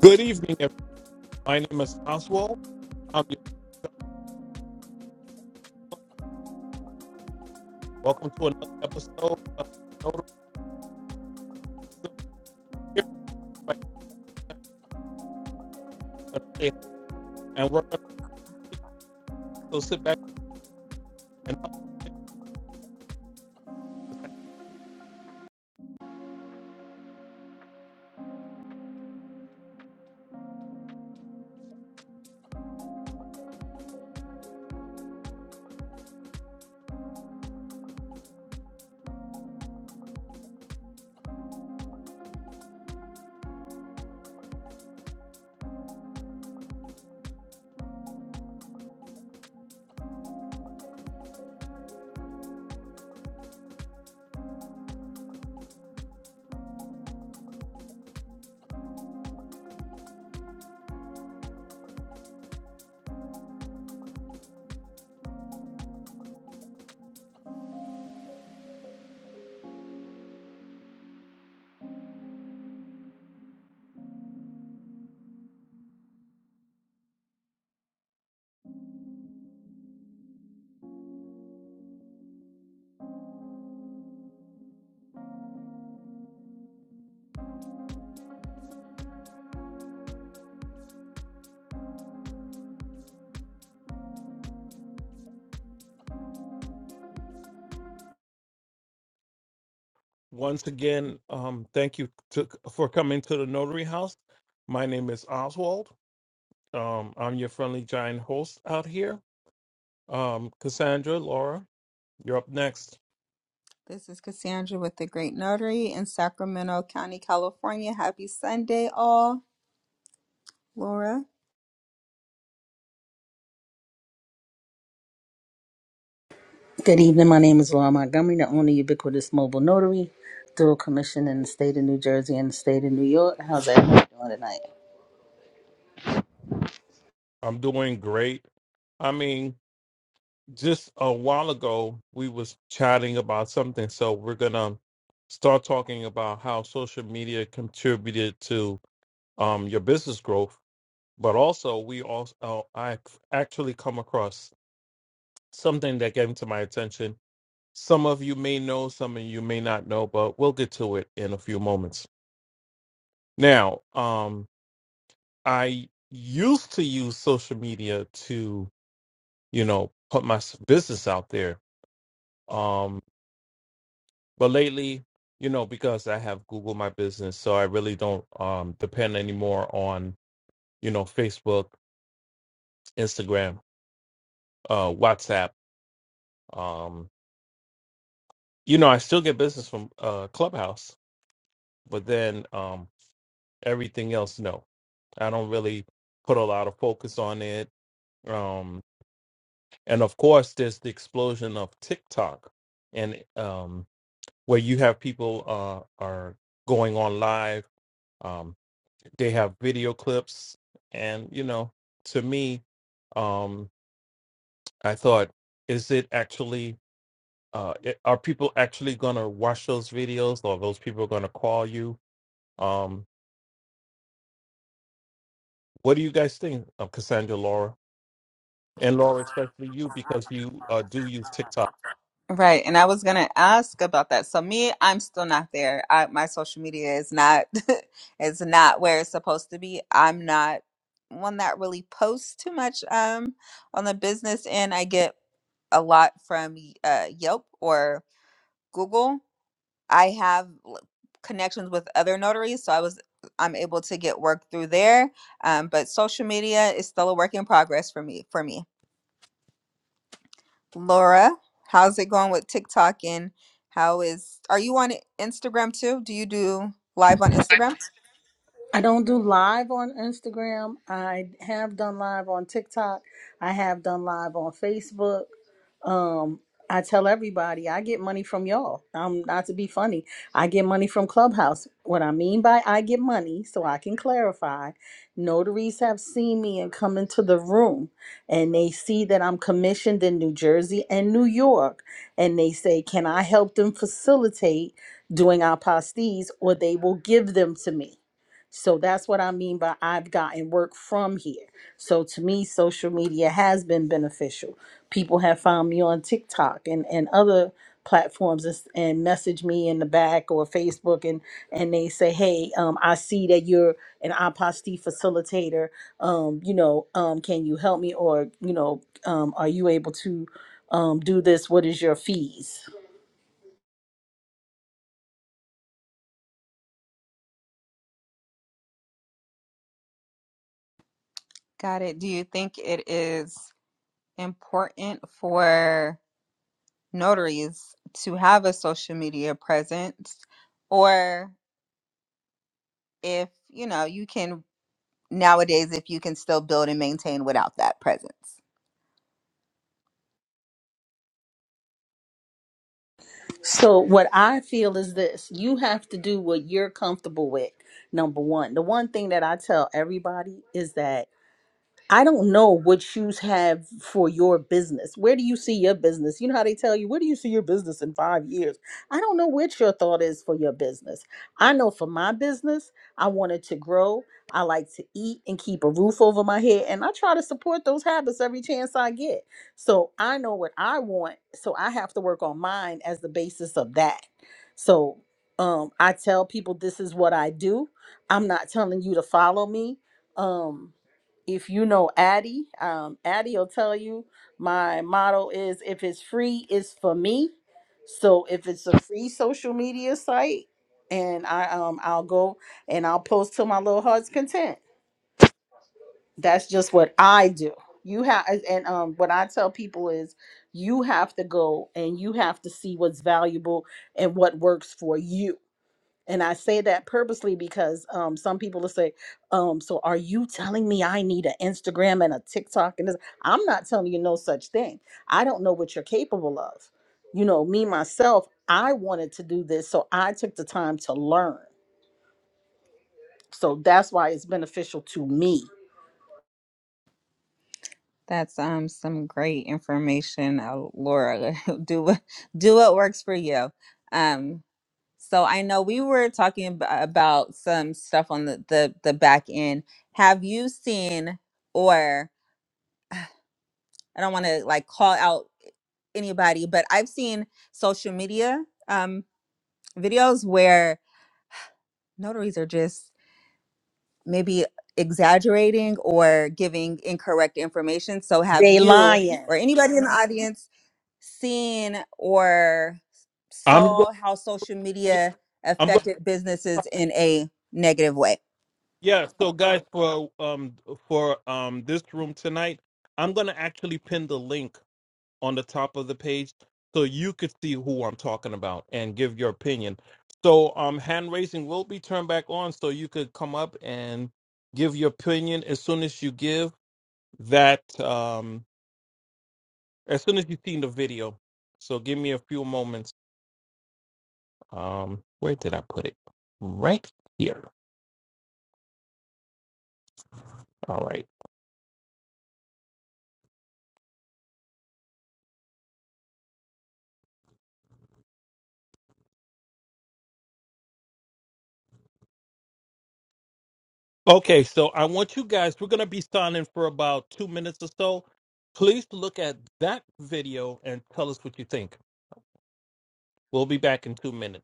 Good evening, everyone. My name is Oswald. Um, welcome to another episode of Notable Here. And we're going to sit back and once again, um, thank you to, for coming to the Notary House. My name is Oswald. Um, I'm your friendly giant host out here. Um, Cassandra, Laura, you're up next. This is Cassandra with the Great Notary in Sacramento County, California. Happy Sunday, all. Laura. I'm doing great. I mean, just a while ago we was chatting about something so we're gonna start talking about how social media contributed to um, your business growth but also we also uh, i actually come across something that came to my attention some of you may know some of you may not know but we'll get to it in a few moments now um, i used to use social media to you know put my s- business out there Um, But lately, you know, because I have Google my business, so I really don't um depend anymore on, you know, Facebook, Instagram, uh WhatsApp. Um, you know, I still get business from uh Clubhouse, but then um everything else no. I don't really put a lot of focus on it. Um and of course there's the explosion of TikTok and um where you have people uh are going on live um, they have video clips and you know to me um i thought is it actually uh i- are people actually gonna watch those videos or are those people gonna call you um what do you guys think of cassandra laura and laura especially you because you uh do use tiktok Right. And I was going to ask about that. So me, I'm still not there. I, my social media is not is not where it's supposed to be. I'm not one that really posts too much um on the business end. I get a lot from uh, Yelp or Google. I have l- connections with other notaries, so I was I'm able to get work through there. Um, but social media is still a work in progress for me. For me, Laura, how's it going with TikTok? And how is are you on Instagram too? Do you do live on Instagram? Got it. Do you think it is important for notaries to have a social media presence, or if you know you can nowadays if you can still build and maintain without that presence. That's um some great information, uh, Laura. do what do what works for you. Um, So I know we were talking ab- about some stuff on the, the, the back end. Have you seen, or I don't want to like call out anybody, but I've seen social media um, videos where notaries are just maybe exaggerating or giving incorrect information. So have you or anybody in the audience seen or i'm going saw how social media i'm going affected businesses in a negative way? yeah so guys for um for um this room tonight i'm gonna actually pin the link on the top of the page so you could see who I'm talking about and give your opinion. So um hand raising will be turned back on so you could come up and give your opinion as soon as you give that um as soon as you've seen the video. So give me a few moments. Um where did I put it? Right here. All right. Okay, so I want you guys we're gonna be signing for about two minutes or so. Please look at that video and tell us what you think. We'll be back in two minutes.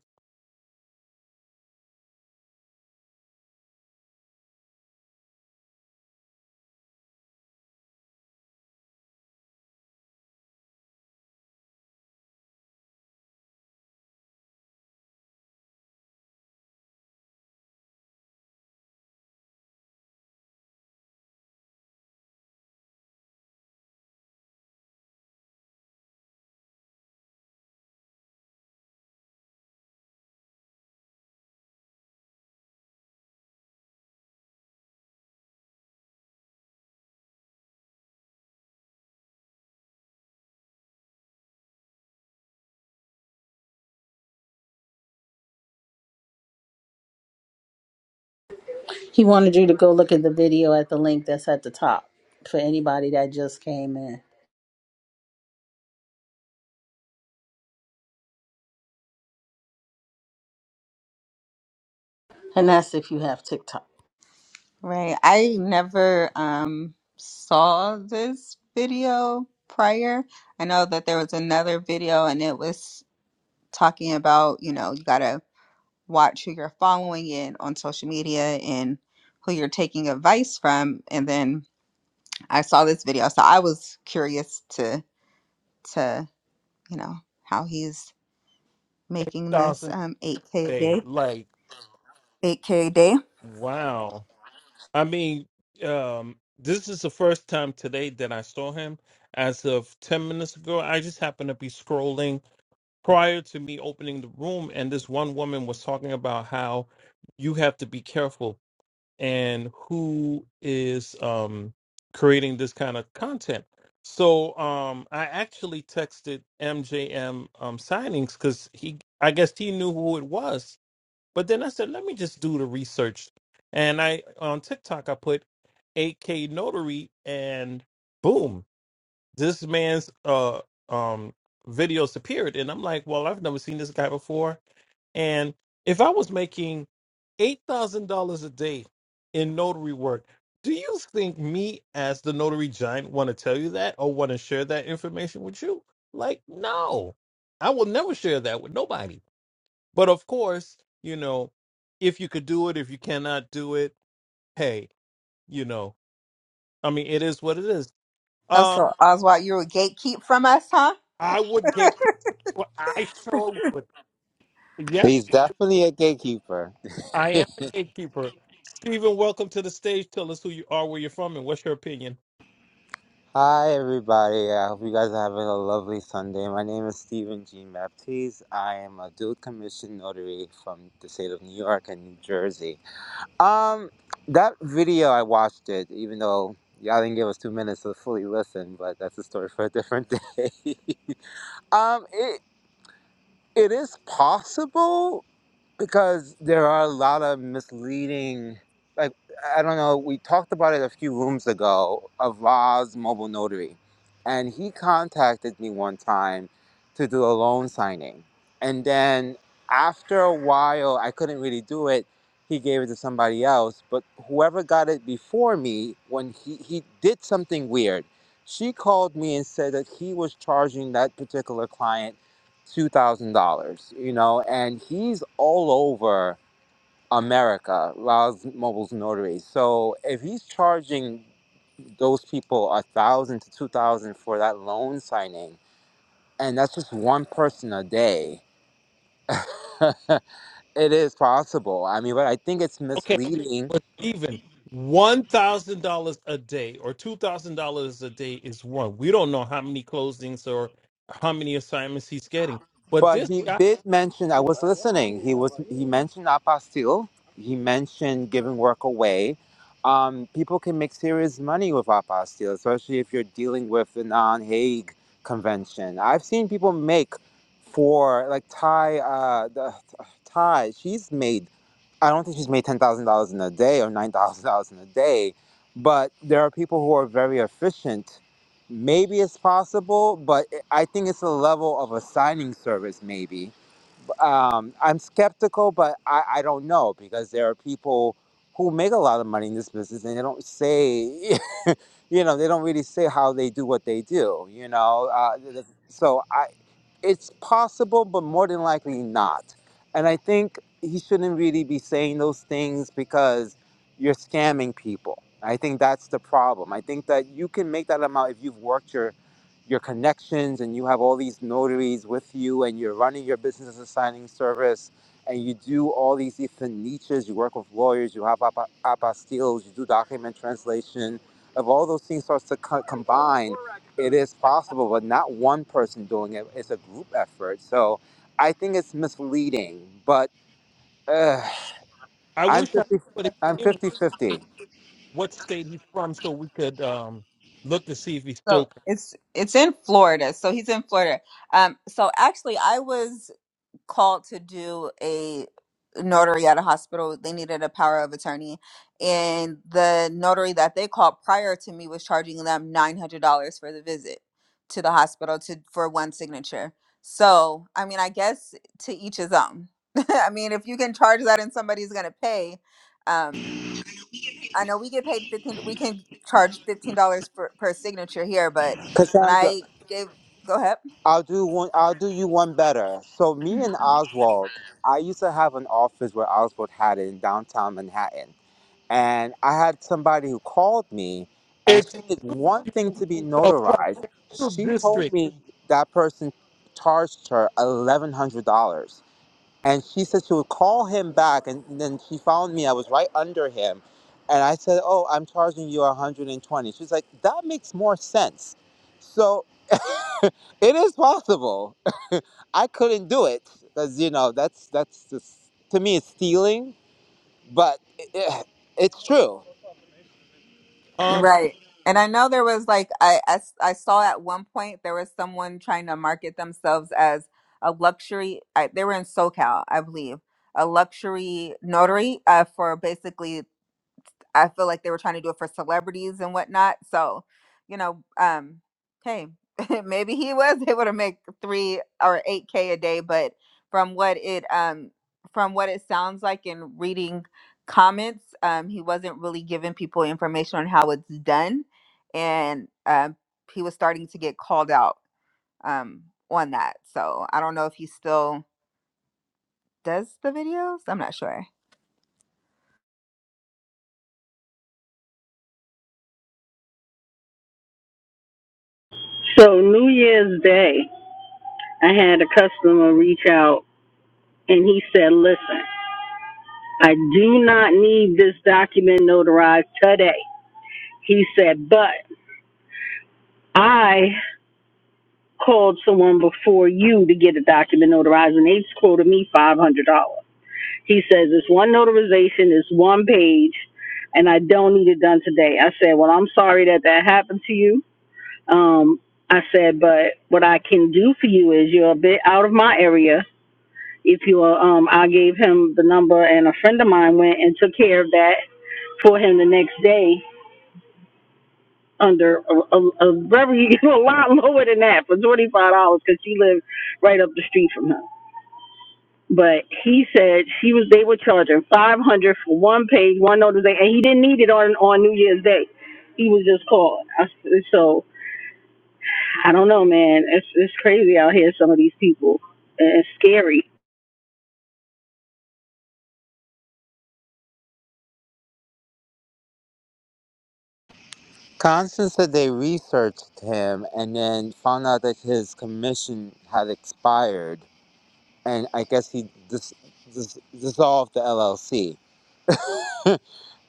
Right. I never um saw this video prior. I know that there was another video and it was talking about, you know, you gotta watch who you're following in on social media and who you're taking advice from. And then I saw this video, so I was curious to to, you know, how he's making this thousand um 8K a a day. day. Like, 8K a day. wow. I mean, um, this is the first time today that I saw him. As of ten minutes ago, I just happened to be scrolling prior to me opening the room, and this one woman was talking about how you have to be careful and who is um creating this kind of content. So um I actually texted MJM um signings because he I guess he knew who it was But then I said, let me just do the research. And I on TikTok I put 8K notary and boom, this man's uh um videos appeared. And I'm like, well, I've never seen this guy before. And if I was making eight thousand dollars a day in notary work, do you think me as the notary giant want to tell you that or want to share that information with you? Like, no. I will never share that with nobody but of course, you know, if you could do it, if you cannot do it, hey, you know, I mean, it is what it is. Oh, Um, so Oswald, you were gatekeep from us, huh? I would gatekeeper. I sure would. Yes, He's definitely a gatekeeper. I am a gatekeeper. Stephen, welcome to the stage. Tell us who you are, where you're from, and what's your opinion. Hi, everybody. I hope you guys are having a lovely Sunday. My name is Stephen G. Baptiste. I am a dual commission notary from the state of New York and New Jersey. Um, that video I watched it, even though y'all didn't give us two minutes to fully listen, but that's a story for a different day. um, it it is possible because there are a lot of misleading like i don't know we talked about it a few rooms ago of Roz mobile notary and he contacted me one time to do a loan signing and then after a while i couldn't really do it he gave it to somebody else but whoever got it before me when he, he did something weird she called me and said that he was charging that particular client two thousand dollars, you know, and he's all over America, Roz Mobile's notary. So if he's charging those people a thousand to two thousand for that loan signing, and that's just one person a day. it is possible. I mean, but I think it's Okay, misleading but Stephen, one thousand dollars a day or two thousand dollars a day is one. We don't know how many closings or how many assignments he's getting, but But this he guy, did mention. I was listening. He was. He mentioned apostille. He mentioned giving work away. Um, people can make serious money with apostille, especially if you're dealing with the non-Hague convention. I've seen people make for like Thai. Uh, the, Thai. She's made I don't think she's made ten thousand dollars in a day or nine thousand dollars in a day, but there are people who are very efficient. Maybe it's possible, but I think it's a level of a signing service, maybe um, I'm skeptical, but I, I don't know because there are people who make a lot of money in this business and they don't say, you know, they don't really say how they do what they do, you know. Uh, th- th- so I, it's possible, but more than likely not. And I think he shouldn't really be saying those things because you're scamming people. I think that's the problem. I think that you can make that amount if you've worked your your connections and you have all these notaries with you and you're running your business as a signing service and you do all these different niches. You work with lawyers, you have apa- apostilles, you do document translation. If all those things starts to co- combine, it is possible, but not one person doing it. It's a group effort. So I think it's misleading, but uh, I I'm wish I 50, would I'm have. 50-50. what state he's from so we could um look to see if he's So still it's it's in Florida. So he's in Florida. Um, so actually, I was called to do a notary at a hospital. They needed a power of attorney, and the notary that they called prior to me was charging them nine hundred dollars for the visit to the hospital to for one signature. So I mean, I guess to each his own. I mean, if you can charge that and somebody's gonna pay, um. I know we get paid fifteen. We can charge fifteen dollars per, per signature here, but when Cassandra, I gave, go ahead. I'll do one. I'll do you one better. So me Mhm. and Oswald, I used to have an office where Oswald had it in downtown Manhattan, and I had somebody who called me, and it's she did one thing you to be uh, from notarized. She told district. me that person charged her eleven hundred dollars, and she said she would call him back, and then she found me. I was right under him, and I said, "Oh, I'm charging you a hundred and twenty." She's like, "That makes more sense." So it is possible. I couldn't do it because you know that's that's just to me it's stealing, but it, it- it's true. Um Right. And I know there was like I, I s- I saw at one point there was someone trying to market themselves as a luxury. I, they were in SoCal, I believe, a luxury notary uh, for basically I feel like they were trying to do it for celebrities and whatnot. So, you know, um, hey, maybe he was able to make three or eight k a day, but from what it um from what it sounds like in reading comments, um, he wasn't really giving people information on how it's done, and um, he was starting to get called out um on that. So I don't know if he still does the videos. I'm not sure. So New Year's Day, I had a customer reach out and he said, listen, I do not need this document notarized today. He said, but I called someone before you to get a document notarized and they quoted me $500. He says, it's one notarization, it's one page, and I don't need it done today. I said, well, I'm sorry that that happened to you. Um, I said, but what I can do for you is you're a bit out of my area if you will, um, I gave him the number, and a friend of mine went and took care of that for him the next day under a, a, a very a lot lower than that for twenty five dollars because she lived right up the street from him. But he said she was they were charging five hundred for one page, one notice, and he didn't need it on on New Year's Day. He was just called. I, so I don't know, man. It's it's crazy out here. Some of these people, and it's scary. Constance said they researched him and then found out that his commission had expired, and I guess he dis- dis- dissolved the LLC.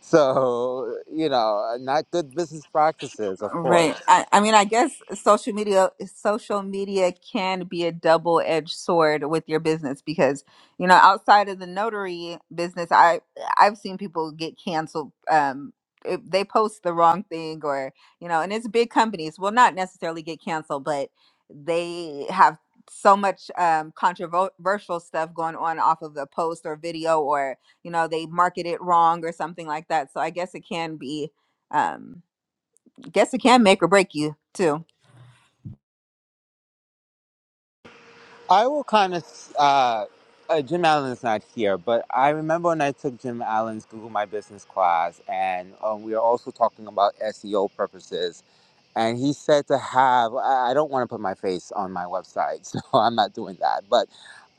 So you know, not good business practices, of Right. course. I, I mean, I guess social media social media can be a double edged sword with your business because you know outside of the notary business, I I've seen people get canceled. Um, if they post the wrong thing or you know, and it's big companies will not necessarily get canceled, but they have so much um, controversial stuff going on off of a post or video or you know they market it wrong or something like that. So I guess it can be. Um, Guess it can make or break you too. I will kind of. Uh, uh, Jim Allen's not here, but I remember when I took Jim Allen's Google My Business class, and um, we were also talking about SEO purposes and he said to have i I don't want to put my face on my website so i'm not doing that but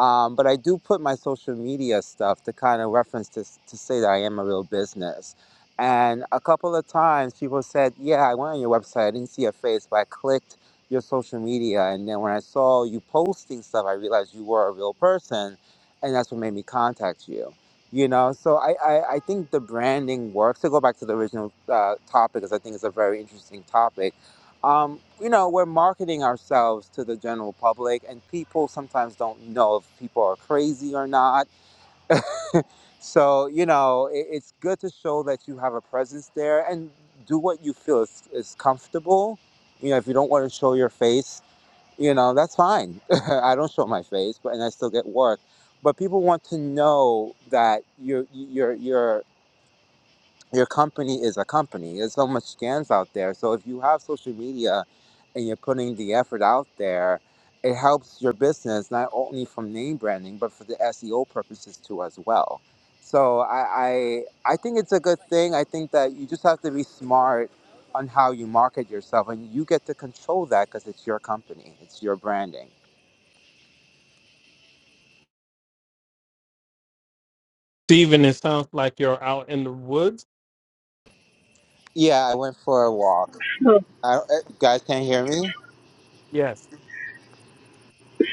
um, but i do put my social media stuff to kind of reference to, s- to say that i am a real business and a couple of times people said yeah i went on your website i didn't see your face but i clicked your social media and then when i saw you posting stuff i realized you were a real person and that's what made me contact you you know so i i, I think the branding works to go back to the original uh, topic because i think it's a very interesting topic um, you know, we're marketing ourselves to the general public, and people sometimes don't know if people are crazy or not. So, you know, it, it's good to show that you have a presence there and do what you feel is, is comfortable. You know, if you don't want to show your face, you know, that's fine. I don't show my face, but and I still get work. But people want to know that you're you're you're your company is a company. There's so much scams out there. So if you have social media and you're putting the effort out there, it helps your business not only from name branding but for the SEO purposes too as well. So I I, I think it's a good thing. I think that you just have to be smart on how you market yourself and you get to control that because it's your company, it's your branding. Steven, it sounds like you're out in the woods. Yeah, I went for a walk. So I, uh, you guys can't hear me, Yes.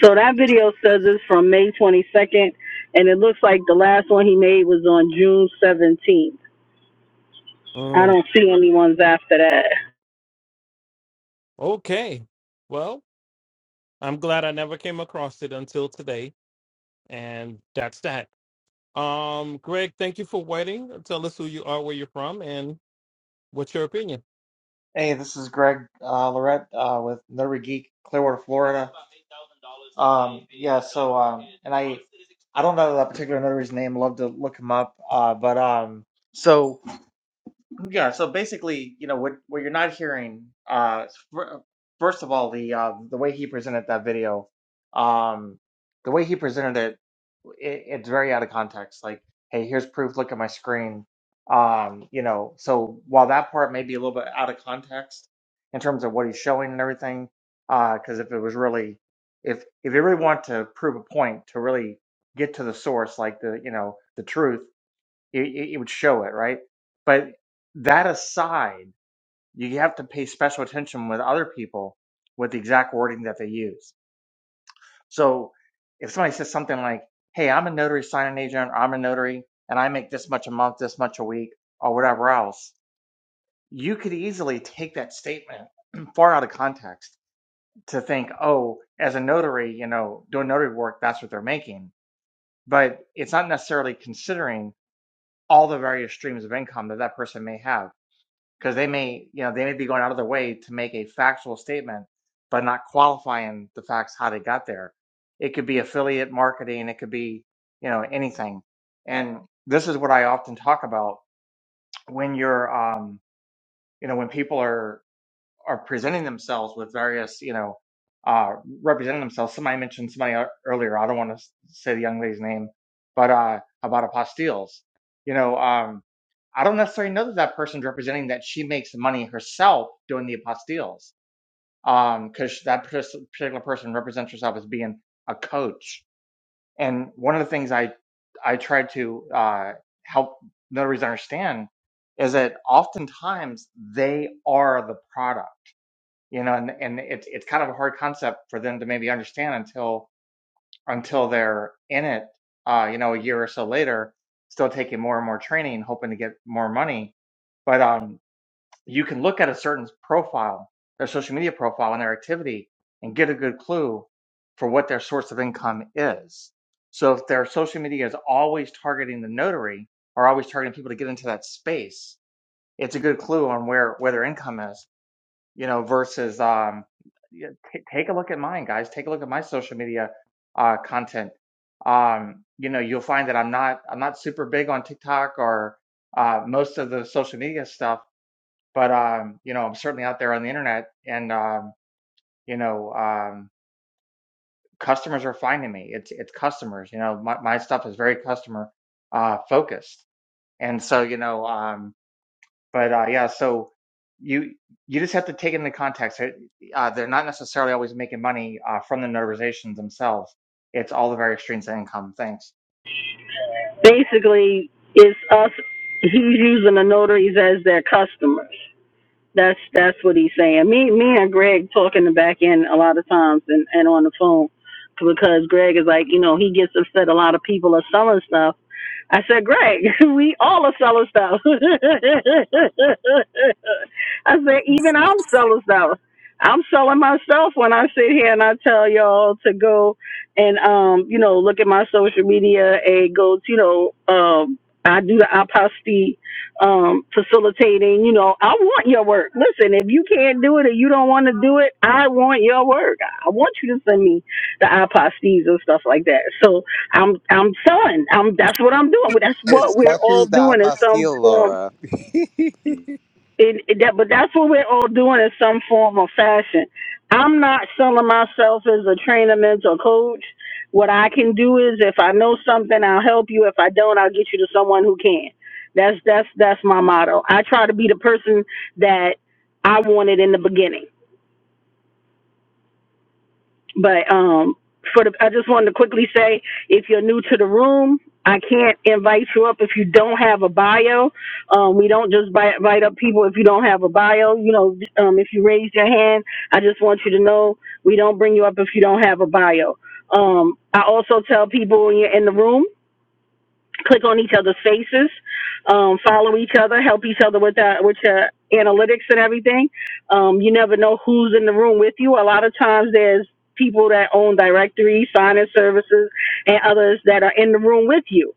So that video says it's from May 22nd, and it looks like the last one he made was on June 17th. I Mm, don't see any ones after that. okay. Well, I'm glad I never came across it until today. And that's that. Um, Greg, thank you for waiting. Tell us who you are, where you're from, and what's your opinion. Hey, this is Greg uh, Lorette uh, with Nerdy Geek, Clearwater, Florida. Um, yeah, so um, and I I don't know that particular nerdy's name. Love to look him up. Uh, but um, so. Yeah, so basically, you know, what what you're not hearing, uh, fir- first of all, the uh, the way he presented that video, um, the way he presented it, it, it's very out of context. Like, hey, here's proof. Look at my screen. Um, you know, so while that part may be a little bit out of context in terms of what he's showing and everything, uh, because if it was really, if if you really want to prove a point, to really get to the source, like the you know the truth it, it, would show it, right? But that aside, you have to pay special attention with other people with the exact wording that they use. So if somebody says something like, "Hey, I'm a notary signing agent. or I'm a notary, and I make this much a month, this much a week, or whatever else," you could easily take that statement far out of context to think, oh, as a notary, you know, doing notary work, that's what they're making. But it's not necessarily considering all the various streams of income that that person may have. because they may, you know, they may be going out of their way to make a factual statement, but not qualifying the facts how they got there. It could be affiliate marketing, it could be, you know, anything. And this is what I often talk about when you're, um, you know, when people are are presenting themselves with various, you know, uh, representing themselves. Somebody mentioned somebody earlier. I don't want to say the young lady's name, but uh, about apostilles. You know, um, I don't necessarily know that that person's representing that she makes money herself doing the apostilles, because that pers- particular person represents herself as being a coach. And one of the things I I try to uh, help notaries understand is that oftentimes they are the product you know, and, and it's it's kind of a hard concept for them to maybe understand until until they're in it, uh, you know, a year or so later, still taking more and more training, hoping to get more money. But um, you can look at a certain profile, their social media profile and their activity, and get a good clue for what their source of income is. So if their social media is always targeting the notary or always targeting people to get into that space, it's a good clue on where where their income is you know, versus um, yeah, t- take a look at mine, guys. Take a look at my social media uh, content. Um, you know, you'll find that I'm not I'm not super big on TikTok or uh, most of the social media stuff, but um, you know, I'm certainly out there on the internet, and um, you know, um, customers are finding me. It's it's customers. You know, my my stuff is very customer uh, focused, and so you know. Um, but uh, yeah, so you you just have to take it into context. They're, uh, they're not necessarily always making money uh, from the notarizations themselves. It's all the various streams of income. Thanks. Basically, it's us. He's using the notaries as their customers. That's that's what he's saying. Me me and Greg talk in the back end a lot of times and, and on the phone because Greg is like, you know, he gets upset a lot of people are selling stuff. I said, Greg, we all are selling stuff. I said, even I'm selling stuff. I'm selling myself when I sit here and I tell y'all to go and um, you know, look at my social media and go to, you know, um I do the aposty um, facilitating. You know, I want your work. Listen, if you can't do it or you don't want to do it, I want your work. I want you to send me the iPod Steves and stuff like that. So I'm I'm selling. I'm that's what I'm doing. That's what we're especially all the doing in some apostille, form Laura. it, it- that, but that's what we're all doing in some form or fashion. I'm not selling myself as a trainer, mentor, coach. What I can do is, if I know something, I'll help you. If I don't, I'll get you to someone who can. That's that's that's my motto. I try to be the person that I wanted in the beginning. But um, for the, I just wanted to quickly say, if you're new to the room, I can't invite you up if you don't have a bio. Um, we don't just bi- invite up people if you don't have a bio. You know, um, if you raise your hand, I just want you to know we don't bring you up if you don't have a bio. Um, I also tell people when you're in the room click on each other's faces, um, follow each other, help each other with that, with your analytics and everything. Um, you never know who's in the room with you. A lot of times there's people that own directories, sign-in services, and others that are in the room with you.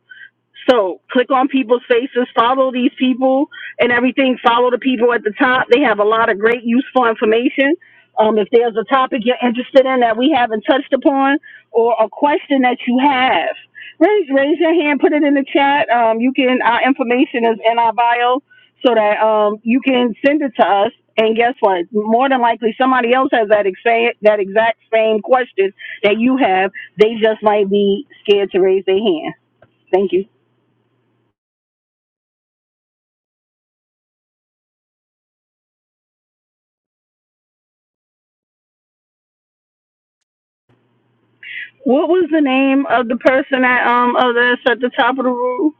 So click on people's faces, follow these people and everything. Follow the people at the top. They have a lot of great useful information. Um, if there's a topic you're interested in that we haven't touched upon or a question that you have, raise, raise your hand, put it in the chat. Um, you can, our information is in our bio so that um, you can send it to us. And guess what? More than likely, somebody else has that exact, that exact same question that you have. They just might be scared to raise their hand. Thank you. What was the name of the person at um of this at the top of the room?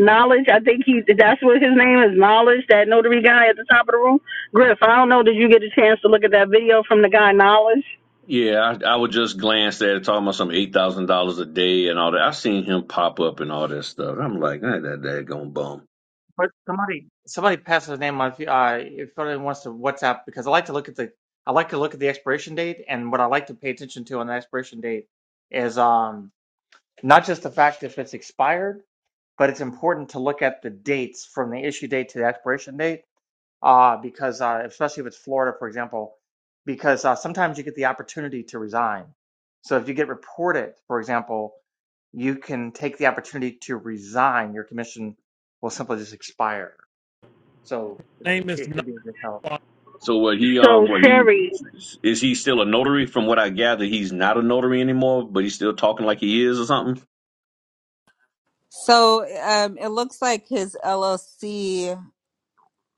Knowledge. I think he that's what his name is. Knowledge. That notary guy at the top of the room. Griff. I don't know. Did you get a chance to look at that video from the guy Knowledge? Yeah, I, I would just glance at it, talking about some eight thousand dollars a day and all that. I seen him pop up and all that stuff. I'm like, ain't that daggone bum. But somebody somebody passes a name on if, uh, if somebody wants to WhatsApp because I like to look at the I like to look at the expiration date and what I like to pay attention to on the expiration date is um, not just the fact if it's expired, but it's important to look at the dates from the issue date to the expiration date uh, because uh, especially if it's Florida, for example, because uh, sometimes you get the opportunity to resign. So if you get reported, for example, you can take the opportunity to resign. Your commission will simply just expire. So it, it, Name is it could not be a good help. So what he um So what he Sherry. is he still a notary? From what I gather, he's not a notary anymore, but he's still talking like he is or something. So um, it looks like his LLC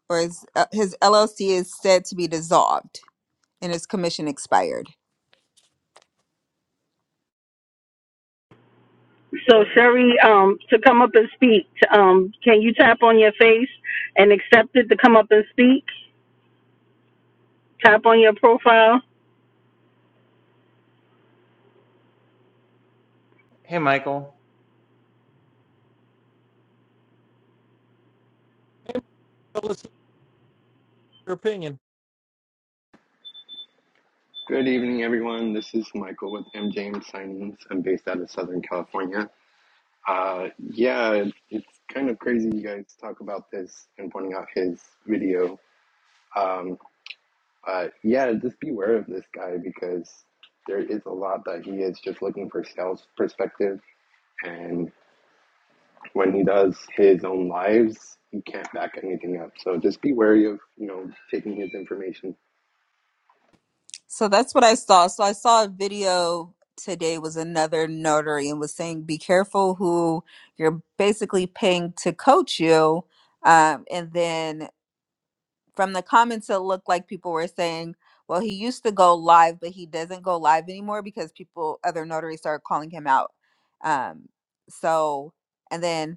or his, uh, his LLC is said to be dissolved and his commission expired. So But- Sherry. Um, to come up and speak. Um, can you tap on your face and accept it to come up and speak? Tap on your profile. Hey, Michael. tell us your opinion. Good evening, everyone. This is Michael with MJM Signings. I'm based out of Southern California. Uh, yeah, it's kind of crazy you guys talk about this and pointing out his video. Um, but yeah, just beware of this guy because there is a lot that he is just looking for sales perspective. And when he does his own lives, he can't back anything up. So just be wary of, you know, taking his information So that's what I saw. So I saw a video today was another notary and was saying be careful who you're basically paying to coach you. Um, and then from the comments it looked like people were saying well he used to go live but he doesn't go live anymore because people other notaries started calling him out um so and then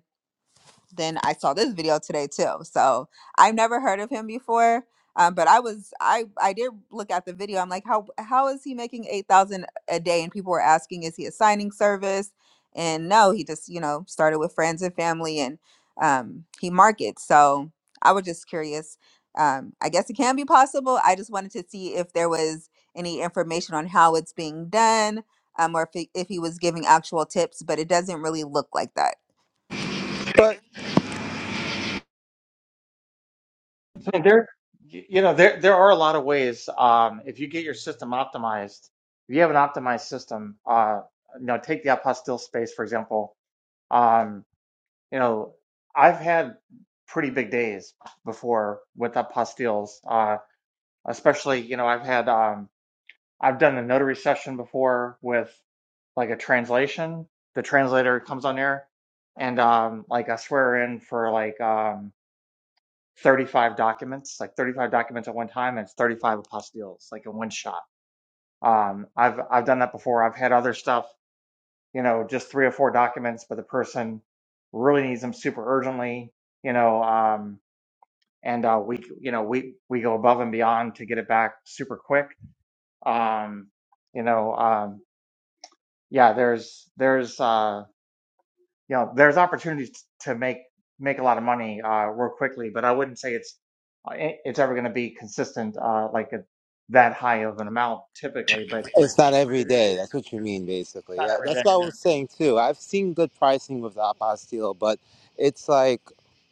then I saw this video today too. So I've never heard of him before. Um, but I was I I did look at the video. I'm like, how how is he making eight thousand a day? And people were asking, is he a signing service? And no, he just you know started with friends and family, and um, he markets. So I was just curious. Um, I guess it can be possible. I just wanted to see if there was any information on how it's being done, um, or if he, if he was giving actual tips. But it doesn't really look like that. but I there, y- you know, there there are a lot of ways. Um, if you get your system optimized, if you have an optimized system, uh, you know, take the apostille space, for example. Um, You know, I've had pretty big days before with up postilles, uh, especially, you know, I've had, um, I've done a notary session before with like a translation. The translator comes on there and, um, like I swear in for like, um, 35 documents, like 35 documents at one time, and it's 35 apostilles, like in one shot. Um, I've, I've done that before. I've had other stuff, you know, just three or four documents, but the person really needs them super urgently. You know, um, and uh, we you know we we go above and beyond to get it back super quick. Um, you know, um, yeah, there's there's uh, you know there's opportunities to make make a lot of money uh, real quickly, but I wouldn't say it's uh, it- it's ever going to be consistent uh, like a, that high of an amount typically. But It's not but it every is day. That's what you mean, basically. not Yeah, every that's day. what I was saying too. I've seen good pricing with the apostille, but it's like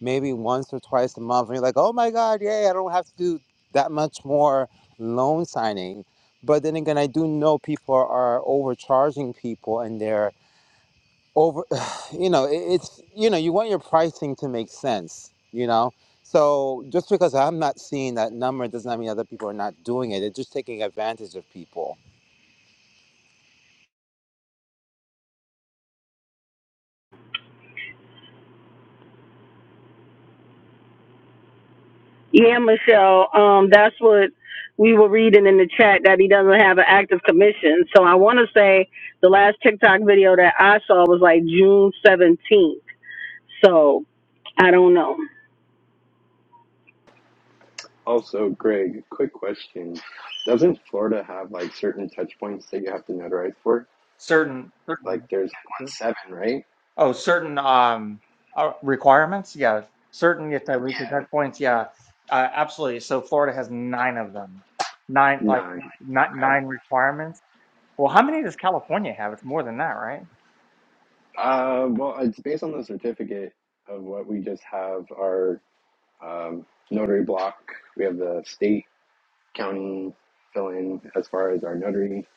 maybe once or twice a month, and you're like, "Oh my God, yay! I don't have to do that much more loan signing." But then again, I do know people are, are overcharging people, and they're over. You know, it, it's you know, you want your pricing to make sense. You know, so just because I'm not seeing that number does not mean other people are not doing it. They're just taking advantage of people Yeah, Michelle. Um, that's what we were reading in the chat that he doesn't have an active commission. So I want to say the last TikTok video that I saw was like June seventeenth. So I don't know. Also, Greg, quick question. Doesn't Florida have like certain touch points that you have to notarize for? Certain Like certain. there's one seven, right? Oh, certain um uh, requirements? Yeah, certain if I reach Yeah. touch points. Yeah, uh, absolutely. So Florida has nine of them, nine like Nine. not Okay. nine requirements. Well, how many does California have? It's more than that, right? Uh, well, it's based on the certificate of what we just have our um, notary block. We have the state, county fill in as far as our notary,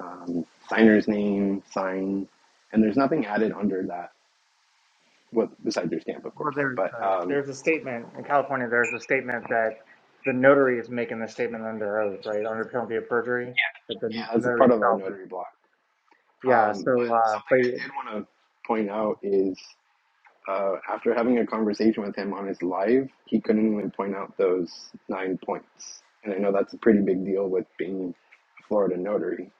um, signer's name, sign, and there's nothing added under that, well, besides your stamp, of Well, course. there's But a, um, there's a statement in California. There's a statement that the notary is making the statement under oath, right, under penalty of perjury. that the yeah, that's a notary part of our itself. notary block. Yeah. Um, So, but uh, something but I did want to point out is uh, after having a conversation with him on his live, he couldn't even point out those nine points. And I know that's a pretty big deal with being a Florida notary.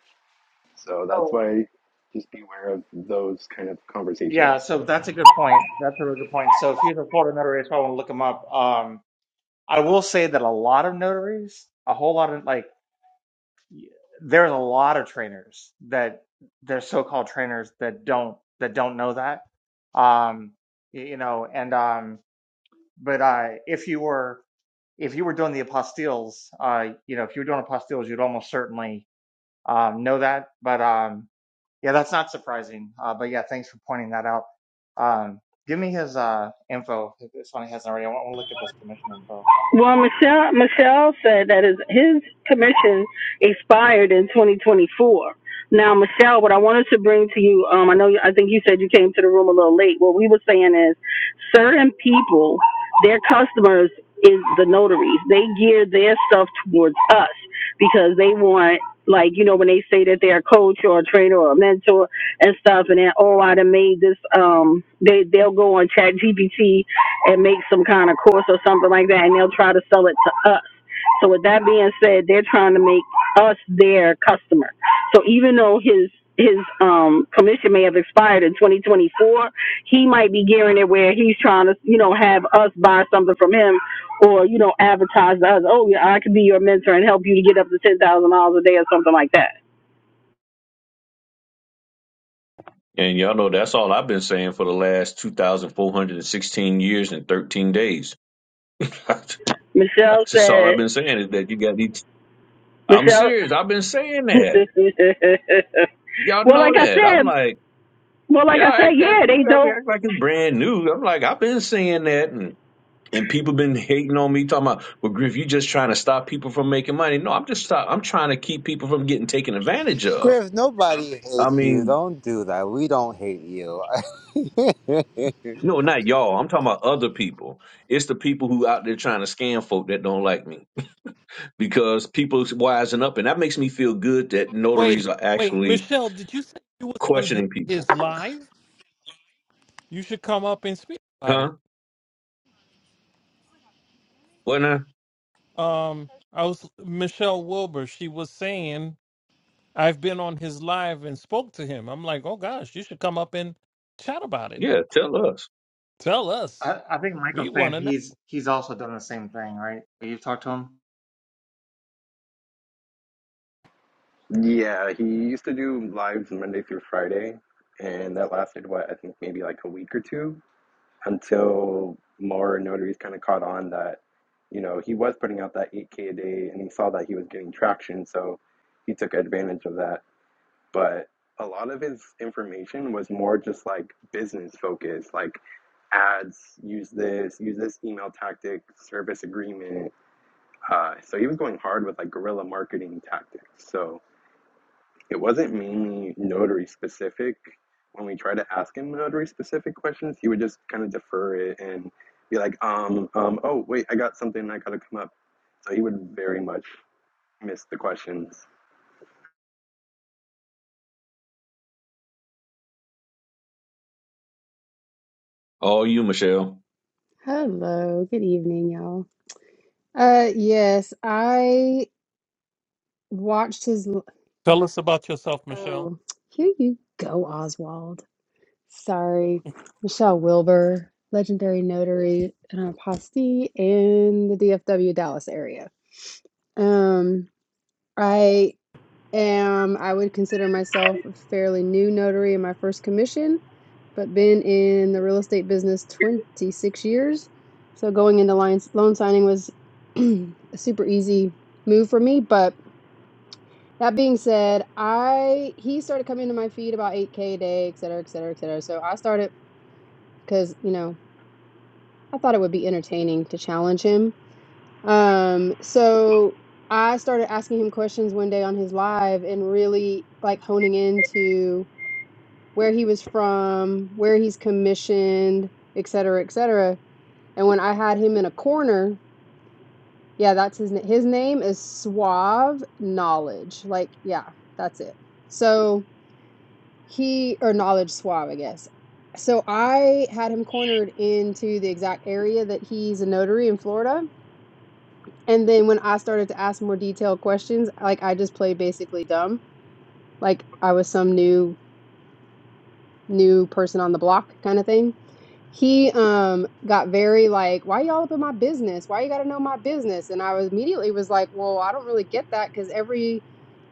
So that's so why just be aware of those kind of yeah. conversations. So that's a good point. That's a really good point. So if you're the Florida notary, I want to look them up. Um, I will say that a lot of notaries, a whole lot of like, there's a lot of trainers that they're so-called trainers that don't that don't know that. Um, you know, and um, but uh, if you were if you were doing the apostilles, uh, you know, if you were doing apostilles, you'd almost certainly um, know that. But um, yeah, that's not surprising. Uh, but yeah, thanks for pointing that out. Um, give me his uh, info if if somebody hasn't already. I want to look at this commission info. Well, Michelle Michelle said that his his commission expired in 2024. Now, Michelle, what I wanted to bring to you, um, I know you- I think you said you came to the room a little late. What we were saying is, certain people, their customers is the notaries. They gear their stuff towards us because they want. Like, you know, when they say that they're a coach or a trainer or a mentor and stuff, and then, oh, I done made this, um, they, they'll go on Chat GPT and make some kind of course or something like that, and they'll try to sell it to us. So with that being said, they're trying to make us their customer. So even though his his um commission may have expired in 2024, he might be gearing it where he's trying to you know have us buy something from him, or you know advertise to us. Oh yeah, I could be your mentor and help you to get up to ten thousand dollars a day or something like that. And y'all know that's all I've been saying for the last two thousand four hundred and sixteen years and thirteen days. that's Michelle just all said. I've been saying is that you got these. I'm Michelle. serious. I've been saying that. Y'all well, know like I that. I'm said, like. well, like Yeah, I I said, got yeah, they people out there don't. act like it's brand new. I'm like, I've been saying that, and and people been hating on me, talking about, well, Griff, you just trying to stop people from making money. No, I'm just stop. I'm trying to keep people from getting taken advantage of. Griff, nobody I hates you. mean, Don't do that. We don't hate you. it's no, not y'all. I'm talking about other people. It's the people who out there trying to scam folk that don't like me because people's wising up, and that makes me feel good that Wait, notaries are wait, actually Michelle, did you say you was on his, questioning people, his live? you should come up and speak about huh? it. What now? Um, I was Michelle Wilbur. She was saying I've been on his live and spoke to him. I'm like, oh gosh, you should come up and chat about it. Yeah, tell us. Tell us. I, I think We Michael's want saying to know. he's he's also done the same thing, right? You've talked to him. Yeah, he used to do lives Monday through Friday. And that lasted, what, I think maybe like a week or two. until more notaries kind of caught on that, you know, he was putting out that 8K a day and he saw that he was getting traction. So he took advantage of that. But a lot of his information was more just like business focused, like ads, use this, use this email tactic, service agreement. Uh, so he was going hard with like guerrilla marketing tactics. So, it wasn't mainly notary specific. When we tried to ask him notary specific questions, he would just kind of defer it and be like, um, um, oh, wait, I got something I gotta come up. So he would very much miss the questions. All you, Michelle. Hello, good evening, y'all. Uh, yes, I watched his. l- Tell us about yourself, Michelle. Oh, here you go, Oswald. Sorry, Michelle Wilbur, legendary notary and a apostille in the DFW Dallas area. Um, I Um, I would consider myself a fairly new notary in my first commission, but been in the real estate business 26 years. So going into lines, loan signing was a super easy move for me. But that being said, I he started coming to my feed about 8K a day, et cetera, et cetera, et cetera. So I started because, you know, I thought it would be entertaining to challenge him. Um, so I started asking him questions one day on his live and really like honing into where he was from, where he's commissioned, et cetera, et cetera. And when I had him in a corner, yeah, that's his na- his name is Suave Knowledge. Like, yeah, that's it. So he or Knowledge Suave, I guess. So I had him cornered into the exact area that he's a notary in Florida. And then when I started to ask more detailed questions, like I just played basically dumb. Like I was some new new person on the block kind of thing. He um got very like, why y'all up in my business? Why you gotta know my business? And I was immediately was like, well, I don't really get that because every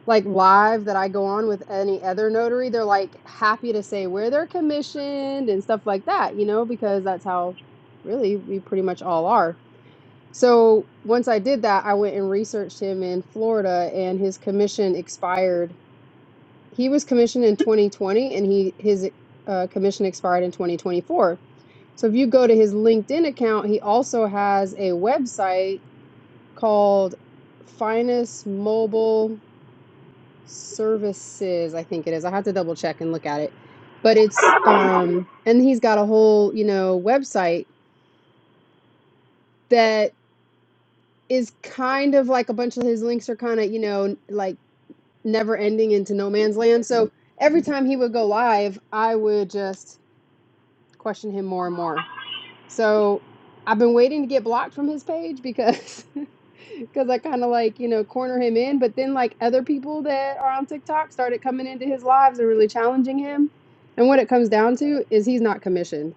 like live that I go on with any other notary, they're like happy to say where they're commissioned and stuff like that, you know, because that's how really we pretty much all are. So once I did that, I went and researched him in Florida and his commission expired he was commissioned in 2020 and he his uh, commission expired in 2024 so if you go to his linkedin account he also has a website called finest mobile services i think it is i have to double check and look at it but it's um and he's got a whole you know website that is kind of like a bunch of his links are kind of you know like never ending into no man's land so every time he would go live i would just question him more and more. So I've been waiting to get blocked from his page because because I kind of like you know corner him in, but then like other people that are on TikTok started coming into his lives and really challenging him. And what it comes down to is he's not commissioned.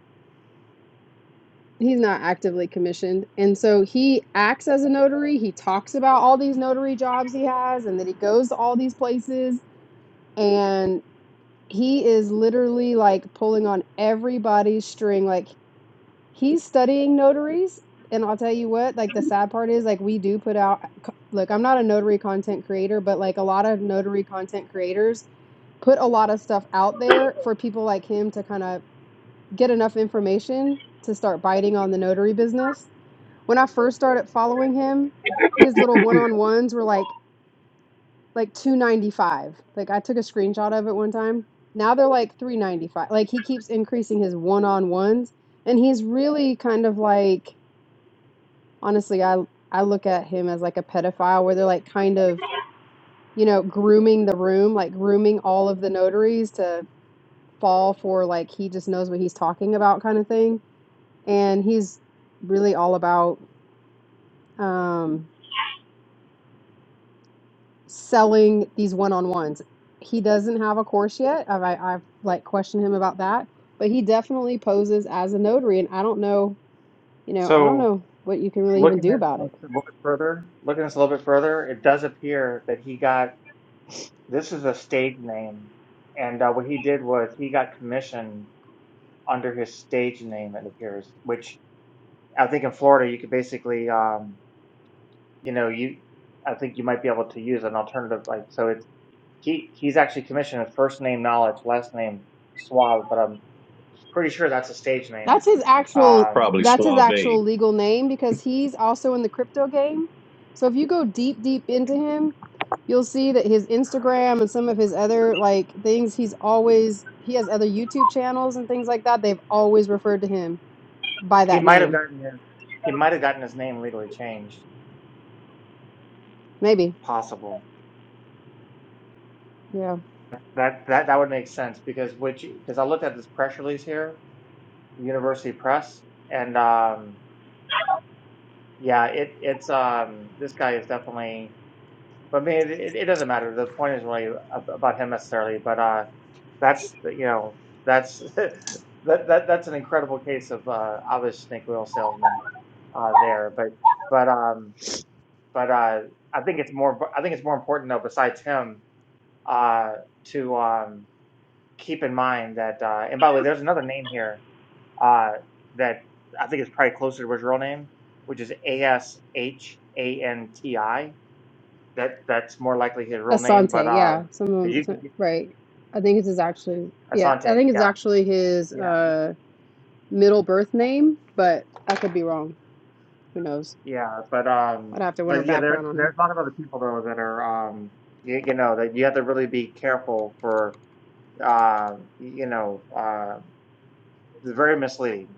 He's not actively commissioned. And so he acts as a notary. He talks about all these notary jobs he has and that he goes to all these places. And he is literally like pulling on everybody's string. Like He's studying notaries, and I'll tell you what, like the sad part is like we do put out look, I'm not a notary content creator, but like a lot of notary content creators put a lot of stuff out there for people like him to kind of get enough information to start biting on the notary business. When I first started following him, his little one-on-ones were like like 295. Like I took a screenshot of it one time. Now they're like 395. Like he keeps increasing his one-on-ones and he's really kind of like Honestly, I I look at him as like a pedophile where they're like kind of, you know, grooming the room, like grooming all of the notaries to fall for like he just knows what he's talking about kind of thing. And he's really all about um selling these one-on-ones. He doesn't have a course yet. I've I, I've like questioned him about that, but he definitely poses as a notary and I don't know, you know, I don't So know what you can really even looking do at this about it. a little bit further, looking at this a little bit further, it does appear that he got this is a stage name, and uh, what he did was he got commissioned under his stage name. It appears, which I think in Florida you could basically, um, you know, you I think you might be able to use an alternative like so. It's he he's actually commissioned his first name knowledge, last name Suave, but I'm. Pretty sure that's a stage name. That's his It's actual Um, probably that's his suave. actual legal name because he's also in the crypto game. So if you go deep deep into him, you'll see that his Instagram and some of his other like things he's always he has other YouTube channels and things like that. They've always referred to him by he that might have name. gotten his, he might have gotten his name legally changed. Maybe. Possible Yeah. that that that would make sense because which because I looked at this press release here, University Press, and um, yeah, it it's um this guy is definitely. But I mean, it, it doesn't matter. The point is really ab- about him necessarily, but uh, that's you know that's that that that's an incredible case of uh obvious snake oil salesman uh there but but um but uh, I think it's more. I think it's more important though. Besides him, uh, to um, keep in mind that. Uh, and by the way, there's another name here uh, that I think is probably closer to his real name, which is A S H A N T I. That that's more likely his real name, but Asante, uh, yeah. Some of 'cause 'em- you can so- get, right. I think it's his actually yeah, I Asante, think it's yeah, actually his yeah, uh middle birth name, but I could be wrong. Who knows? yeah. But I'd um, have to run her but yeah, there background on him. there's a lot of other people though that are um, you, you know, that you have to really be careful for uh, you know. uh. very misleading.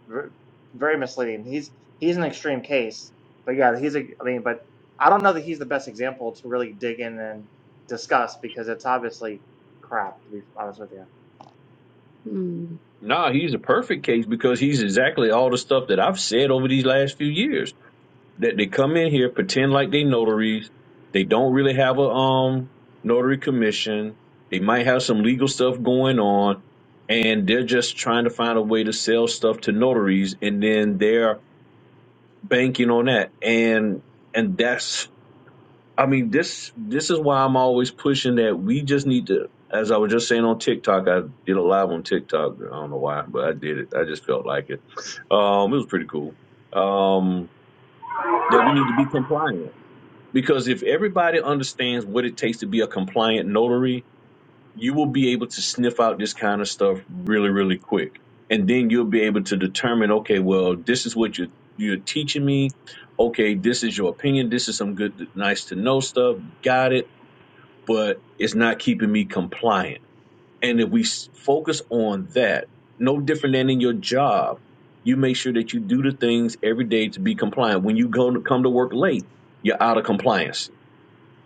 Very misleading. He's he's an extreme case, but yeah, he's a. I mean, but I don't know that he's the best example to really dig in and discuss because it's obviously crap. To be honest with you. Hmm. Nah, he's a perfect case because he's exactly all the stuff that I've said over these last few years. That they come in here, pretend like they notaries. They don't really have a um notary commission. They might have some legal stuff going on, and they're just trying to find a way to sell stuff to notaries, and then they're banking on that. And and that's I mean, this this is why I'm always pushing that we just need to. As I was just saying on TikTok, I did a live on TikTok. I don't know why, but I did it. I just felt like it. Um, it was pretty cool. Um, that we need to be compliant because if everybody understands what it takes to be a compliant notary, you will be able to sniff out this kind of stuff really, really quick, and then you'll be able to determine, okay, well, this is what you're you're teaching me. Okay, this is your opinion. This is some good, nice to know stuff. Got it but it's not keeping me compliant. And if we s- focus on that, no different than in your job, you make sure that you do the things every day to be compliant. When you go to come to work late, you're out of compliance.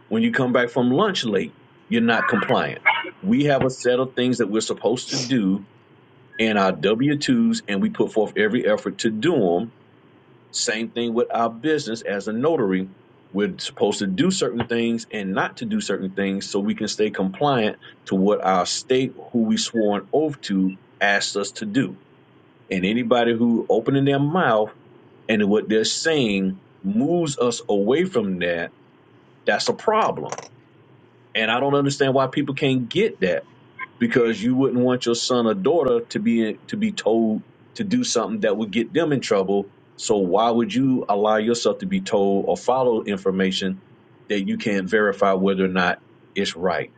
When you come back from lunch late, you're not compliant. We have a set of things that we're supposed to do in our W 2s, and we put forth every effort to do them same thing with our business as a notary. We're supposed to do certain things and not to do certain things so we can stay compliant to what our state, who we swore an oath to, asks us to do. And anybody who opening their mouth and what they're saying moves us away from that, that's a problem. And I don't understand why people can't get that because you wouldn't want your son or daughter to be to be told to do something that would get them in trouble. So why would you allow yourself to be told or follow information that you can't verify whether or not it's right?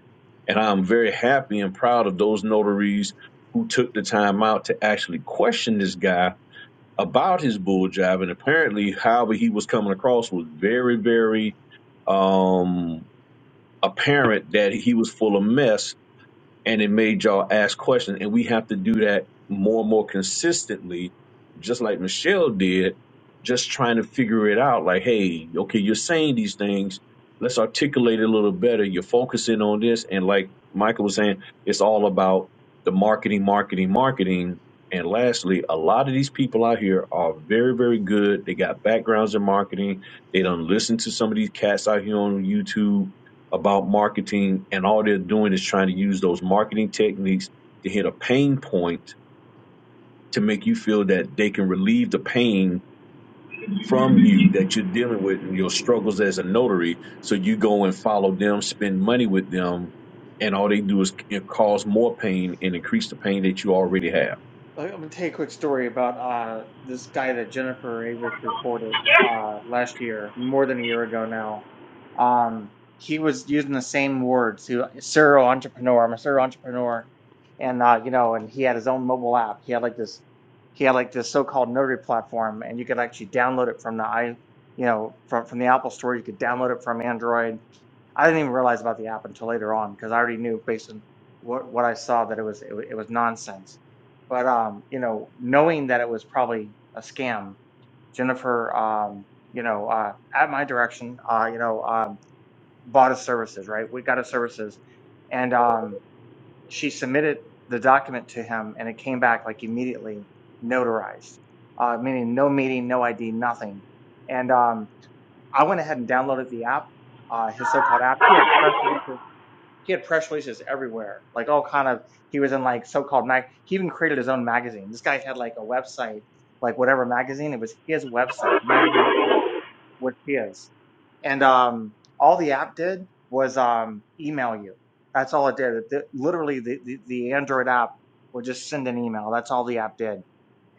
And I'm very happy and proud of those notaries who took the time out to actually question this guy about his bull job. And apparently, however he was coming across was very, very um, apparent that he was full of mess and it made y'all ask questions. And we have to do that more and more consistently, just like Michelle did, just trying to figure it out. Like, hey, okay, you're saying these things. Let's articulate it a little better. You're focusing on this. And like Michael was saying, it's all about the marketing, marketing, marketing. And lastly, a lot of these people out here are very, very good. They got backgrounds in marketing. They don't listen to some of these cats out here on YouTube about marketing, and all they're doing is trying to use those marketing techniques to hit a pain point to make you feel that they can relieve the pain from you that you're dealing with and your struggles as a notary. So you go and follow them, spend money with them, and all they do is c- cause more pain and increase the pain that you already have. I'm gonna tell you a quick story about uh, this guy that Jennifer Avis reported uh, last year, more than a year ago now. Um, he was using the same words. He, serial entrepreneur. I'm a serial entrepreneur, and uh, you know, and he had his own mobile app. He had like this, he had like this so-called notary platform, and you could actually download it from the i, you know, from from the Apple Store. You could download it from Android. I didn't even realize about the app until later on because I already knew based on what what I saw that it was it, wa- it was nonsense but um, you know, knowing that it was probably a scam, Jennifer, um, you know, uh, at my direction, uh, you know, um, bought his services, right? We got his services, and um, she submitted the document to him, and it came back like immediately notarized, uh, meaning no meeting, no ID, nothing. And um, I went ahead and downloaded the app, uh, his so-called app. He had press releases. He had press releases everywhere, like all kind of. He was in like so-called mag. He even created his own magazine. This guy had like a website, like whatever magazine. It was his website. The magazine website was his. And um, all the app did was um, email you. That's all it did. It- literally, the, the the Android app would just send an email. That's all the app did.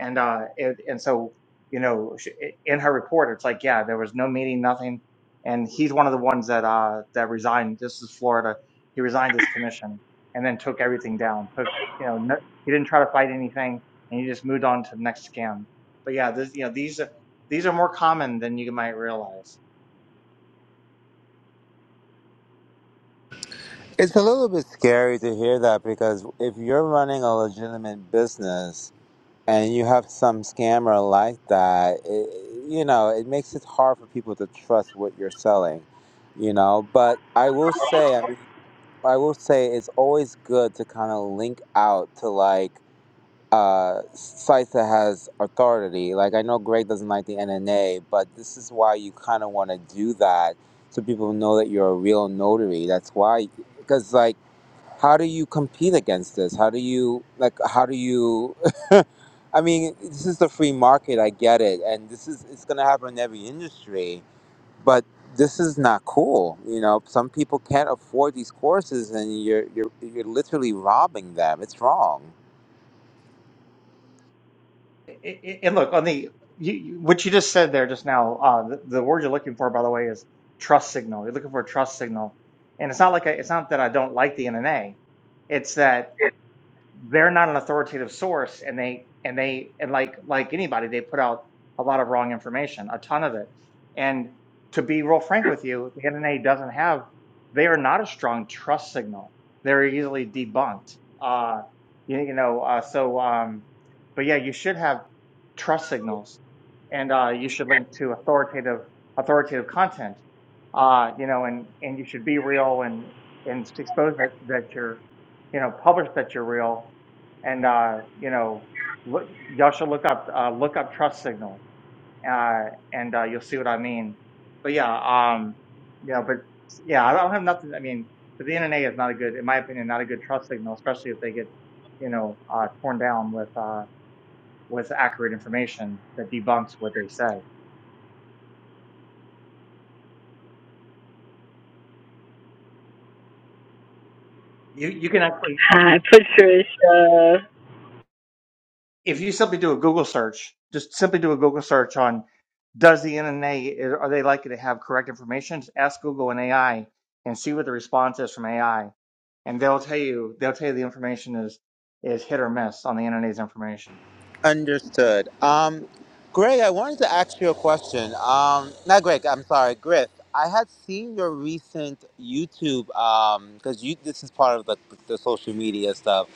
And, uh, and, and so, you know, sh- in her report, it's like, yeah, there was no meeting, nothing. And he's one of the ones that, uh, that resigned. This is Florida. He resigned his commission and then took everything down, took, you know, no, he didn't try to fight anything and he just moved on to the next scam. But yeah, this, you know, these, are- these are more common than you might realize. a little bit scary to hear that because if you're running a legitimate business and you have some scammer like that, it, you know, it makes it hard for people to trust what you're selling, you know. But I will say, I mean, I will say it's always good to kind of link out to like, uh, sites that has authority. Like I know Greg doesn't like the NNA, but this is why you kind of want to do that so people know that you're a real notary. That's why, because like, how do you compete against this? How do you like? How do you? I mean, this is the free market. I get it, and this is it's gonna happen in every industry, but. This is not cool, you know. Some people can't afford these courses, and you're you're you're literally robbing them. It's wrong. And look on the you, you- what you just said there just now. Uh, the, the word you're looking for, by the way, is trust signal. You're looking for a trust signal, and it's not like I, it's not that I don't like the NNA. It's that they're not an authoritative source and they and they and like like anybody they put out a lot of wrong information a ton of it and to be real frank with you the nna doesn't have they are not a strong trust signal they're easily debunked uh you, you know uh so um but yeah you should have trust signals and uh you should link to authoritative authoritative content uh you know and and you should be real and and expose that that you're you know, publish that you're real. And, uh, you know, look, y'all should look up, uh, look up trust signal, uh, and, uh, you'll see what I mean. But yeah, um, yeah, but yeah, I don't have nothing. I mean, but the NNA is not a good, in my opinion, not a good trust signal, especially if they get, you know, uh, torn down with, uh, with accurate information that debunks what they say. You, you can actually, Hi, Patricia. if you simply do a Google search, just simply do a Google search on does the NNA are they likely to have correct information? Just ask Google and AI and see what the response is from AI, and they'll tell you they'll tell you the information is is hit or miss on the NNA's information. Understood. Um, Greg, I wanted to ask you a question. Um, not Greg, I'm sorry, Griff. I had seen your recent YouTube because you this is part of the, the social media stuff.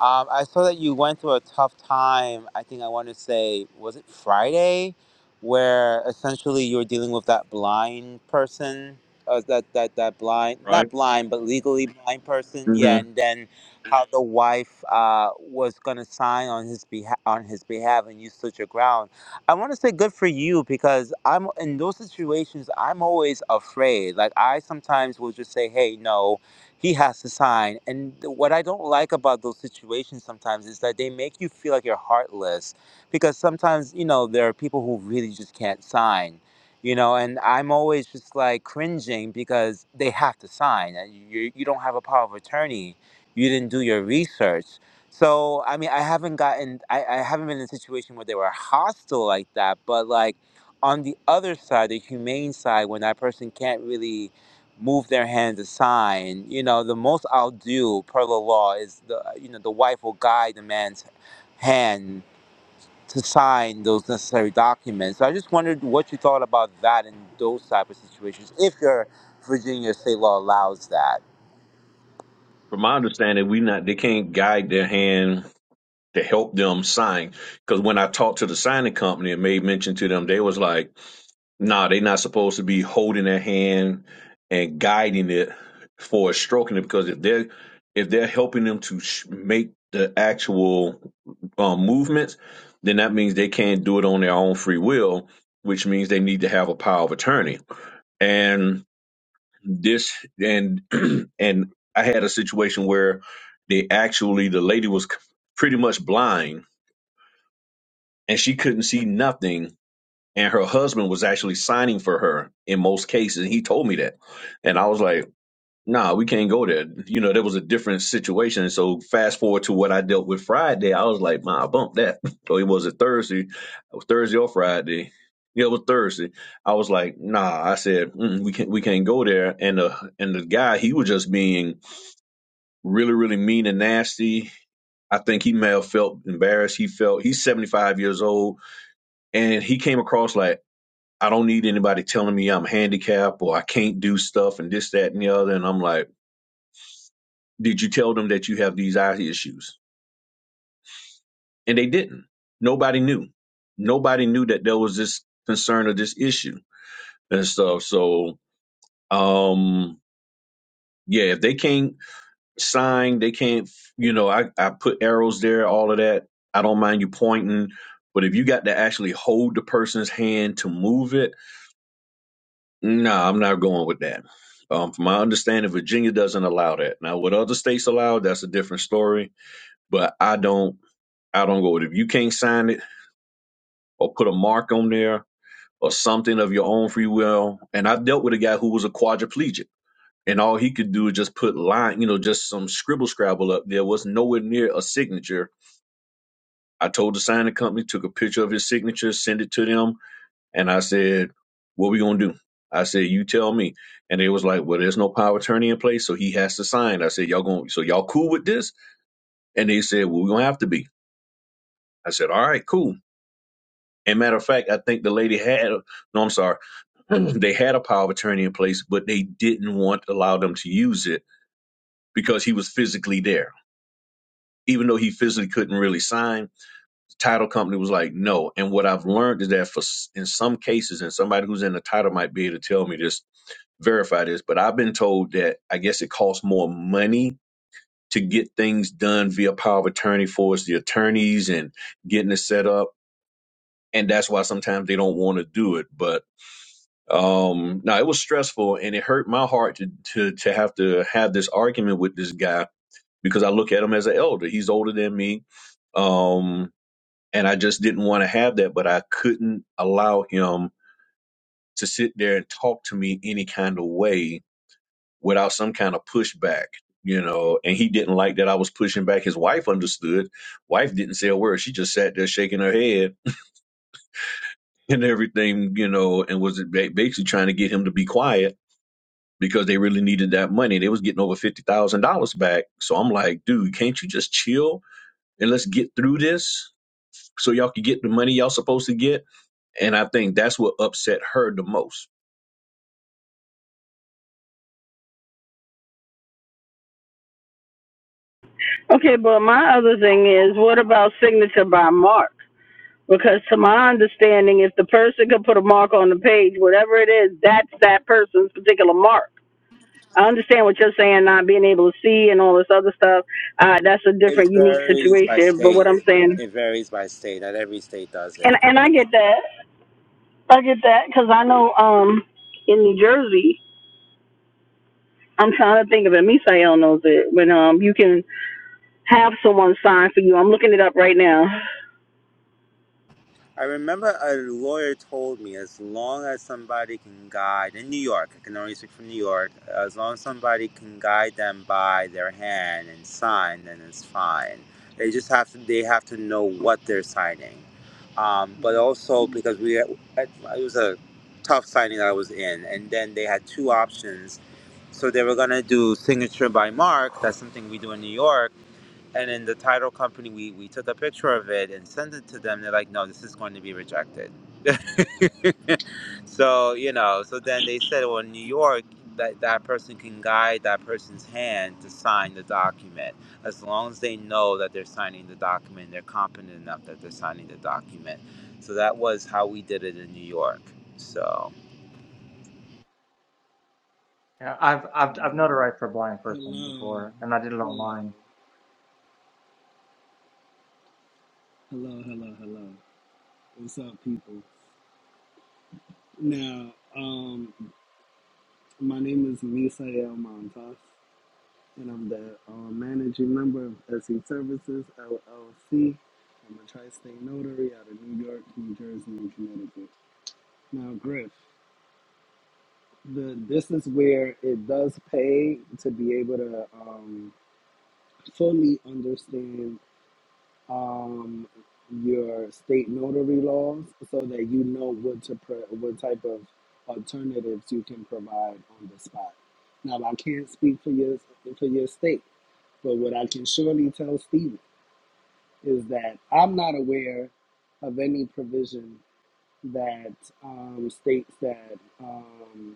Um, I saw that you went through a tough time. I think I want to say was it Friday, where essentially you were dealing with that blind person, uh, that that that blind, Right. not blind, but legally blind person. hmm Yeah, and then how the wife uh, was going to sign on his behalf on his behalf and you stood your ground i want to say good for you because i'm in those situations i'm always afraid like i sometimes will just say hey no he has to sign and th- what i don't like about those situations sometimes is that they make you feel like you're heartless because sometimes you know there are people who really just can't sign you know and i'm always just like cringing because they have to sign and you, you don't have a power of attorney you didn't do your research so i mean i haven't gotten I, I haven't been in a situation where they were hostile like that but like on the other side the humane side when that person can't really move their hands aside you know the most i'll do per the law is the you know the wife will guide the man's hand to sign those necessary documents so i just wondered what you thought about that in those type of situations if your virginia state law allows that From my understanding, we not they can't guide their hand to help them sign. Because when I talked to the signing company and made mention to them, they was like No, they are not supposed to be holding their hand and guiding it for stroking it because if they're if they're helping them to sh- make the actual um, movements, then that means they can't do it on their own free will, which means they need to have a power of attorney. And this and and I had a situation where they actually the lady was c- pretty much blind and she couldn't see nothing and her husband was actually signing for her in most cases. He told me that, and I was like, "Nah, we can't go there." You know, there was a different situation. And so, fast forward to what I dealt with Friday, I was like, "Nah, bump that." So it was a Thursday, it was Thursday or Friday. Yeah, it was Thursday. I was like, "Nah," I said, mm, "We can't, we can't go there." And the and the guy, he was just being really, really mean and nasty. I think he may have felt embarrassed. He felt he's seventy five years old and he came across like I don't need anybody telling me I'm handicapped or I can't do stuff and this, that, and the other. And I'm like, did you tell them that you have these eye issues? And they didn't. Nobody knew. Nobody knew that there was this concern or this issue and stuff. So, um, yeah, if they can't sign, they can't, you know, I, I put arrows there, all of that. I don't mind you pointing. But if you got to actually hold the person's hand to move it, No, I'm not going with that. Um, from my understanding, Virginia doesn't allow that. Now, what other states allow, that's a different story. But I don't, I don't go with it. If you can't sign it or put a mark on there or something of your own free will, and I dealt with a guy who was a quadriplegic, and all he could do is just put line, you know, just some scribble scrabble up there. Was nowhere near a signature. I told the signing company, took a picture of his signature, sent it to them. And I said, What we gonna do? I said, You tell me. And they was like, Well, there's no power of attorney in place, so he has to sign. I said, Y'all going so y'all cool with this? And they said, Well, we're gonna have to be. I said, All right, cool. And matter of fact, I think the lady had no, I'm sorry, they had a power of attorney in place, but they didn't want to allow them to use it because he was physically there. Even though he physically couldn't really sign, the title company was like, no. And what I've learned is that for in some cases, and somebody who's in the title might be able to tell me this verify this, but I've been told that I guess it costs more money to get things done via power of attorney for us, the attorneys and getting it set up. And that's why sometimes they don't want to do it. But um no, it was stressful and it hurt my heart to to to have to have this argument with this guy because I look at him as an elder. He's older than me. Um and I just didn't want to have that, but I couldn't allow him to sit there and talk to me any kind of way without some kind of pushback you know and he didn't like that i was pushing back his wife understood wife didn't say a word she just sat there shaking her head and everything you know and was ba- basically trying to get him to be quiet because they really needed that money they was getting over $50000 back so i'm like dude can't you just chill and let's get through this so y'all can get the money y'all supposed to get and i think that's what upset her the most Okay, but my other thing is, what about signature by mark? Because to my understanding, if the person could put a mark on the page, whatever it is, that's that person's particular mark. I understand what you're saying, not being able to see and all this other stuff. Uh, that's a It different, unique varies by situation. But what state. I'm saying, It varies by state. Not every state does it. and and I get that, I get that, because I know um in New Jersey, I'm trying to think of it. Misael knows it when um you can have someone sign for you. I'm looking it up right now. I remember a lawyer told me as long as somebody can guide in New York, I can only speak for New York, as long as somebody can guide them by their hand and sign, then it's fine. They just have to they have to know what they're signing. Um, but Hello, also because we it was a tough signing that I was in, and then they had two options So they were gonna do signature by Mark. That's something we do in New York. And then the title company, we, we took a picture of it and sent it to them. They're like, no, this is going to be rejected. so, you know, so then they said, well, in New York, that, that person can guide that person's hand to sign the document as long as they know that they're signing the document, they're competent enough that they're signing the document. So that was how we did it in New York. So, Yeah, I've I've I've hello, notarized for a blind person hello, before, and I did it hello, online. hello, hello, hello. What's up, people? Now, um, my name is Misael Montas, and I'm the uh, managing member of SE Services LLC. I'm a tri-state notary out of New York, New Jersey, and Connecticut. Now, Griff, the this is where it does pay to be able to um, fully understand um, your state notary laws so that you know what to pro what type of alternatives you can provide on the spot. Now I can't speak for your for your state, but what I can surely tell Stephen is that I'm not aware of any provision that um, states that um,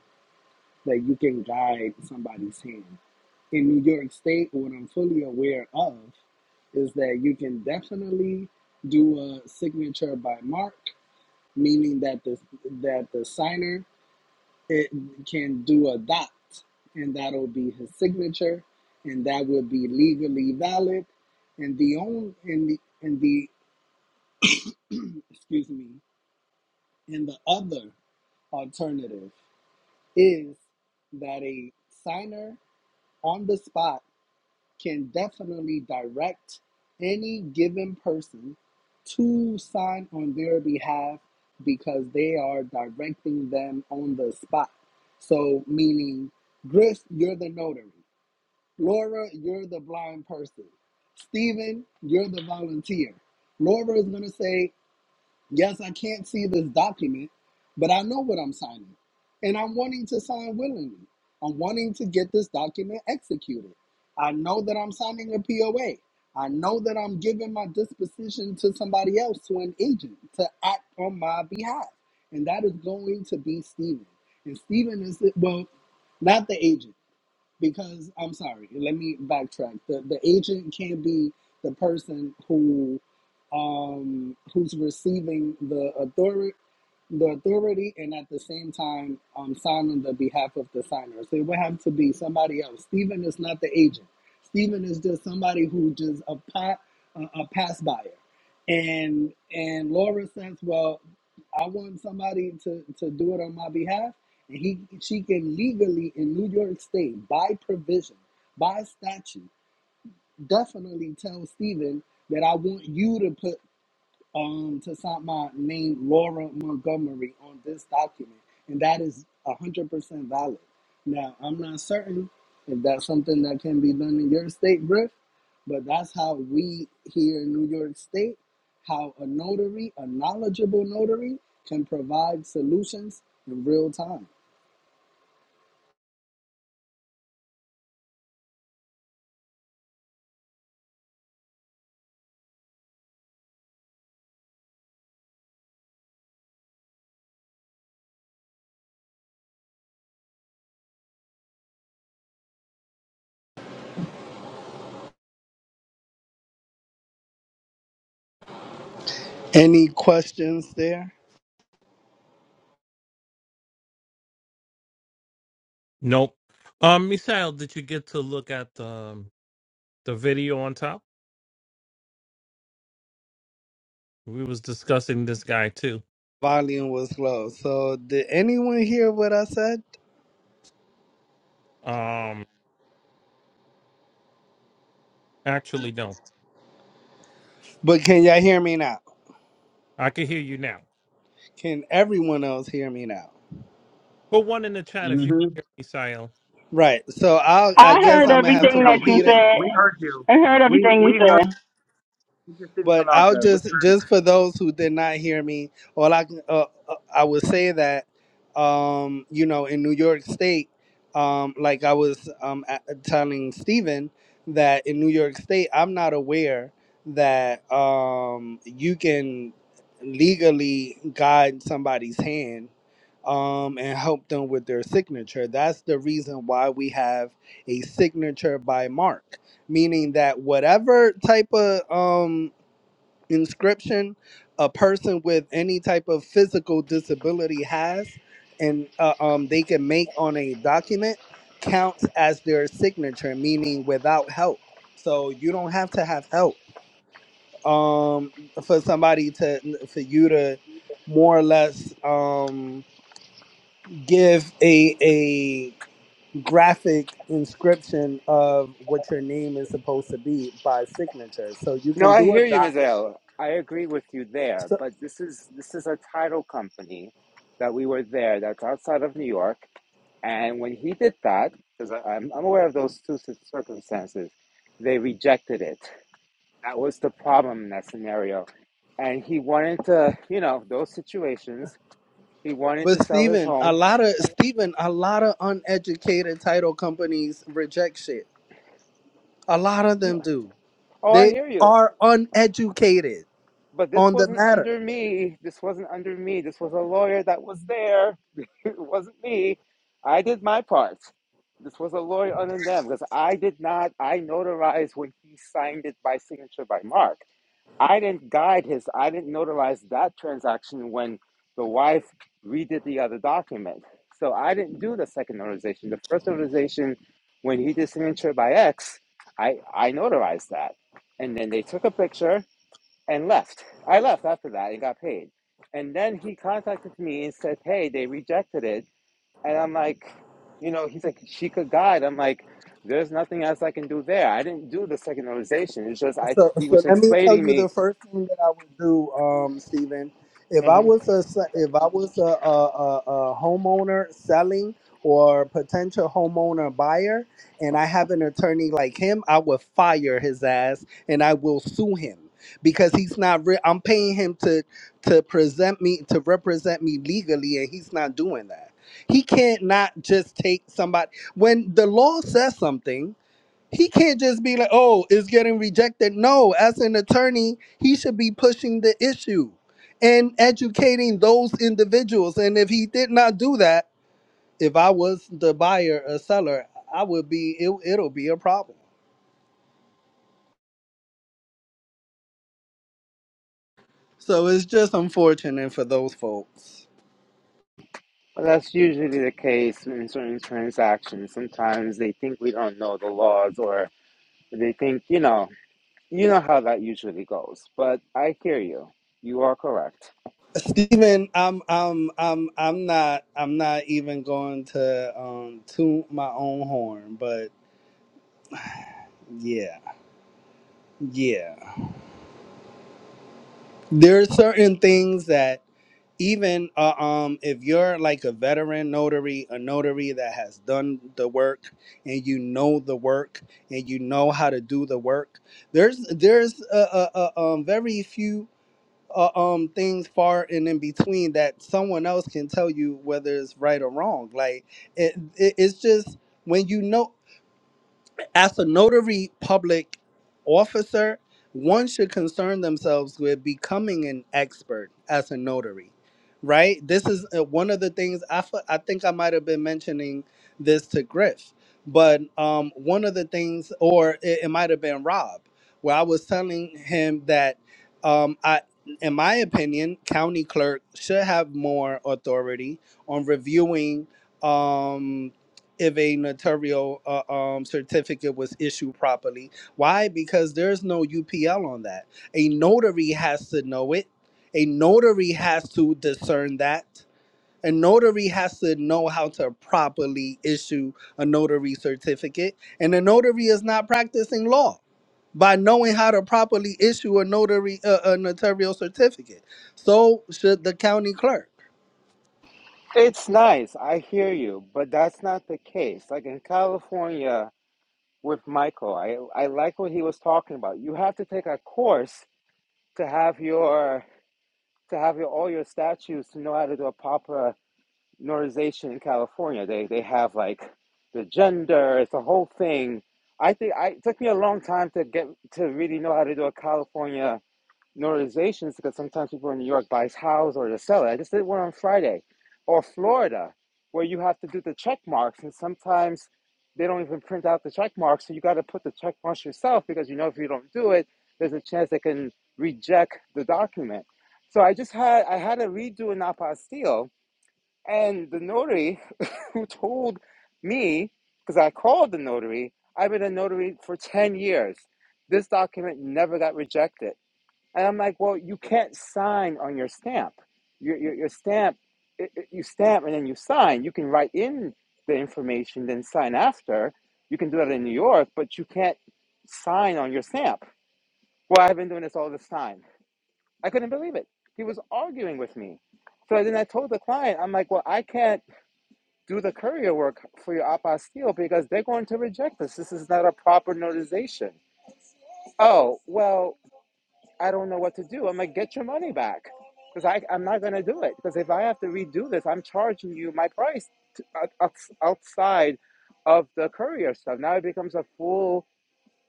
that you can guide somebody's hand. In New York State, what I'm fully aware of is that you can definitely do a signature by mark, meaning that the that the signer it can do a dot, and that'll be his signature, and that would be legally valid. And the own in the in the excuse me, and the other alternative is that a signer on the spot can definitely direct any given person to sign on their behalf because they are directing them on the spot. So, meaning, Griff, you're the notary. Laura, you're the blind person. Steven, you're the volunteer. Laura is going to say, Yes, I can't see this document, but I know what I'm signing. And I'm wanting to sign willingly. I'm wanting to get this document executed. I know that I'm signing a POA. I know that I'm giving my disposition to somebody else, to an agent, to act on my behalf. And that is going to be Stephen. And Stephen is, well, not the agent because I'm sorry, let me backtrack. The the agent can't be the person who um who's receiving the authority the authority and at the same time um signing the behalf of the signer. So it would have to be somebody else. Stephen is not the agent. Stephen is just somebody who just a pot, a, a pass buyer. And and Laura says, well, I want somebody to to do it on my behalf and He, she can legally in New York State, by provision, by statute, definitely tell Stephen that I want you to put um to sign my name, Laura Montgomery, on this document, and that a is a hundred percent valid. Now, I'm not certain if that's something that can be done in your state, Griff, but that's how we here in New York State, how a notary, a knowledgeable notary, can provide solutions in real time. Any questions there? Nope. Um, Michelle, did you get to look at um, the video on top? We was discussing this guy too. Volume was low. So, did anyone hear what I said? Um, actually, no. But can y'all hear me now? I can hear you now. Can everyone else hear me now? Put one in the chat if you can Mhm. hear me, Misael. Right. So, I'll, I I guess heard I'm So, going to have to everything Michelle, that we you repeat it. said. we heard you. I heard We everything you we heard said. you just didn't But come out I'll good. We, just just for those who did not hear me, all I can- uh, uh, I would say that um, you know in New York State, um, like I was um, a- telling Stephen that in New York State, I'm not aware that um, you can legally guide somebody's hand um, and help them with their signature. That's the reason why we have a signature by mark meaning that whatever type of um, inscription a person with any type of physical disability has and uh, um, they can make on a document counts as their signature meaning without help so you don't have to have help um, for somebody to for you to more or less um, give a a graphic inscription of what your name is supposed to be by signature so you No, can I do a hear you, doc Ms. L. I agree with you there, so, but this is this is a title company that we were there that's outside of New York, and when he did that, because I'm, I'm aware of those two cir- circumstances, they rejected it. That was the problem in that scenario, and he wanted to, you know, those situations. He wanted to But sell his Stephen, a home. lot of Stephen, a lot of uneducated title companies reject shit. A lot of N- them do. Oh, I They hear you. are uneducated But this on the wasn't matter. under me. This wasn't under me. This was a lawyer that was there. it wasn't me. I did my part. This was a lawyer other than them because I did not, I notarized when he signed it by signature by Mark. I didn't guide his, I didn't notarize that transaction when the wife redid the other document. So I didn't do the second notarization. The first notarization, when he did signature by X, I, I notarized that. And then they took a picture and left. I left after that and got paid. And then he contacted me and said, "Hey, they rejected it." And I'm like, you know, he's like, "She could guide." I'm like, "There's nothing else I can do there. I didn't do the secularization. It's just I." So, He so was let me tell explaining you the me. first thing that I would do, um, Stephen. If I hmm was a se- if I was a, a, a, a homeowner selling or potential homeowner buyer, and I have an attorney like him, I would fire his ass and I will sue him because he's not. Re- I'm paying him to to present me to represent me legally, and he's not doing that. He can't not just take somebody when the law says something he can't just be like, oh, it's getting rejected. No, as an attorney, he should be pushing the issue and educating those individuals. And if he did not do that, if I was the buyer or seller, I would be, it, it'll be a problem. So it's just unfortunate for those folks. Well, that's usually the case in certain transactions. Sometimes they think we don't know the laws, or they think, you know, you know how that usually goes. But I hear you. You are correct. Stephen, I'm, I'm, I'm, I'm not, I'm not even going to um, toot my own horn, but yeah, yeah. There are certain things that even uh, um if you're like a veteran notary a notary that has done the work and you know the work and you know how to do the work there's there's uh, uh, uh, um very few uh, um things far and in between that someone else can tell you whether it's right or wrong like it, it it's just when you know as a notary public officer, one should concern themselves with becoming an expert as a notary, right? This is uh, one of the things I, fe- I think I might have been mentioning this to Griff, but um, one of the things, or it, it might have been Rob, where I was telling him that um, I, in my opinion, county clerk should have more authority on reviewing. Um, if a notarial uh, um, certificate was issued properly. Why? Because there's no UPL on that. A notary has to know it. A notary has to discern that. A notary has to know how to properly issue a notary certificate. And a notary is not practicing law by knowing how to properly issue a notary uh, a notarial certificate. So should the county clerk. It's nice, I hear you, but that's not the case. Like in California with Michael, I I like what he was talking about. You have to take a course to have your to have your all your statues to know how to do a proper notarization in California. They they have like the gender, it's a whole thing. I think I it took me a long time to get to really know how to do a California notarization is because sometimes people in New York buy his house or to sell it. I just did one on Friday, or Florida, where you have to do the check marks, and sometimes they don't even print out the check marks, so you got to put the check marks yourself because you know if you don't do it, there's a chance they can reject the document. So I just had I had to redo an apostille, and the notary who told me because I called the notary. I've been a notary for ten years. This document never got rejected and I'm like, well, you can't sign on your stamp. Your, your, your stamp, it, it- you stamp and then you sign. You can write in the information, then sign after. You can do that in New York, but you can't sign on your stamp. Well, I've been doing this all this time. I couldn't believe it. He was arguing with me. So then I told the client, I'm like, well, I can't do the courier work for your apostille because they're going to reject this. This is not a proper notarization. Oh, well, I don't know what to do. I'm like, get your money back because I, I'm not going to do it. Because if I have to redo this, I'm charging you my price to, out, outside of the courier stuff. Now it becomes a full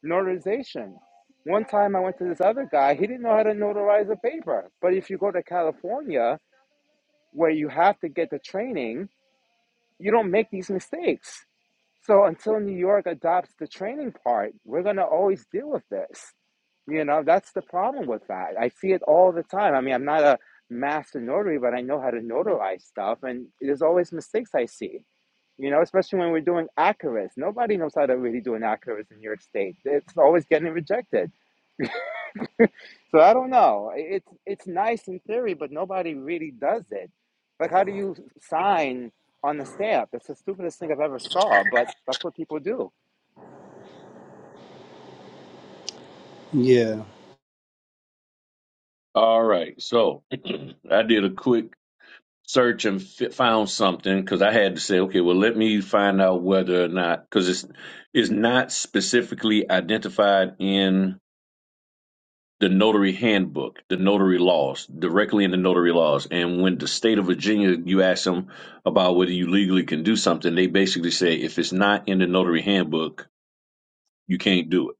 notarization. One time I went to this other guy, he didn't know how to notarize a paper. But if you go to California, where you have to get the training, you don't make these mistakes. So until New York adopts the training part, we're going to always deal with this. You know, that's the problem with that. I see it all the time. I mean, I'm not a master notary, but I know how to notarize stuff, and there's always mistakes I see. You know, especially when we're doing acurates. Nobody knows how to really do an acurates in New York State. It's always getting rejected. So I don't know. It's it's nice in theory, but nobody really does it. Like, how do you sign on the stamp? It's the stupidest thing I've ever saw, but that's what people do. Yeah. All right. So I did a quick search and fi- found something because I had to say, okay, well, let me find out whether or not because it's it's not specifically identified in the notary handbook, the notary laws, directly in the notary laws. And when the state of Virginia, you ask them about whether you legally can do something, they basically say if it's not in the notary handbook, you can't do it.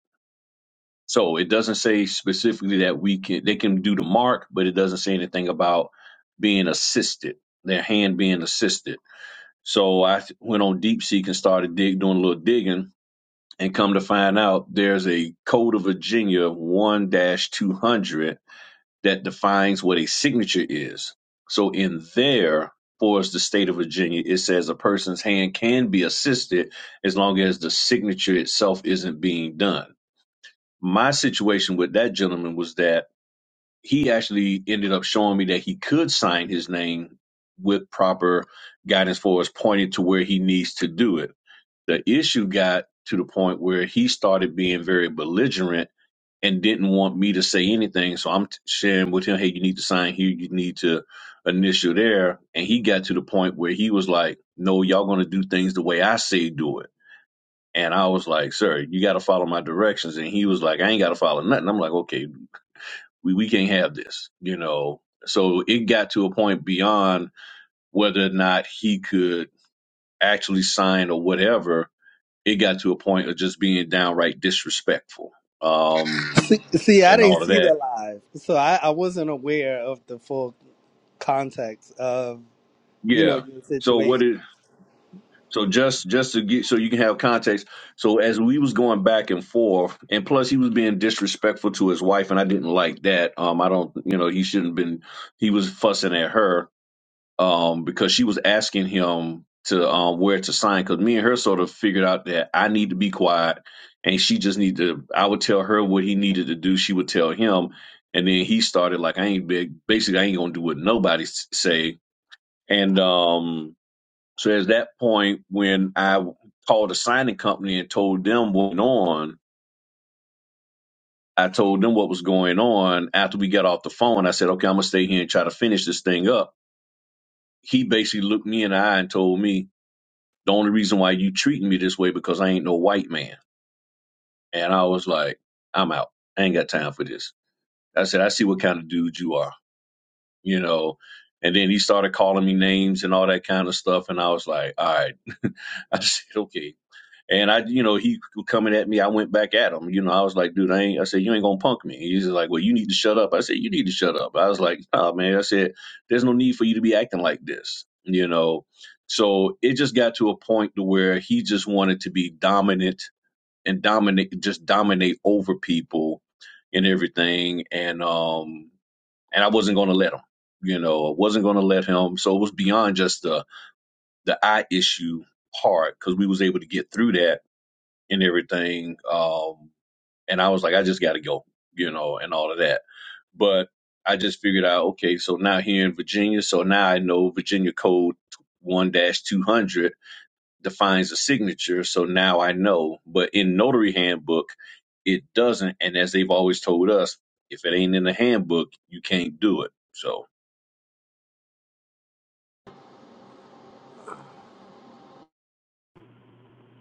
So it doesn't say specifically that we can they can do the mark, but it doesn't say anything about being assisted, their hand being assisted So I went on DeepSeek and started dig doing a little digging, and come to find out there's a Code of Virginia 1-200 that defines what a signature is. So in there, for us, the state of Virginia, it says a person's hand can be assisted as long as the signature itself isn't being done. My situation with that gentleman was that he actually ended up showing me that he could sign his name with proper guidance for us, pointing to where he needs to do it the issue got to the point where he started being very belligerent and didn't want me to say anything. So I'm t- sharing with him, hey, you need to sign here, you need to initial there. And he got to the point where he was like, no, y'all going to do things the way I say do it. And I was like, sir, you got to follow my directions. And he was like, I ain't got to follow nothing. I'm like, okay, we, we can't have this, you know. So it got to a point beyond whether or not he could actually sign or whatever it got to a point of just being downright disrespectful um See, see, I and didn't all of see the that live, so I, I wasn't aware of the full context of you know yeah your so what situation. it so just just to get so you can have context so as we was going back and forth and plus he was being disrespectful to his wife and i didn't like that um i don't you know he shouldn't have been he was fussing at her um, because she was asking him to um, where to sign. Because me and her sort of figured out that I need to be quiet, and she just need to. I would tell her what he needed to do. She would tell him, and then he started like, "I ain't big. Basically, I ain't gonna do what nobody s- say." And um, so at that point, when I called a signing company and told them what went on. I told them what was going on after we got off the phone. I said, okay, I'm going to stay here and try to finish this thing up. He basically looked me in the eye and told me, The only reason why you treating me this way because I ain't no white man. And I was like, I'm out. I ain't got time for this. I said, I see what kind of dude you are, you know. And then he started calling me names and all that kind of stuff. And I was like, all right. I said, okay. And I, you know, he coming at me. I went back at him. You know, I was like, dude, I ain't. I said, you ain't gonna punk me. He's like, well, you need to shut up. I said, you need to shut up. I was like, nah, man. I said, there's no need for you to be acting like this. You know, so it just got to a point to where he just wanted to be dominant and dominate, just dominate over people and everything. And um, and I wasn't gonna let him. You know, I wasn't gonna let him. So it was beyond just the the eye issue part because we was able to get through that and everything. Um, and I was like, I just got to go, you know, and all of that. But I just figured out, okay, so now here in Virginia, so now I know Virginia Code 1 200 defines a signature. So now I know. But in Notary Handbook, it doesn't. And as they've always told us, if it ain't in the handbook, you can't do it. So.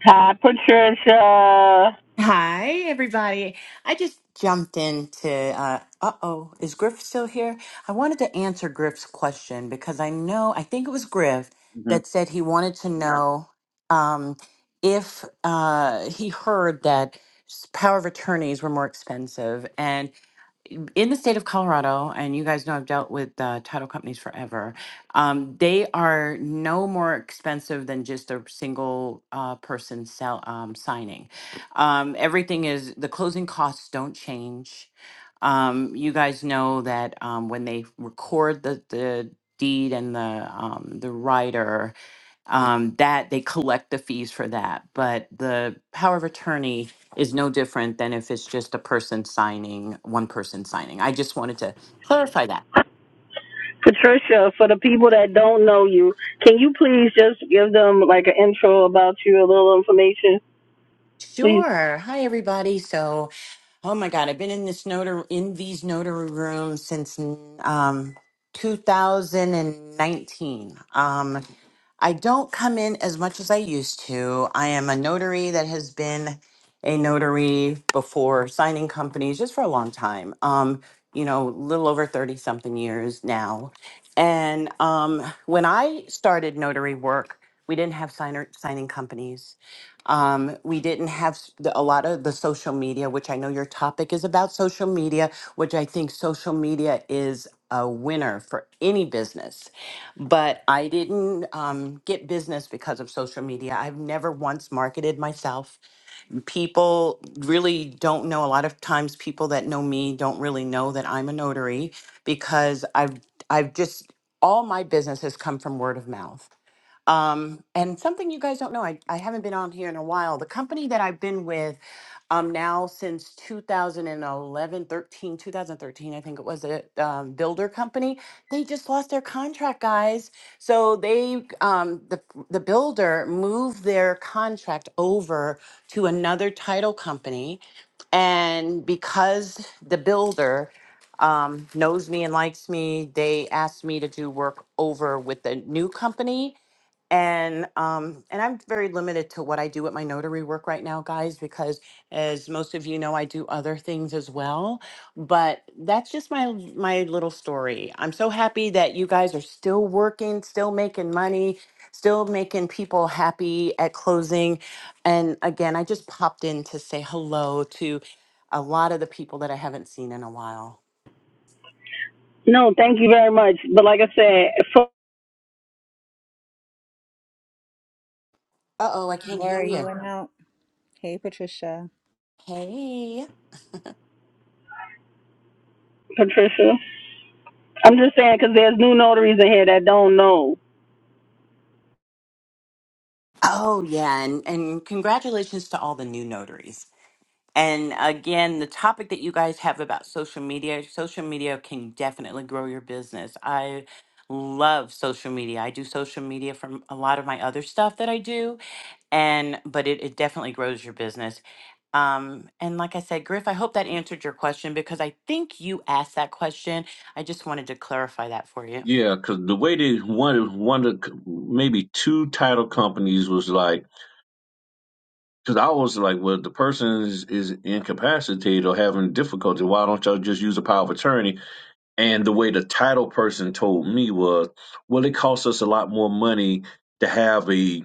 Hi, Patricia. Hi, everybody. I just jumped into, uh oh, is Griff still here? I wanted to answer Griff's question because I know, I think it was Griff Mhm. that said he wanted to know um, if uh, he heard that s- power of attorneys were more expensive. and in the state of Colorado, and you guys know I've dealt with uh, title companies forever, um, they are no more expensive than just a single uh, person sell, um, signing. Um, everything is, the closing costs don't change. Um, you guys know that um, when they record the, the deed and the um, the rider, um, that they collect the fees for that. But the power of attorney is no different than if it's just a person signing, one person signing. I just wanted to clarify that. Patricia, for the people that don't know you, can you please just give them like an intro about you, a little information, please? Sure. Hi, everybody. So, oh my God, I've been in this notary in these notary rooms since um, 2019. Um, I don't come in as much as I used to. I am a notary that has been a notary before signing companies just for a long time. Um, you know, little over 30 something years now. And um, when I started notary work, we didn't have signer, signing companies. Um, we didn't have s- the- a lot of the social media, which I know your topic is about social media, which I think social media is a winner for any business but I didn't um, get business because of social media. I've never once marketed myself. People really don't know. A lot of times, people that know me don't really know that I'm a notary because I've I've just all my business has come from word of mouth. Um, and something you guys don't know, I, I haven't been on here in a while. The company that I've been with um, now since 2011, 13, 2013, I think it was a um, builder company. They just lost their contract, guys. So they, um, the, the builder moved their contract over to another title company. And because the builder um, knows me and likes me, they asked me to do work over with the new company and um and i'm very limited to what i do with my notary work right now guys because as most of you know i do other things as well but that's just my my little story i'm so happy that you guys are still working still making money still making people happy at closing and again i just popped in to say hello to a lot of the people that i haven't seen in a while No, thank you very much. But like I said, for uh-oh i can't hear Laura, you you went out. Hey, Patricia. hey Patricia, I'm just saying because there's new notaries in here that don't know. Oh yeah, and, and congratulations to all the new notaries. And again, the topic that you guys have about social media, social media can definitely grow your business. I love social media. I do social media from a lot of my other stuff that I do, and but it, it definitely grows your business. Um, and like I said, Griff, I hope that answered your question because I think you asked that question. I just wanted to clarify that for you. Yeah, because the way they one one of maybe two title companies was like Because I was like, well, the person is, is incapacitated or having difficulty. Why don't y'all just use a power of attorney? And the way the title person told me was, well, it costs us a lot more money to have a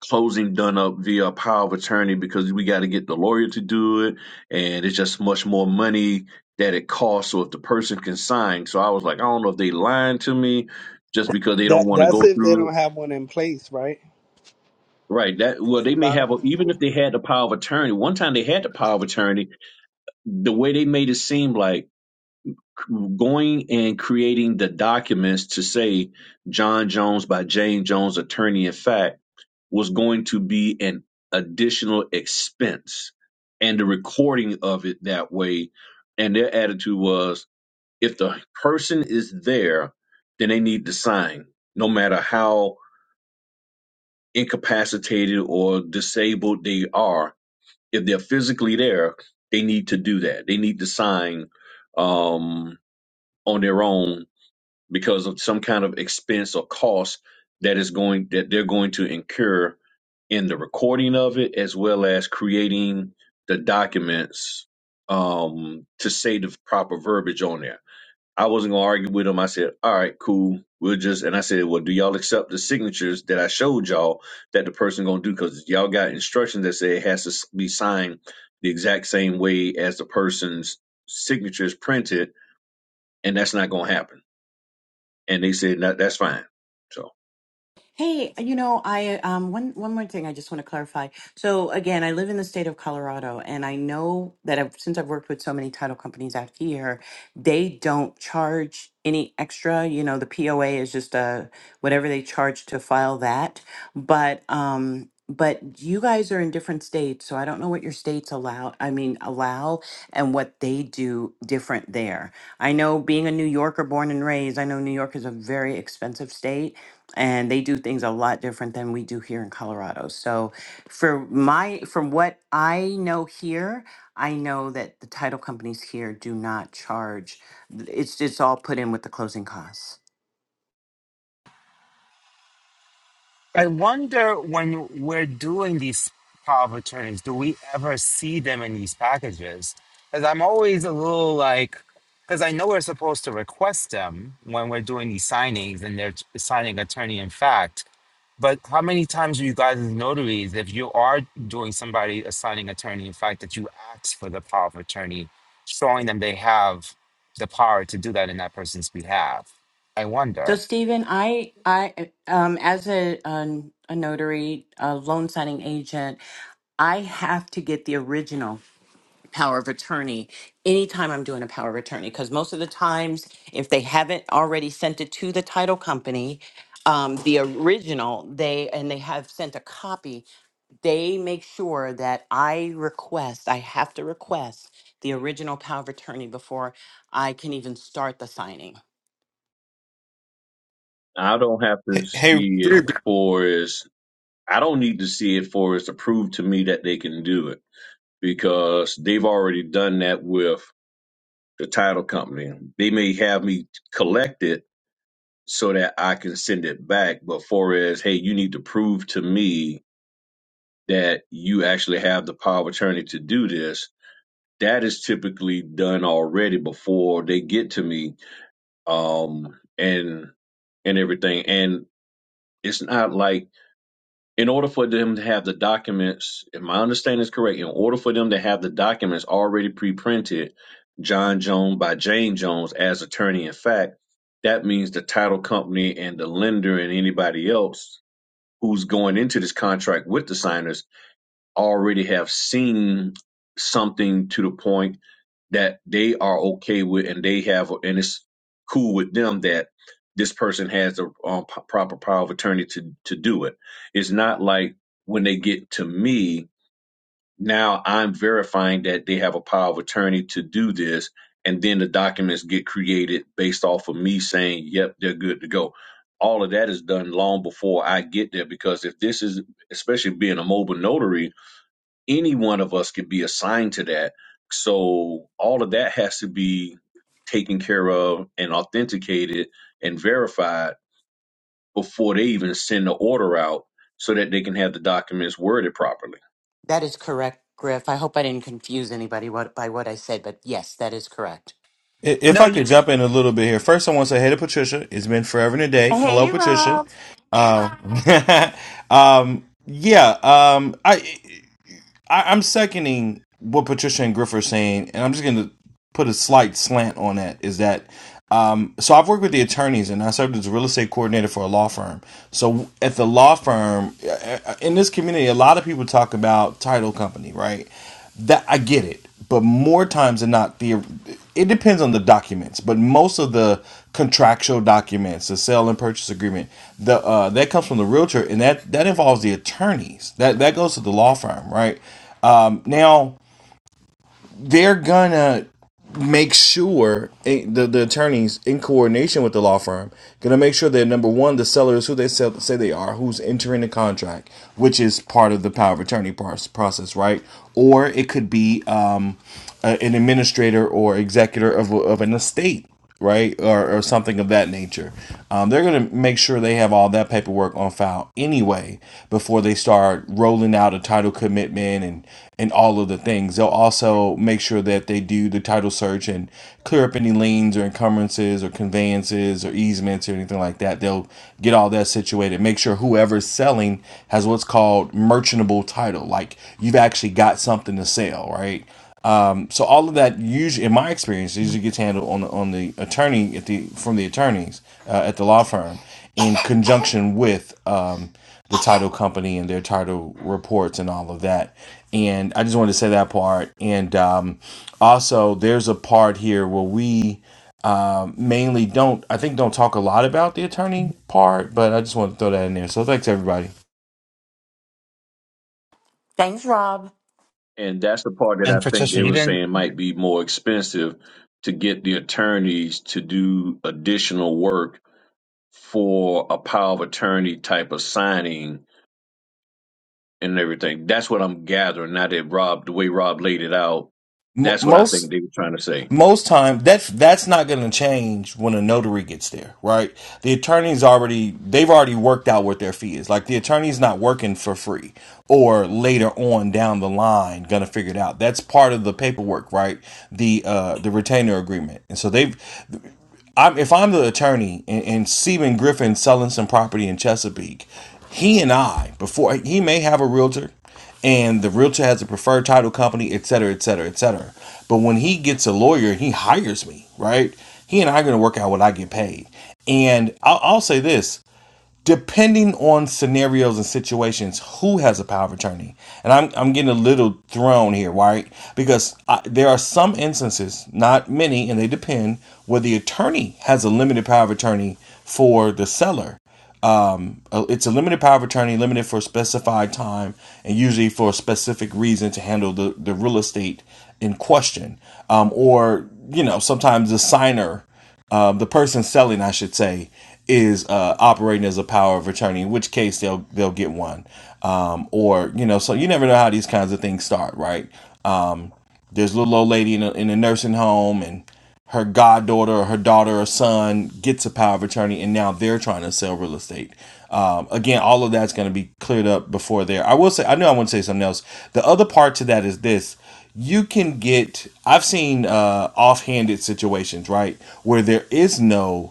closing done up via a power of attorney because we got to get the lawyer to do it. And it's just much more money that it costs. So if the person can sign. So I was like, I don't know if they lying to me just because they don't That want to that's go if they through it. don't have one in place, right? Right. That well, Because a they may lot have of a, even people, if they had the power of attorney. One time they had the power of attorney, the way they made it seem like going and creating the documents to say John Jones by Jane Jones, attorney in fact, was going to be an additional expense. And the recording of it that way, and their attitude was if the person is there, then they need to sign, no matter how incapacitated or disabled they are. If they're physically there, they need to do that. They need to sign. Um, on their own because of some kind of expense or cost that is going that they're going to incur in the recording of it as well as creating the documents um to say the proper verbiage on there. I wasn't gonna argue with them. I said, all right, cool. We'll just and I said, well, do y'all accept the signatures that I showed y'all that the person gonna do? Because y'all got instructions that say it has to s- be signed the exact same way as the person's signature is printed, and that's not gonna happen and they said no, that's fine. So Hey, you know, I um one one more thing I just want to clarify. So again, I live in the state of Colorado and I know that I've, since I've worked with so many title companies out here, they don't charge any extra, you know, the POA is just uh whatever they charge to file that. But um but you guys are in different states, so I don't know what your states allow, I mean, allow and what they do different there. I know being a New Yorker born and raised, I know New York is a very expensive state and they do things a lot different than we do here in Colorado. So for my from what I know here, I know that the title companies here do not charge it's it's all put in with the closing costs. I wonder when we're doing these power of attorneys, do we ever see them in these packages? Because I'm always a little like, because I know we're supposed to request them when we're doing these signings and they're t- signing attorney in fact. But how many times do you guys as notaries, if you are doing somebody a signing attorney in fact, that you ask for the power of attorney, showing them they have the power to do that in that person's behalf? I So wonder. Stephen, I I um as a a, a notary, a loan signing agent, I have to get the original power of attorney anytime I'm doing a power of attorney because most of the times, if they haven't already sent it to the title company, um, the original, they and they have sent a copy, they make sure that I request, I have to request the original power of attorney before I can even start the signing. I don't have to Hey, see it for as I don't need to see it for as to prove to me that they can do it because they've already done that with the title company. They may have me collect it so that I can send it back, but for as hey, you need to prove to me that you actually have the power of attorney to do this. That is typically done already before they get to me, um, and and everything. and. it's not like in order for them to have the documents, if my understanding is correct, in order for them to have the documents already pre-printed, John Jones by Jane Jones as attorney in fact, that means the title company and the lender and anybody else who's going into this contract with the signers already have seen something to the point that they are okay with and they have and it's cool with them that this person has the um, p- proper power of attorney to to do it it's not like when they get to me now i'm verifying that they have a power of attorney to do this and then the documents get created based off of me saying yep they're good to go all of that is done long before i get there because if this is especially being a mobile notary any one of us could be assigned to that. So all of that has to be taken care of and authenticated and verified before they even send the order out so that they can have the documents worded properly. That is correct, Griff. I hope I didn't confuse anybody what, by what I said, but yes, that is correct. if No, I you, could jump in a little bit here. First, I want to say hey to Patricia. It's been forever and a day. Hello, Hey, Patricia. Rob. Um, um, yeah. Um, I I, I'm seconding what Patricia and Griff are saying, and I'm just going to put a slight slant on that. Is that um, so? I've worked with the attorneys, and I served as a real estate coordinator for a law firm. So at the law firm uh, uh, in this community, a lot of people talk about title company, right? That I get it, but more times than not, the it depends on the documents, but most of the contractual documents, the sale and purchase agreement, the uh, that comes from the realtor, and that that involves the attorneys. That that goes to the law firm, right? Now they're gonna make sure eh, the the attorneys in coordination with the law firm gonna make sure that number one the seller is who they sell, say they are, who's entering the contract, which is part of the power of attorney par- process, right? Or it could be um, a, an administrator or executor of of an estate right, or, or something of that nature. Um, they're going to make sure they have all that paperwork on file anyway before they start rolling out a title commitment and and all of the things. They'll also make sure that they do the title search and clear up any liens or encumbrances or conveyances or easements or anything like that. They'll get all that situated. Make sure whoever's selling has what's called merchantable title, like you've actually got something to sell, right? So all of that usually, in my experience, usually gets handled on the, on the attorney at the from the attorneys uh, at the law firm in conjunction with um, the title company and their title reports and all of that. And I just wanted to say that part. And um, also, there's a part here where we um, mainly don't, I think, don't talk a lot about the attorney part, but I just want to throw that in there. So thanks everybody. Thanks, Rob. And that's the part that I and think Patricia, they you were didn't. saying might be more expensive to get the attorneys to do additional work for a power of attorney type of signing and everything. That's what I'm gathering. Now that Rob, the way Rob laid it out, M- that's what I most think they were trying to say. most time that's that's not going to change when a notary gets there right the attorney's already they've already worked out what their fee is like the attorney's not working for free or later on down the line gonna figure it out that's part of the paperwork right the uh the retainer agreement and so they've I'm if I'm the attorney and, and Stephen Griffin selling some property in Chesapeake, he and I before he may have a realtor, and the realtor has a preferred title company, et cetera, et cetera, et cetera. But when he gets a lawyer, he hires me, right? He and I are going to work out what I get paid. And I'll, I'll say this: depending on scenarios and situations, who has a power of attorney? And I'm I'm getting a little thrown here, right? Because I, there are some instances, not many, and they depend, where the attorney has a limited power of attorney for the seller uh, it's a limited power of attorney, limited for a specified time, and usually for a specific reason to handle the, the real estate in question. Um, or, you know, sometimes the signer, um, the person selling, I should say, is uh, operating as a power of attorney, in which case they'll they'll get one. Um, or, you know, so you never know how these kinds of things start, right? Um, there's a little old lady in a, in a nursing home and her goddaughter or her daughter or son gets a power of attorney and now they're trying to sell real estate. Um, again, all of that's going to be cleared up before there. I will say, I know I want to say something else. The other part to that is this you can get, I've seen uh, offhanded situations, right, where there is no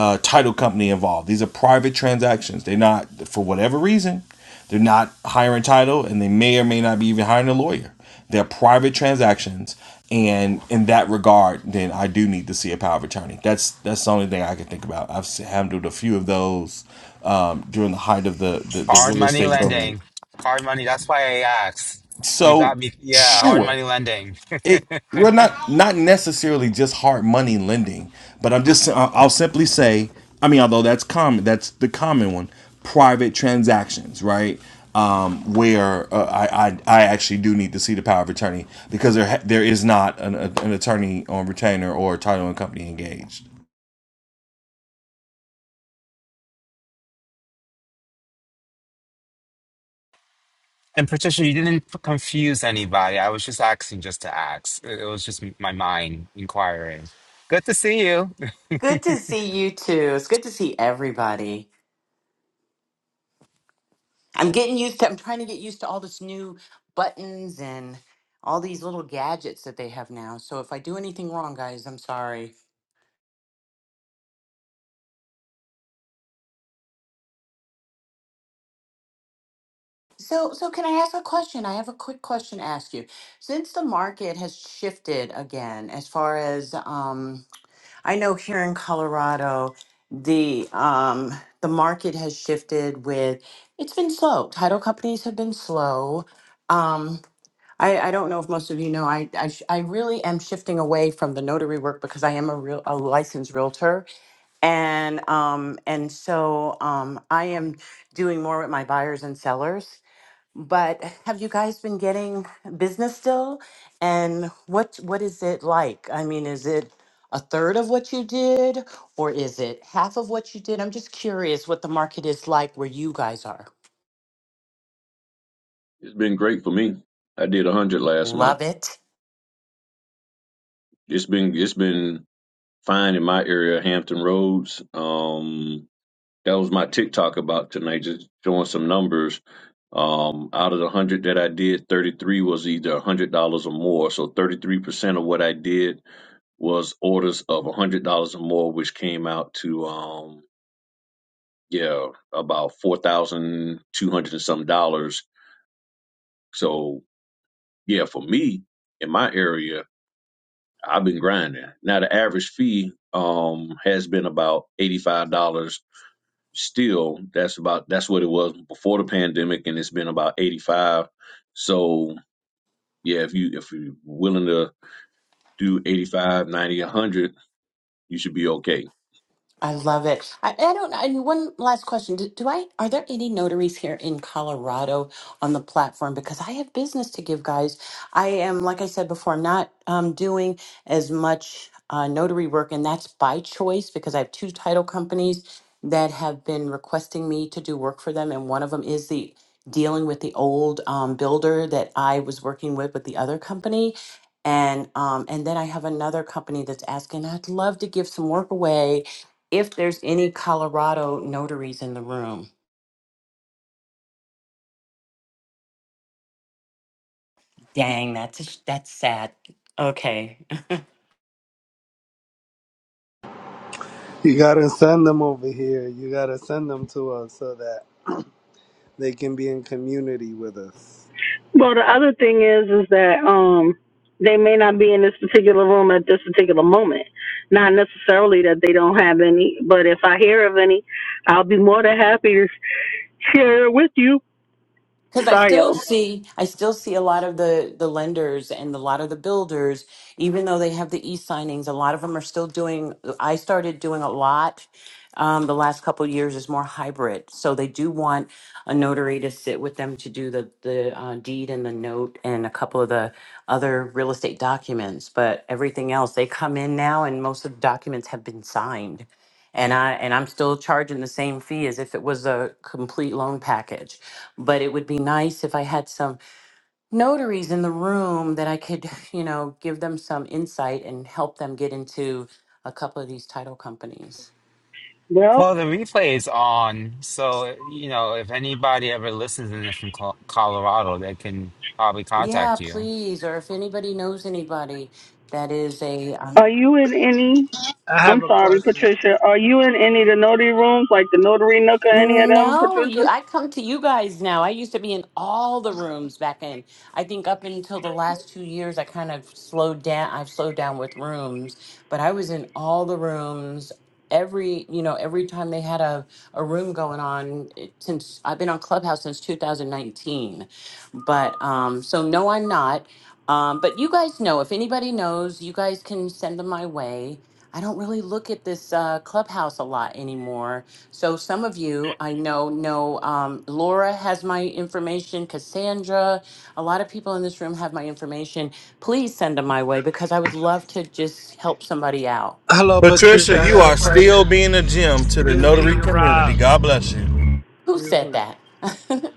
uh, title company involved. These are private transactions. They're not, for whatever reason, they're not hiring title, and they may or may not be even hiring a lawyer. They're private transactions, and in that regard, then I do need to see a power of attorney. That's that's the only thing I can think about. I've handled a few of those um, during the height of the the, the Hard real money estate boom. lending. Hard money. That's why I asked. You So got me. Yeah, hard sure, money lending. it well, not not necessarily just hard money lending, but I'm just I'll I'll simply say, I mean, although that's common, that's the common one, private transactions, right? Um, where uh, I, I I actually do need to see the power of attorney because there ha- there is not an, a, an attorney on retainer or a title and company engaged. And Patricia, you didn't f- confuse anybody. I was just asking just to ask. It it was just m- my mind inquiring. Good to see you. Good to see you too. It's good to see everybody. I'm getting used to, I'm trying to get used to all this new buttons and all these little gadgets that they have now. So if I do anything wrong, guys, I'm sorry. So, so can I ask a question? I have a quick question to ask you. Since the market has shifted again, as far as um, I know here in Colorado, the um, the market has shifted with it's been slow. Title companies have been slow. Um, I, I don't know if most of you know, I, I, sh- I really am shifting away from the notary work because I am a real a licensed realtor, and um and so um I am doing more with my buyers and sellers. But have you guys been getting business still? And what what is it like? I mean, is it a third of what you did, or is it half of what you did? I'm just curious what the market is like where you guys are. It's been great for me. I did one hundred last month. Love it. It's been it's been fine in my area, Hampton Roads. Um, that was my TikTok about tonight, just showing some numbers. Um, out of the one hundred that I did, thirty three was either one hundred dollars or more. So thirty three percent of what I did was orders of one hundred dollars or more, which came out to um, yeah, about four thousand two hundred and some dollars. So yeah, for me in my area, I've been grinding. Now the average fee um has been about eighty five dollars. Still, that's about that's what it was before the pandemic, and it's been about eighty five. So yeah, if you if you're willing to do 85, 90, a 100, you should be okay I love it. I, I don't. And one last question: do, do I? Are there any notaries here in Colorado on the platform? Because I have business to give, guys. I am, like I said before, I'm not um, doing as much uh, notary work, and that's by choice because I have two title companies that have been requesting me to do work for them, and one of them is the dealing with the old um, builder that I was working with with the other company. And um, and then I have another company that's asking, I'd love to give some work away if there's any Colorado notaries in the room. Dang, that's a, sh- that's sad. Okay, you gotta send them over here. You gotta send them to us so that they can be in community with us. Well, the other thing is, is that um, they may not be in this particular room at this particular moment. Not necessarily that they don't have any, but if I hear of any, I'll be more than happy to share it with you. Because I Sorry, still yo. see, I still see a lot of the the lenders and a lot of the builders, even though they have the e signings, a lot of them are still doing. I started doing a lot um, the last couple of years is more hybrid, so they do want a notary to sit with them to do the the uh, deed and the note and a couple of the other real estate documents, but everything else they come in now, and most of the documents have been signed. And I and I'm still charging the same fee as if it was a complete loan package but it would be nice if I had some notaries in the room that I could, you know, give them some insight and help them get into a couple of these title companies. Well, Well, the replay is on. So, you know, if anybody ever listens in from Col- Colorado, they can probably Yeah, contact you. please. Or if anybody knows anybody that is a uh, are you in any? I have I'm a sorry, question. Patricia. Are you in any of the notary rooms, like the Notary Nook or any of them, No, Patricia? you I come to you guys now. I used to be in all the rooms back in. I think up until the last 2 years I kind of slowed down I've slowed down with rooms, but I was in all the rooms every, you know, every time they had a a room going on it- since I've been on Clubhouse since 2019. But um so no I'm not. Um but you guys know if anybody knows, you guys can send them my way. I don't really look at this uh Clubhouse a lot anymore so some of you I know know um, Laura has my information, Cassandra, a lot of people in this room have my information. Please send them my way because I would love to just help somebody out. Hello, Patricia. Patricia, I you got a are question. still being a gem to the Excuse notary me, community. Rob. God bless you. Who said Excuse me, that?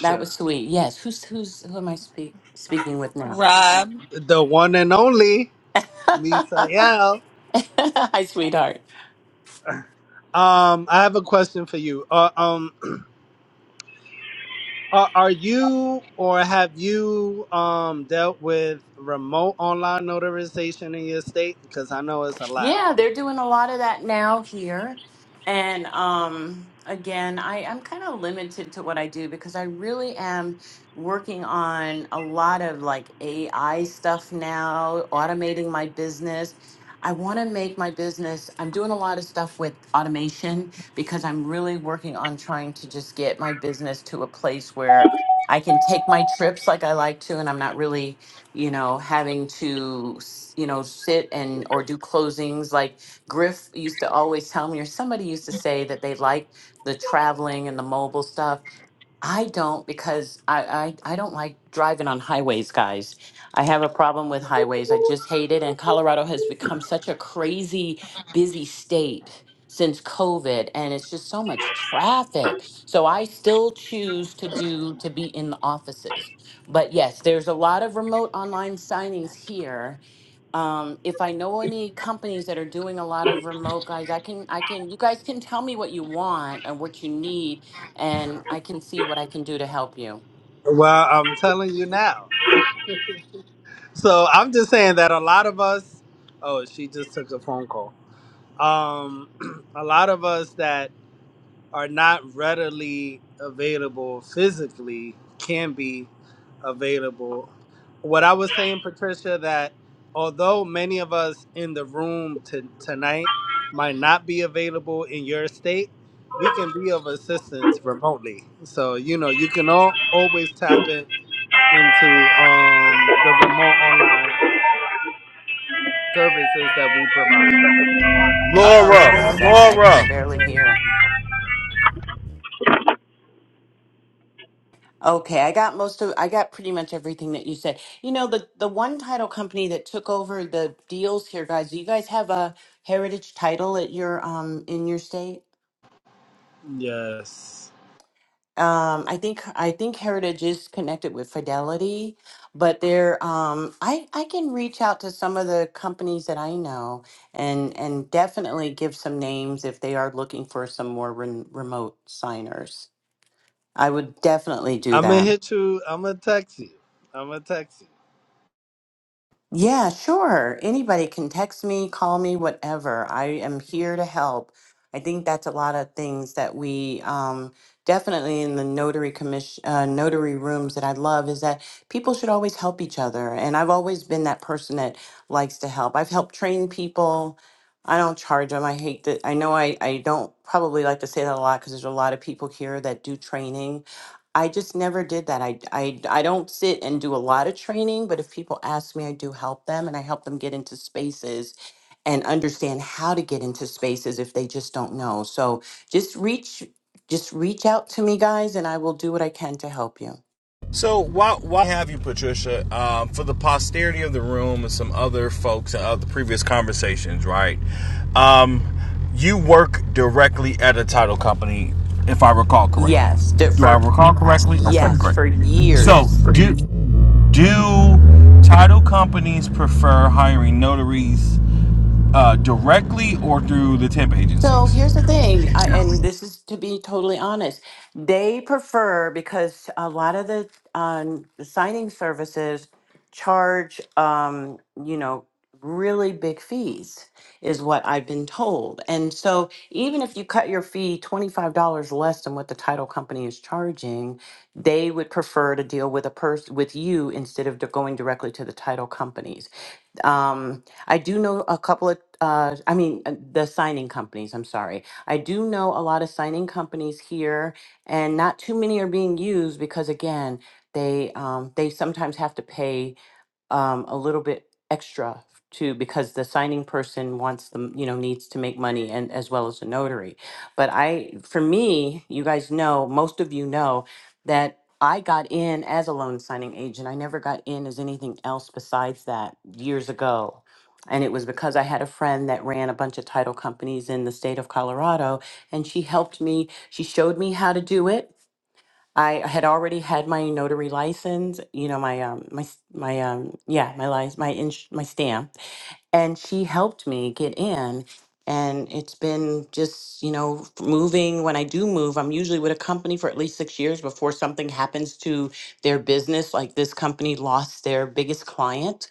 that was sweet. Yes. Who's who's who am I speak, speaking with now? Rob, the one and only Misael. Hi, sweetheart. Um, I have a question for you. Uh, um, are, are you or have you um dealt with remote online notarization in your state? Because I know it's allowed. Yeah, they're doing a lot of that now here. And um, again, I, I'm kind of limited to what I do because I really am working on a lot of like AI stuff now, automating my business. I want to make my business, I'm doing a lot of stuff with automation because I'm really working on trying to just get my business to a place where I can take my trips like I like to, and I'm not really you know, having to, s- you know, sit and or do closings. Like Griff used to always tell me, or somebody used to say that they liked the traveling and the mobile stuff. I don't because I, I I don't like driving on highways, guys. I have a problem with highways. I just hate it. And Colorado has become such a crazy busy state since COVID, and it's just so much traffic. So I still choose to do to be in the offices. But yes, there's a lot of remote online signings here um if i know any companies that are doing a lot of remote guys i can i can you guys can tell me what you want and what you need and i can see what i can do to help you Well, I'm telling you now. So I'm just saying that a lot of us. Oh, she just took a phone call. Um, a lot of us that are not readily available physically can be available. What I was saying, Patricia, that although many of us in the room to, tonight might not be available in your state, we can be of assistance remotely. So you know you can all, always tap in into um, the remote online services that we provide. uh-oh what is that i can barely hear okay i got most of i got pretty much everything that you said you know the the one title company that took over the deals here guys do you guys have a heritage title at your um in your state Yes, um i think i think heritage is connected with fidelity but there um i i can reach out to some of the companies that i know and and definitely give some names if they are looking for some more ren- remote signers i would definitely do I'm gonna that hit you. I'm gonna text you. I'm gonna text you. Yeah, sure. Anybody can text me, call me, whatever. I am here to help. I think that's a lot of things that we um, definitely in the notary commission, uh, notary rooms that I love is that people should always help each other. And I've always been that person that likes to help. I've helped train people. I don't charge them. I hate that. I know I, I don't probably like to say that a lot because there's a lot of people here that do training I just never did that. I, I, I don't sit and do a lot of training, but if people ask me, I do help them and I help them get into spaces and understand how to get into spaces if they just don't know. So just reach, just reach out to me guys and I will do what I can to help you. So why why have you, Patricia? Um, for the posterity of the room and some other folks of the previous conversations, right? Um, you work directly at a title company, if I recall correctly. Yes, d- Do I for, recall correctly? Okay, yes, great. for So years. do do title companies prefer hiring notaries uh, directly or through the temp So agencies? here's the thing, I, and this is to be totally honest, they prefer because a lot of the um, the signing services charge, um, you know, really big fees, is what I've been told. And so even if you cut your fee $25 less than what the title company is charging, they would prefer to deal with a person with you instead of d- going directly to the title companies. Um, I do know a couple of, uh, I mean, uh, the signing companies, I'm sorry. I do know a lot of signing companies here, and not too many are being used because, again, they um, they sometimes have to pay um, a little bit extra too because the signing person wants them you know needs to make money and as well as a notary but i for me you guys know most of you know that i got in as a loan signing agent i never got in as anything else besides that years ago and it was because i had a friend that ran a bunch of title companies in the state of colorado and she helped me she showed me how to do it I had already had my notary license, you know, my um my s- my um yeah, my license, my ins- my stamp, and she helped me get in and it's been just, you know, f- moving when I do move, I'm usually with a company for at least 6 years before something happens to their business like this company lost their biggest client.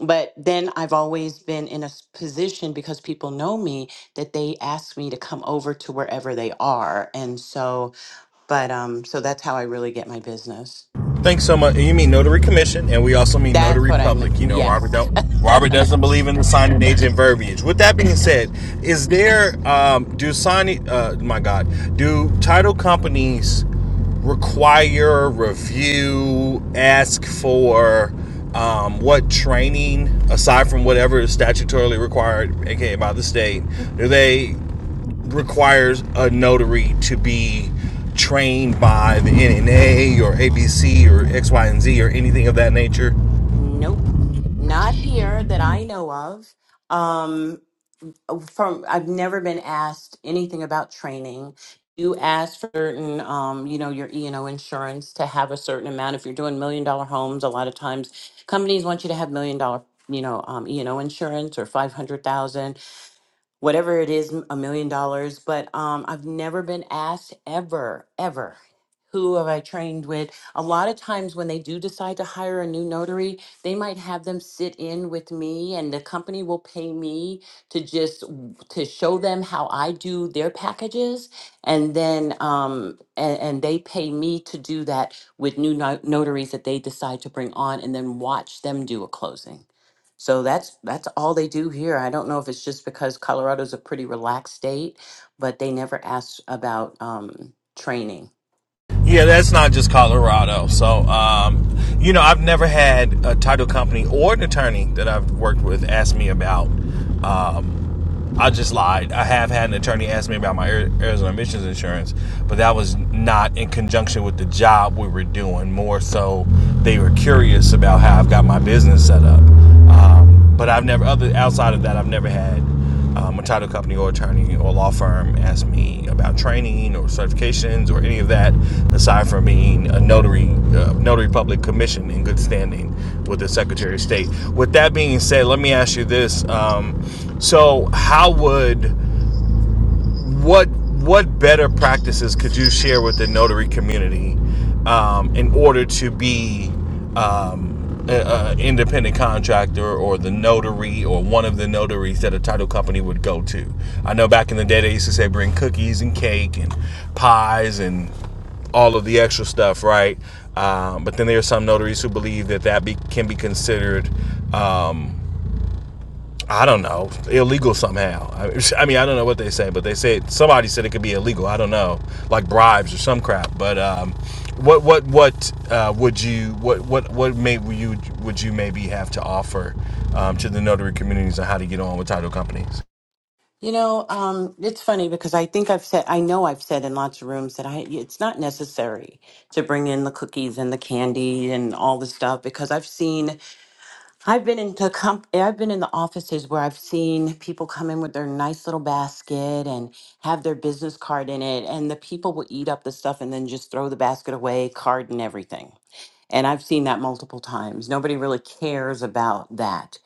But then I've always been in a s- position because people know me that they ask me to come over to wherever they are. And so but um, so that's how I really get my business. Thanks so much. You mean notary commission, and we also mean That's notary what I meant. public. You know, Robert Yes. don't, Robert doesn't believe in the signing agent verbiage. With that being said, is there um, do signing? Uh, my God, do title companies require review? Ask for um, what training aside from whatever is statutorily required, aka by the state? Do they? requires a notary to be trained by the NNA or ABC or X, Y, and Z or anything of that nature? Nope. Not here that I know of. Um, oh, from I've never been asked anything about training. You ask for certain, um, you know, your E and O insurance to have a certain amount. If you're doing million dollar homes, a lot of times companies want you to have million dollar, you know, um, E and O insurance or five hundred thousand. whatever it is, a million dollars. But um, I've never been asked ever, ever, who have I trained with. A lot of times when they do decide to hire a new notary, they might have them sit in with me, and the company will pay me to just w- to show them how I do their packages, and then um, and, and they pay me to do that with new no- notaries that they decide to bring on, and then watch them do a closing. So that's that's all they do here. I don't know if it's just because Colorado's a pretty relaxed state, but they never ask about um, training. Yeah, that's not just Colorado. So, um, you know, I've never had a title company or an attorney that I've worked with ask me about um, I just lied. I have had an attorney ask me about my Arizona emissions insurance, but that was not in conjunction with the job we were doing. More so, they were curious about how I've got my business set up. Um, but I've never, other outside of that, I've never had. Um, I try title company or attorney or law firm ask me about training or certifications or any of that, aside from being a notary, uh, notary public commission in good standing with the Secretary of State. With that being said, let me ask you this: um, So, how would what what better practices could you share with the notary community um, in order to be um, an independent contractor or the notary or one of the notaries that a title company would go to? I know back in the day they used to say bring cookies and cake and pies and all of the extra stuff, right? Um, but then there are some notaries who believe that that be, can be considered um, I don't know, illegal somehow. I mean, I don't know what they say, but they say somebody said it could be illegal. I don't know, like bribes or some crap. But um, what what what uh, would you what what what may you would you maybe have to offer um, to the notary communities on how to get on with title companies? You know, um, it's funny because I think I've said I know I've said in lots of rooms that I it's not necessary to bring in the cookies and the candy and all the stuff because I've seen I've been into comp- eh, I've been in the offices where I've seen people come in with their nice little basket and have their business card in it, and the people will eat up the stuff and then just throw the basket away, card and everything. And I've seen that multiple times. Nobody really cares about that.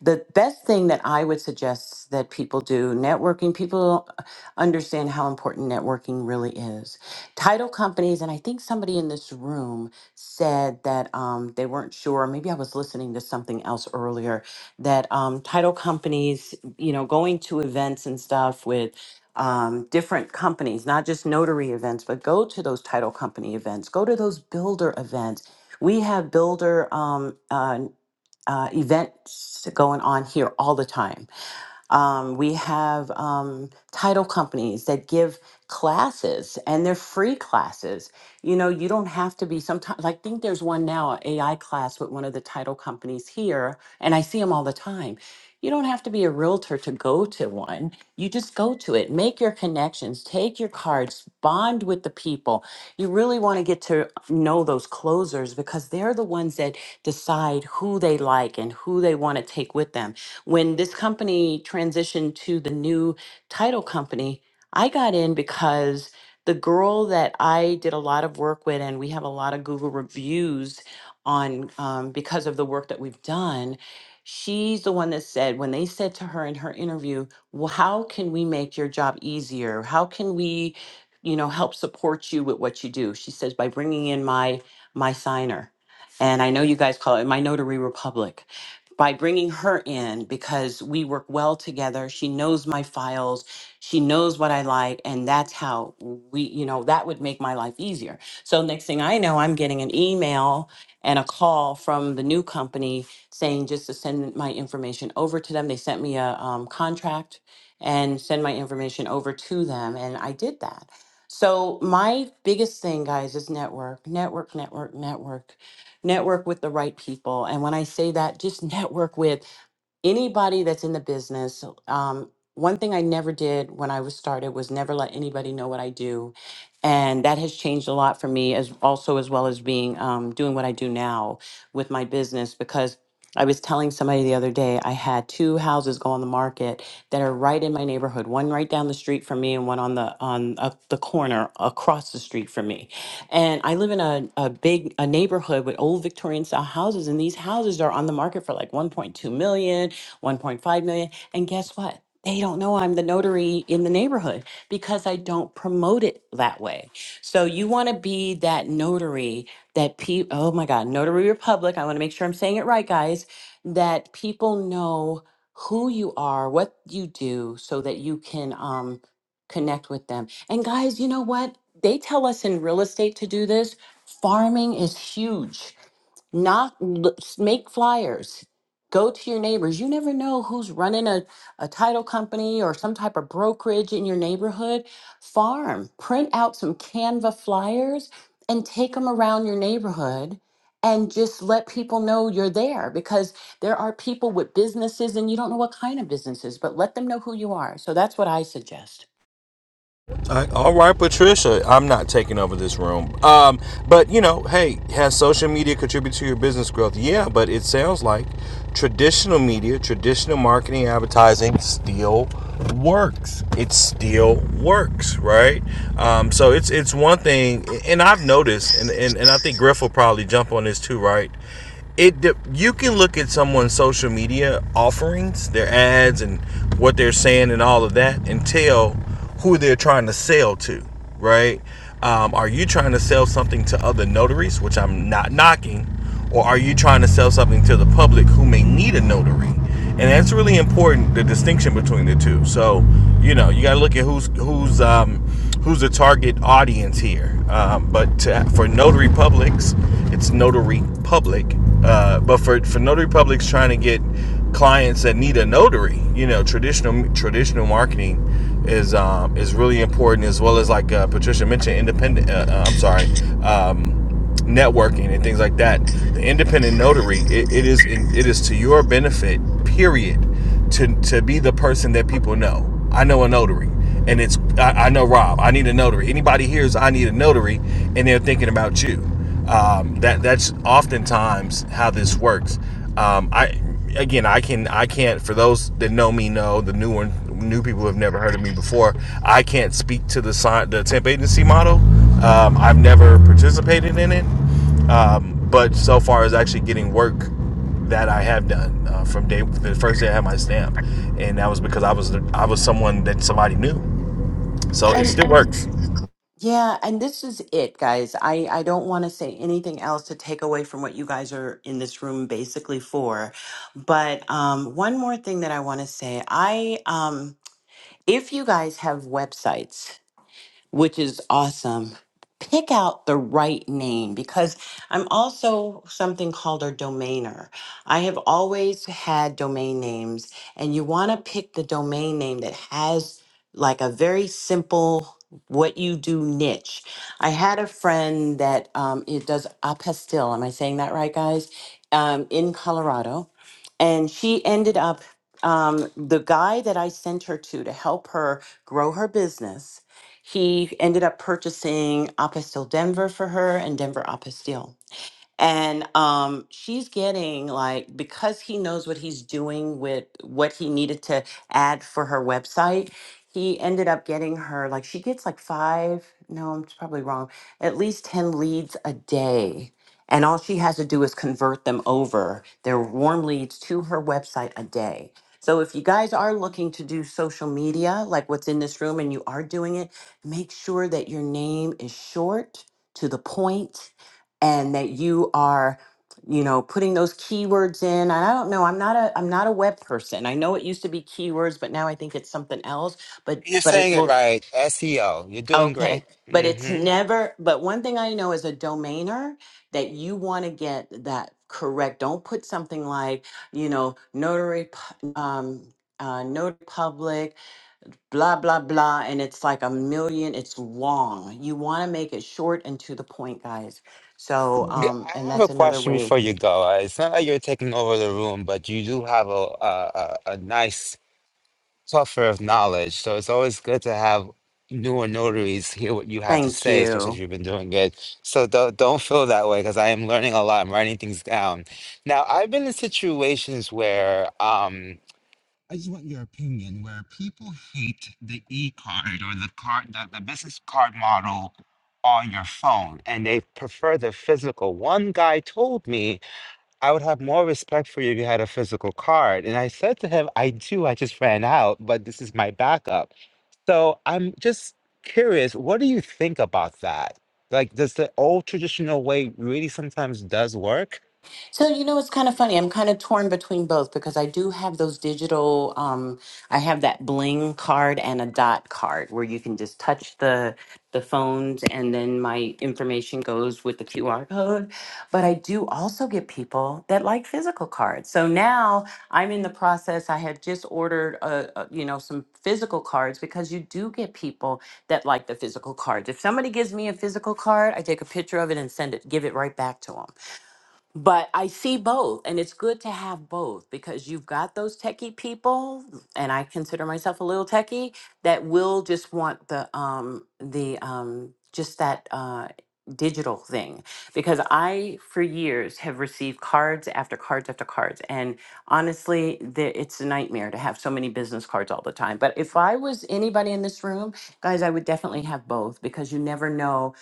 The best thing that I would suggest that people do networking, people don't understand how important networking really is. Title companies, and I think somebody in this room said that um, they weren't sure. Maybe I was listening to something else earlier that um, title companies, you know, going to events and stuff with um, different companies, not just notary events, but go to those title company events, go to those builder events we have builder um, uh, uh, events going on here all the time. Um, we have um, title companies that give classes and they're free classes. You know, you don't have to be sometimes, I think there's one now, an AI class with one of the title companies here, and I see them all the time. You don't have to be a realtor to go to one. You just go to it, make your connections, take your cards, bond with the people. You really want to get to know those closers because they're the ones that decide who they like and who they want to take with them when this company transitioned to the new title company, I got in because the girl that I did a lot of work with, and we have a lot of Google reviews on um, because of the work that we've done. She's the one that said, when they said to her in her interview, well, how can we make your job easier? How can we, you know, help support you with what you do? She says, by bringing in my my signer. And I know you guys call it my notary republic by bringing her in because we work well together. She knows my files, she knows what I like, and that's how we, you know, that would make my life easier. So, next thing I know, I'm getting an email and a call from the new company saying just to send my information over to them. They sent me a um, contract and send my information over to them, and I did that. So, my biggest thing, guys, is network, network, network, network network with the right people and when i say that just network with anybody that's in the business um, one thing i never did when i was started was never let anybody know what i do and that has changed a lot for me as also as well as being um, doing what i do now with my business because i was telling somebody the other day i had two houses go on the market that are right in my neighborhood one right down the street from me and one on the on uh, the corner across the street from me and i live in a, a big a neighborhood with old victorian style houses and these houses are on the market for like 1.2 million 1.5 million. And guess what? They don't know I'm the notary in the neighborhood because I don't promote it that way. So you want to be that notary that pe oh my God, Notary Republic. I want to make sure I'm saying it right, guys, that people know who you are, what you do, so that you can um, connect with them. And guys, you know what? They tell us in real estate to do this. Farming is huge. Knock, l- make flyers. Go to your neighbors. You never know who's running a, a title company or some type of brokerage in your neighborhood. Farm, print out some Canva flyers and take them around your neighborhood and just let people know you're there because there are people with businesses and you don't know what kind of businesses, but let them know who you are. So that's what I suggest. all right, Patricia. I'm not taking over this room. Um, but you know, hey, has social media contributed to your business growth? Yeah, but it sounds like traditional media, traditional marketing, advertising still works. It still works, right? Um, so it's it's one thing, and I've noticed, and, and and I think Griff will probably jump on this too, right? it you can look at someone's social media offerings their ads and what they're saying and all of that and tell who they're trying to sell to, right? Um, are you trying to sell something to other notaries, which I'm not knocking, or are you trying to sell something to the public who may need a notary? And that's really important, the distinction between the two. So, you know, you got to look at who's who's um, who's the target audience here. Um, but to, for notary publics, it's notary public. Uh, but for for notary publics trying to get clients that need a notary, you know, traditional traditional marketing is um, is really important as well as like uh, Patricia mentioned, independent. Uh, uh, I'm sorry. Um, networking and things like that the independent notary it, it is it is to your benefit period to to be the person that people know. I know a notary, and it's I, I know Rob. I need a notary. Anybody hears I need a notary, and they're thinking about you. Um, that that's oftentimes how this works. Um, I again, I can I can't for those that know me know the new one new people who have never heard of me before. I can't speak to the sign the temp agency model. Um, I've never participated in it, um, but so far as actually getting work that I have done uh, from day the first day I had my stamp, and that was because I was the, I was someone that somebody knew. So it And. still works. Yeah, and this is it, guys. I, I don't want to say anything else to take away from what you guys are in this room basically for. But um, one more thing that I want to say, I um, if you guys have websites which is awesome. Pick out the right name because I'm also something called a domainer. I have always had domain names, and you want to pick the domain name that has like a very simple what you do niche. I had a friend that um, it does apostille. Am I saying that right, guys? Um, in Colorado, and she ended up um, the guy that I sent her to to help her grow her business he ended up purchasing Apostille Denver for her and Denver Apostille and um she's getting like because he knows what he's doing with what he needed to add for her website he ended up getting her like she gets like five no i'm probably wrong at least 10 leads a day and all she has to do is convert them over their warm leads to her website a day so if you guys are looking to do social media like what's in this room and you are doing it make sure that your name is short to the point and that you are you know putting those keywords in and i don't know i'm not a i'm not a web person i know it used to be keywords but now i think it's something else but You're but it saying it will right. SEO. You're doing okay but it's great. never but one thing i know as a domainer that you want to get that correct don't put something like you know notary pu- um uh, notary public blah blah blah and it's like a million it's long you want to make it short and to the point guys so G- um and I have a that's another question way before you go. Uh, It's not like you're taking over the room, but you do have a a, a a nice puffer of knowledge. So it's always good to have newer notaries hear what you have to thank say, especially if you you've been doing it. So don't don't feel that way because I am learning a lot. I'm writing things down. Now I've been in situations where. um, I just want your opinion where people hate the e card or the card, the, the business card model on your phone, and they prefer the physical. One guy told me I would have more respect for you if you had a physical card. And I said to him, I do, I just ran out, but this is my backup. So I'm just curious, what do you think about that? Like, does the old traditional way really sometimes does work? So, you know, it's kind of funny. I'm kind of torn between both because I do have those digital, um, I have that bling card and a dot card where you can just touch the the phones and then my information goes with the QR code. But I do also get people that like physical cards. So now I'm in the process. I have just ordered, uh uh you know, some physical cards because you do get people that like the physical cards. If somebody gives me a physical card, I take a picture of it and send it, give it right back to them but I see both, and it's good to have both because you've got those techie people, and I consider myself a little techie that will just want the um the um just that uh digital thing because I for years have received cards after cards after cards, and honestly, the, it's a nightmare to have so many business cards all the time. But if I was anybody in this room, guys, I would definitely have both because you never know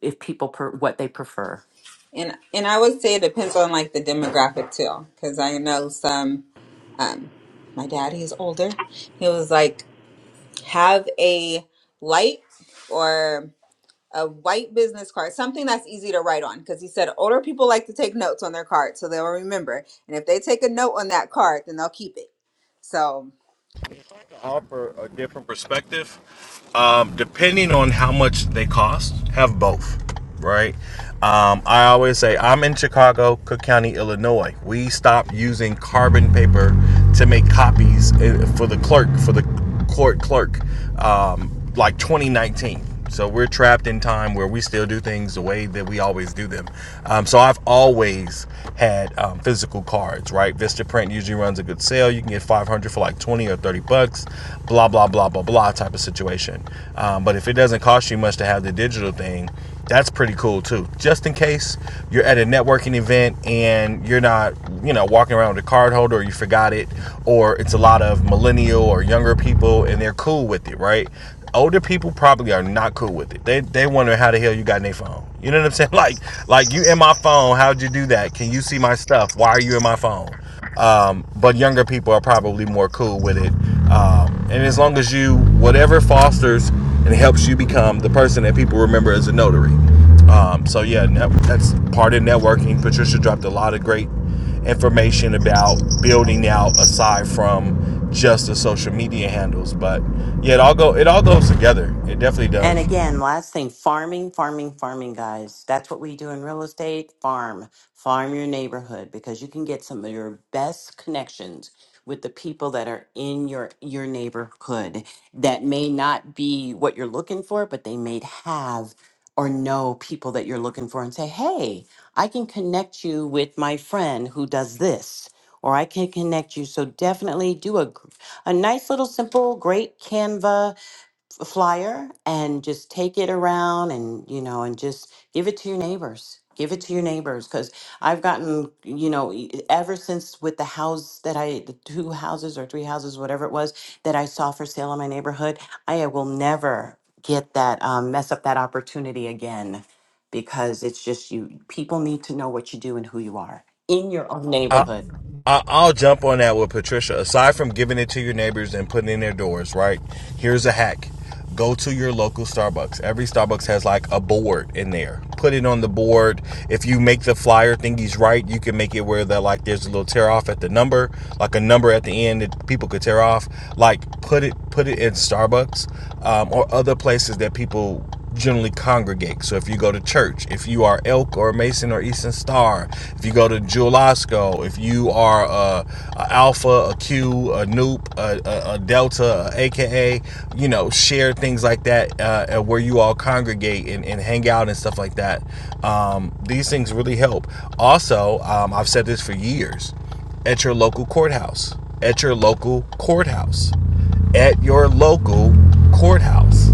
if people per- what they prefer and and I would say it depends on like the demographic too, because I know some. Um, my daddy is older. He was like, have a light or a white business card, something that's easy to write on, because he said older people like to take notes on their card, so they'll remember. And if they take a note on that card, then they'll keep it. So Offer a different perspective, um, depending on how much they cost. Have both, right? Um, I always say I'm in Chicago, Cook County, Illinois. We stopped using carbon paper to make copies uh, for the clerk for the court clerk, um, like 2019. So we're trapped in time where we still do things the way that we always do them. Um, so I've always had um, physical cards, right? VistaPrint usually runs a good sale. You can get 500 for like 20 or 30 bucks, blah, blah, blah, blah, blah type of situation. Um, but if it doesn't cost you much to have the digital thing, that's pretty cool too. Just in case you're at a networking event and you're not, you know, walking around with a card holder or you forgot it, or it's a lot of millennial or younger people and they're cool with it, right? Older people probably are not cool with it. They they wonder how the hell you got in their phone. You know what I'm saying? Like like you in my phone, how'd you do that? Can you see my stuff? Why are you in my phone? Um, but younger people are probably more cool with it um, and as long as you, whatever fosters and helps you become the person that people remember as a notary. Um, so yeah, that's part of networking. Patricia dropped a lot of great information about building out aside from just the social media handles. But yeah, it all go it all goes together. It definitely And does. again, last thing, farming, farming, farming, guys. That's what we do in real estate. Farm, farm your neighborhood because you can get some of your best connections with the people that are in your your neighborhood that may not be what you're looking for, but they may have or know people that you're looking for and say, "Hey, I can connect you with my friend who does this." Or I can connect you. So definitely do a, gr- a nice little simple, great Canva f- flyer and just take it around and you know and just give it to your neighbors give it to your neighbors because i've gotten you know e- ever since with the house that i the two houses or three houses whatever it was that i saw for sale in my neighborhood i will never get that um, mess up that opportunity again because it's just you people need to know what you do and who you are in your own I, neighborhood I- I'll jump on that with Patricia. Aside from giving it to your neighbors and putting it in their doors, right? Here's a hack. Go to your local Starbucks. Every Starbucks has like a board in there. Put it on the board. If you make the flyer thingies right, you can make it where that like there's a little tear off at the number, like a number at the end that people could tear off. Like put it put it in Starbucks um, or other places that people generally congregate. So if you go to church, if you are Elk or Mason or Eastern Star, if you go to Jewel Osco, if you are a, a Alpha, a Q, a Noop, a, a, a Delta, a AKA, you know, share things like that uh, uh, where you all congregate and, and hang out and stuff like that. Um, these things really help. Also, um, I've said this for years at your local courthouse, at your local courthouse, at your local courthouse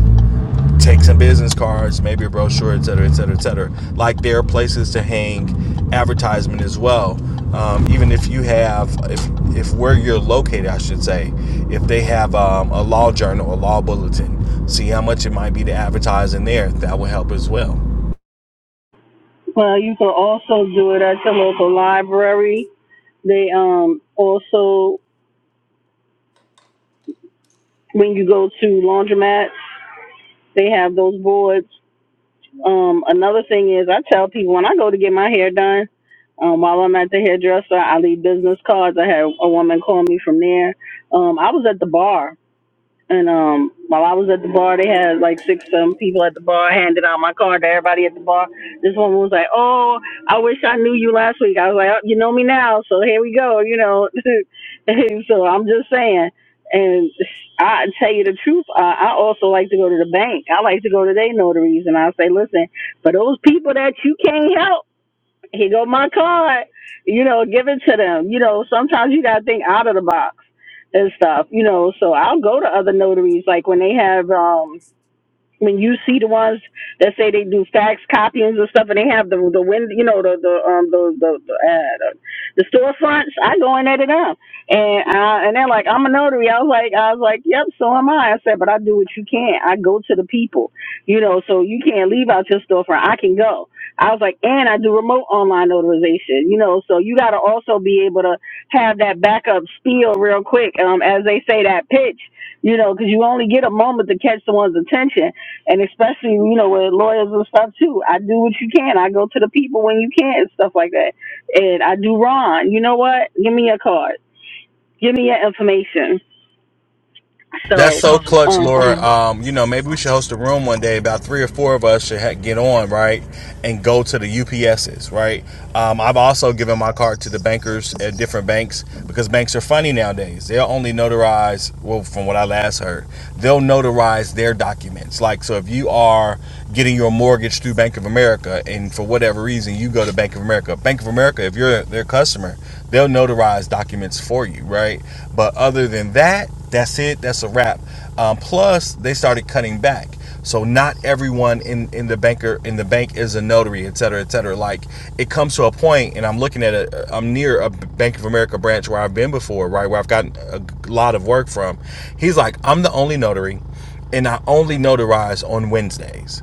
take some business cards, maybe a brochure, et cetera, et cetera, et cetera. Like there are places to hang advertisement as well. Um, even if you have, if if where you're located, I should say, if they have um, a law journal, a law bulletin, see how much it might be to advertise in there. That will help as well. Well, you can also do it at your local library. They um also when you go to laundromats, they have those boards Um, another thing is I tell people when I go to get my hair done, um, while I'm at the hairdresser, I leave business cards. I had a woman call me from there. Um, I was at the bar and um, while I was at the bar, they had like six, seven people at the bar. I handed out my card to everybody at the bar. This woman was like, "Oh, I wish I knew you last week." I was like, oh, "You know me now, so here we go." You know, so I'm just saying. And I tell you the truth, I, I also like to go to the bank. I like to go to their notaries, and I say, "Listen, for those people that you can't help." Here go my card. You know, give it to them. You know, sometimes you gotta think out of the box and stuff. You know, so I'll go to other notaries like when they have um when you see the ones that say they do fax copyings and stuff, and they have the the wind, you know, the the um the the the, uh, the storefronts, I go in there to them, and uh, and they're like, I'm a notary. I was like, I was like, yep, so am I. I said, but I do what you can't. I go to the people, you know, so you can't leave out your storefront. I can go. I was like, and I do remote online notarization, you know, so you got to also be able to have that backup spiel real quick, um, as they say that pitch, you know, because you only get a moment to catch someone's attention and especially you know with lawyers and stuff too. I do what you can. I go to the people when you can and stuff like that. And I do Ron. You know what? Give me your card. Give me your information. That's So, so clutch, um, Laura. Um, you know, maybe we should host a room one day. About three or four of us should ha- get on, right, and go to the UPSs, right. Um, I've also given my card to the bankers at different banks because banks are funny nowadays. They'll only notarize, well, from what I last heard, they'll notarize their documents. Like, so if you are getting your mortgage through Bank of America, and for whatever reason you go to Bank of America, Bank of America, if you're their customer, they'll notarize documents for you, right? But other than that that's it. That's a wrap. Um, plus, they started cutting back. So not everyone in, in the banker in the bank is a notary, et cetera, et cetera. Like it comes to a point, and I'm looking at a I'm near a Bank of America branch where I've been before, right, where I've gotten a lot of work from. He's like, I'm the only notary, and I only notarize on Wednesdays.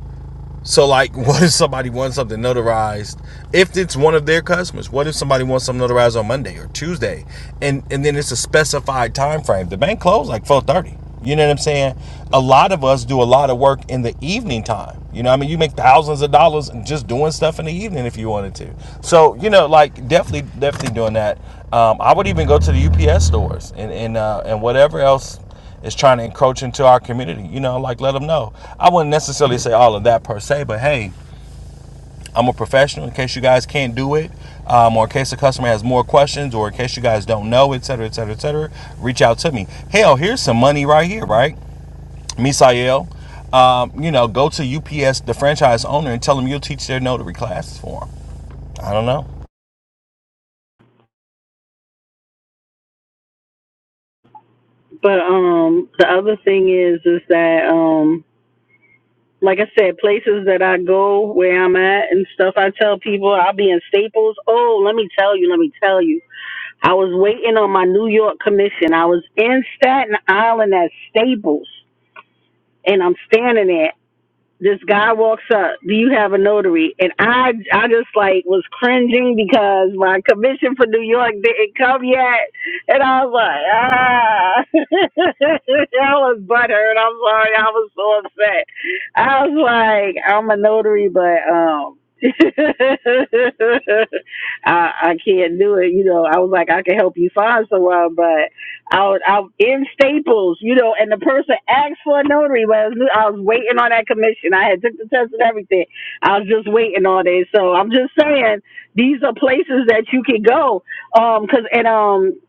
So like, what if somebody wants something notarized? If it's one of their customers, what if somebody wants something notarized on Monday or Tuesday, and and then it's a specified time frame? The bank closed like four thirty. You know what I'm saying? A lot of us do a lot of work in the evening time. You know, I mean, you make thousands of dollars just doing stuff in the evening if you wanted to. So you know, like definitely, definitely doing that. Um, I would even go to the UPS stores and and uh, and whatever else is trying to encroach into our community. You know, like let them know. I wouldn't necessarily say all of that per se, but hey, I'm a professional. In case you guys can't do it, um, or in case the customer has more questions, or in case you guys don't know, et cetera, et cetera, et cetera, reach out to me. Hell, here's some money right here, right? Misael, um, you know, go to UPS, the franchise owner, and tell them you'll teach their notary classes for them. I don't know. but um, the other thing is is that um, like I said, places that I go where I'm at and stuff. I tell people I'll be in Staples. Oh, let me tell you. Let me tell you. I was waiting on my New York commission. I was in Staten Island at Staples and I'm standing there this guy walks up, do you have a notary? And I, I just like was cringing because my commission for New York didn't come yet. And I was like, ah, I was butthurt. I'm sorry. I was so upset. I was like, I'm a notary, but, um, I I can't do it, you know. I was like, I can help you find someone, but out out in Staples, you know, and the person asked for a notary, but I was, I was waiting on that commission. I had took the test and everything. I was just waiting on it. So I'm just saying these are places that you can go. Um, cause and um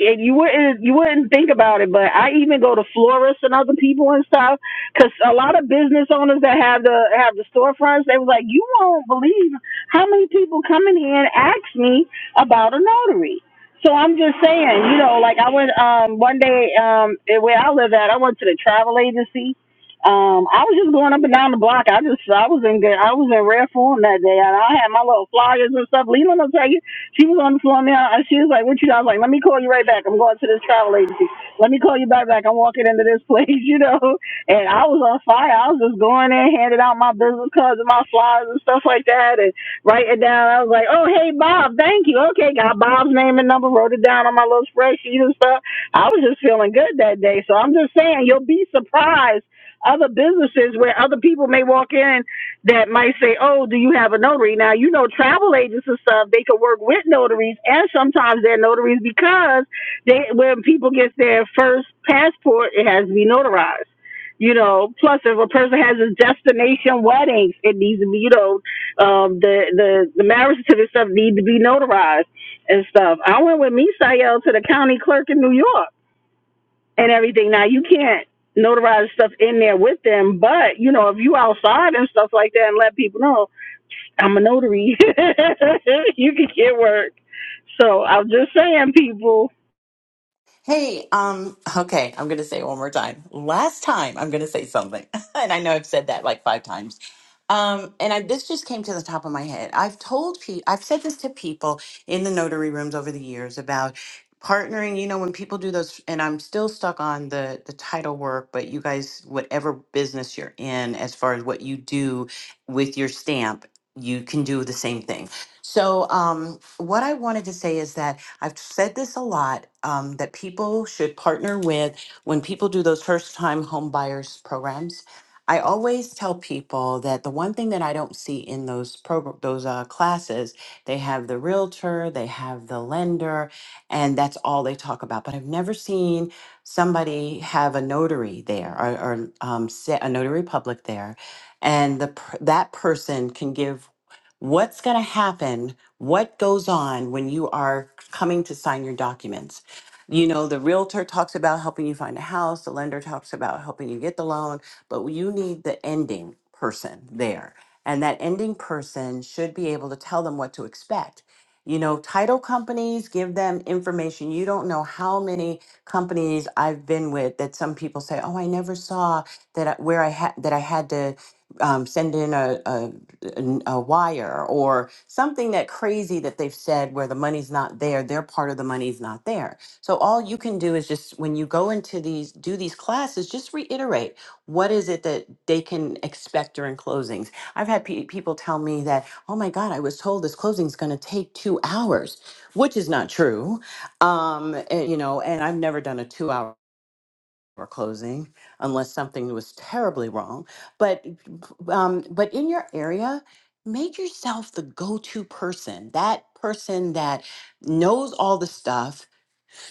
and you wouldn't you wouldn't think about it, but I even go to florists and other people and stuff, cause a lot of business owners that have the have the storefronts, they were like, you won't believe how many people come in here and ask me about a notary. So I'm just saying, you know, like I went um one day um where I live at, I went to the travel agency. Um, I was just going up and down the block. I just I was in good I was in rare form that day and I had my little flyers and stuff. Leland will tell you, she was on the floor now and she was like, What you got?" I was like, Let me call you right back. I'm going to this travel agency. Let me call you back back. I'm walking into this place, you know. And I was on fire. I was just going in, handing out my business cards and my flyers and stuff like that. And. Write it down. I was like, oh, hey, Bob, thank you. Okay, got Bob's name and number, wrote it down on my little spreadsheet and stuff. I was just feeling good that day. So I'm just saying, you'll be surprised other businesses where other people may walk in that might say, oh, do you have a notary? Now, you know, travel agents and stuff, they could work with notaries and sometimes they're notaries because they when people get their first passport, it has to be notarized. You know, plus if a person has a destination wedding, it needs to be, you know, um, the the the marriage certificate stuff need to be notarized and stuff. I went with Misael to the county clerk in New York and everything. Now you can't notarize stuff in there with them, but you know if you outside and stuff like that and let people know I'm a notary, you can get work. So I'm just saying, people. Hey, um, okay, I'm gonna say it one more time. Last time I'm gonna say something, and I know I've said that like five times. Um, and I, this just came to the top of my head. I've told people, I've said this to people in the notary rooms over the years about partnering. You know, when people do those, and I'm still stuck on the the title work, but you guys, whatever business you're in, as far as what you do with your stamp, you can do the same thing. So, um, what I wanted to say is that I've said this a lot um, that people should partner with when people do those first time home buyers programs. I always tell people that the one thing that I don't see in those program those uh, classes, they have the realtor, they have the lender, and that's all they talk about. But I've never seen somebody have a notary there or, or um, sa- a notary public there, and the per- that person can give what's going to happen what goes on when you are coming to sign your documents? You know, the realtor talks about helping you find a house, the lender talks about helping you get the loan, but you need the ending person there. And that ending person should be able to tell them what to expect. You know, title companies give them information. You don't know how many companies I've been with that some people say, "Oh, I never saw that I, where I had that I had to um, send in a, a n- a wire or something that crazy that they've said where the money's not there their part of the money's not there so all you can do is just when you go into these do these classes just reiterate what is it that they can expect during closings i've had pe- people tell me that oh my god i was told this closing is going to take two hours which is not true um and, you know and i've never done a two hour or closing unless something was terribly wrong. But um, but in your area, make yourself the go-to person, that person that knows all the stuff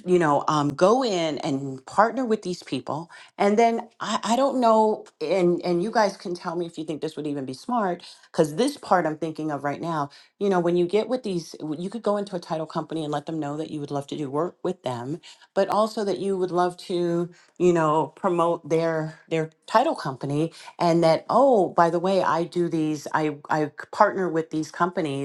you know, um, go in and partner with these people. And then I, I don't know, and and you guys can tell me if you think this would even be smart, because this part I'm thinking of right now, you know, when you get with these, w- you could go into a title company and let them know that you would love to do work with them, but also that you would love to, you know, promote their their title company, and that oh, by the way, I do these, I I partner with these companies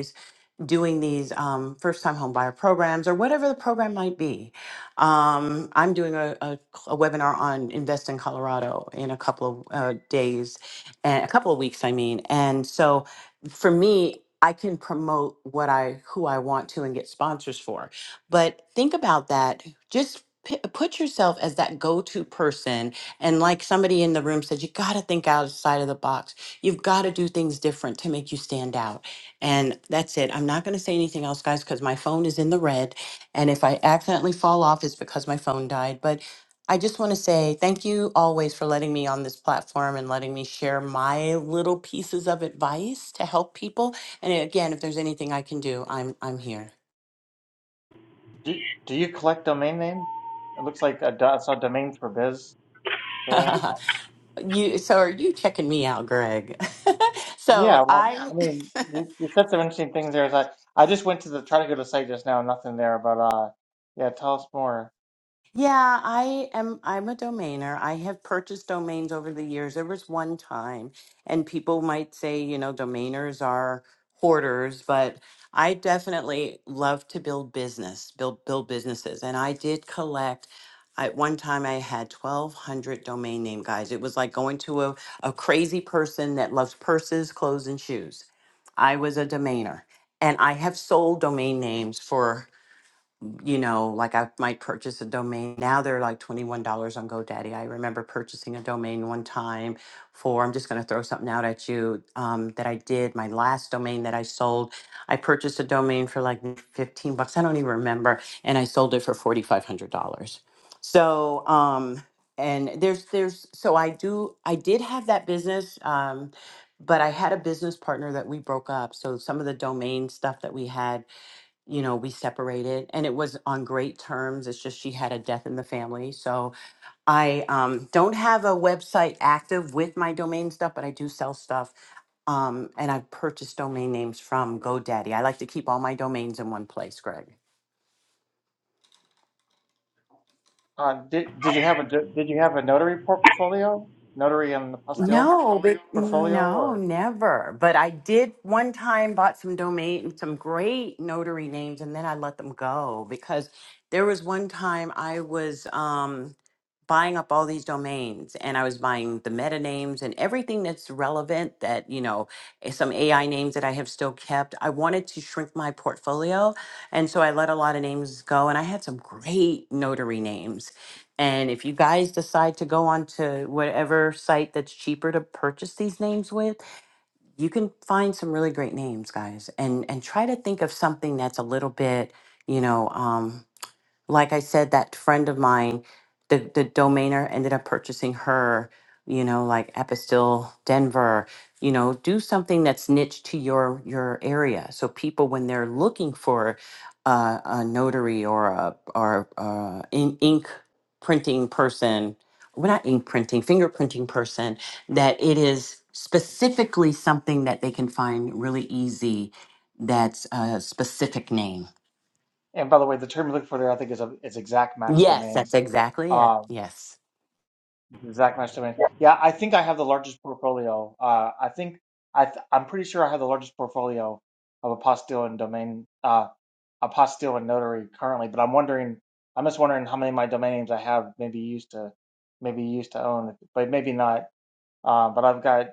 doing these um, first time home buyer programs or whatever the program might be. Um, I'm doing a, a, a webinar on Invest in Colorado in a couple of uh, days and a couple of weeks, I mean. And so for me, I can promote what I who I want to and get sponsors for. But think about that. Just pi- put yourself as that go-to person and like somebody in the room said you got to think outside of the box. You've got to do things different to make you stand out and that's it. I'm not going to say anything else, guys, because my phone is in the red. And if I accidentally fall off, it's because my phone died. But I just want to say thank you always for letting me on this platform and letting me share my little pieces of advice to help people. And again, if there's anything I can do, I'm I'm here. do do you collect domain name? It looks like I do- I saw domains for biz there. you so are you checking me out, Greg? Yeah, so well, I I mean, you, you said some interesting things there. Is I, I just went to the try to go to the site just now, nothing there. But uh, yeah, tell us more. Yeah, I am I'm a domainer. I have purchased domains over the years. There was one time and people might say, you know, domainers are hoarders, but I definitely love to build business, build build businesses. And I did collect at one time I had 1200 domain name guys. It was like going to a, a crazy person that loves purses, clothes and shoes. I was a domainer and I have sold domain names for you know, like I might purchase a domain. Now they're like $21 on GoDaddy. I remember purchasing a domain one time for, I'm just going to throw something out at you um, that I did. My last domain that I sold, I purchased a domain for like 15 bucks. I don't even remember. And I sold it for $4,500. So, um, and there's, there's, so I do, I did have that business. Um, but I had a business partner that we broke up. So some of the domain stuff that we had you know, we separated and it was on great terms. It's just she had a death in the family. So I um, don't have a website active with my domain stuff, but I do sell stuff. Um, and I've purchased domain names from GoDaddy. I like to keep all my domains in one place, Greg. Uh, did did you have a do- did you have a notary portfolio, notary and the pastille No, but portfolio, no, or never. But I did one time bought some domain, some great notary names, and then I let them go because there was one time I was, um, buying up all these domains and I was buying the meta names and everything that's relevant that, you know, eh, some AI names that I have still kept. I wanted to shrink my portfolio. And so I let a lot of names go and I had some great notary names. And if you guys decide to go on to whatever site that's cheaper to purchase these names with, you can find some really great names, guys. And and try to think of something that's a little bit, you know, um, like I said, that friend of mine, the the domainer ended up purchasing her, you know, like Epistil Denver, you know, do something that's niche to your your area. So people when they're looking for uh, a notary or a or uh, in, ink printing person, well not ink printing, fingerprinting person, that it is specifically something that they can find really easy that's a specific name and by the way, the term you're looking for there, I think is a is exact match Yes, that's domains. exactly it. Uh, Yes. exact match domain. Yeah, I think I have the largest portfolio. Uh, I think I th I'm pretty sure I have the largest portfolio of a pastille and domain. uh, apostille and notary currently, but I'm wondering, I'm just wondering how many of my domain names I have maybe used to, maybe used to own, but maybe not. Uh, but I've got,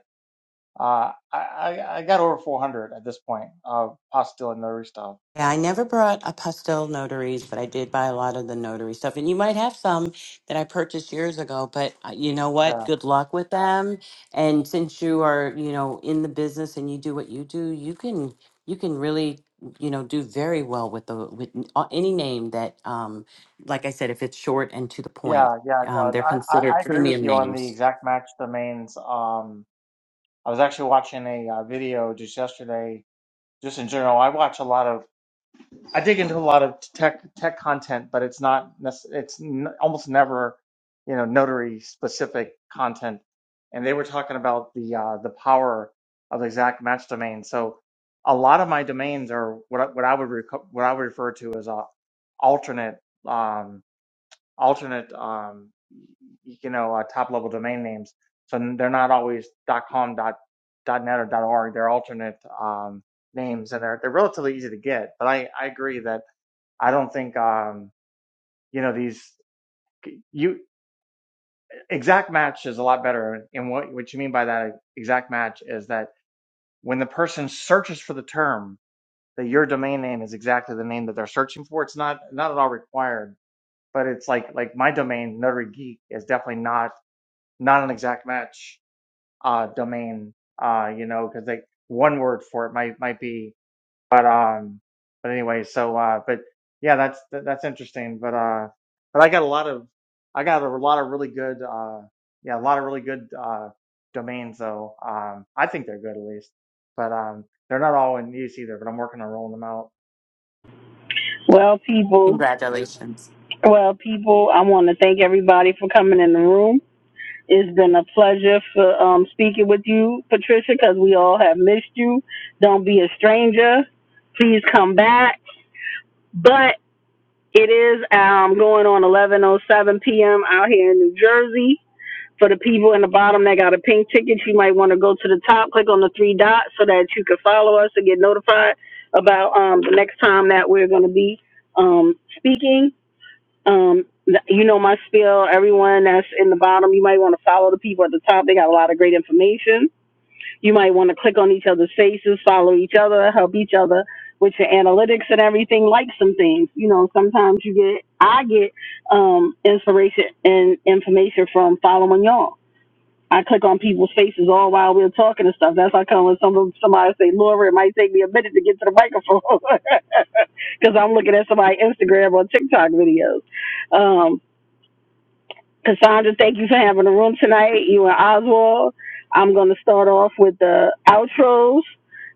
uh, I, I I got over 400 at this point, uh, apostille and notary stuff. Yeah, I never brought a pastel notaries, but I did buy a lot of the notary stuff. And you might have some that I purchased years ago, but uh, you know what? Yeah, Good luck with them. And since you are, you know, in the business and you do what you do, you can you can really, you know, do very well with the with n- uh, any name that um like I said if it's short and to the point. yeah, yeah. Um No, they're I, considered I, I agree with premium you on the names. exact match domains. Um, I was actually watching a uh, video just yesterday, just in general. I watch a lot of I dig into a lot of tech tech content, but it's not nece- it's n almost never you know notary specific content. And they were talking about the uh, the power of exact match domains. So a lot of my domains are what I, what I would reco- what I would refer to as uh, alternate um, alternate um, y- you know uh, top level domain names. So n- they're not always .com dot dot .net or dot .org. They're alternate um, names, and they're they're relatively easy to get. But I I agree that I don't think um, you know these you exact match is a lot better. And what what you mean by that exact match is that when the person searches for the term, that your domain name is exactly the name that they're searching for. It's not not at all required, but it's like like my domain Notary Geek is definitely not not an exact match uh, domain. Uh, you know, because like one word for it might might be but um but anyway so uh but yeah that's that, that's interesting but uh but i got a lot of i got a lot of really good uh yeah a lot of really good uh domains though um i think they're good at least but um they're not all in use either but i'm working on rolling them out Well, people. Congratulations. Well, people. I want to thank everybody for coming in the room. It's been a pleasure for um, speaking with you, Patricia, because we all have missed you. Don't be a stranger. Please come back. But it is um, going on 11:07 p.m. out here in New Jersey. For the people in the bottom that got a pink ticket, you might want to go to the top, click on the three dots so that you can follow us and get notified about um, the next time that we're going to be um, speaking. Um, th- you know my spiel. Everyone that's in the bottom, you might want to follow the people at the top. They got a lot of great information. You might want to click on each other's faces, follow each other, help each other with your analytics and everything. Like some things, you know, sometimes you get, I get um, inspiration and information from following y'all. I click on people's faces all while we're talking and stuff. That's how come when some somebody say, Laura, it might take me a minute to get to the microphone because I'm looking at somebody's Instagram or TikTok videos. Um, Cassandra, thank you for having the room tonight. You and Oswald. I'm going to start off with the outros.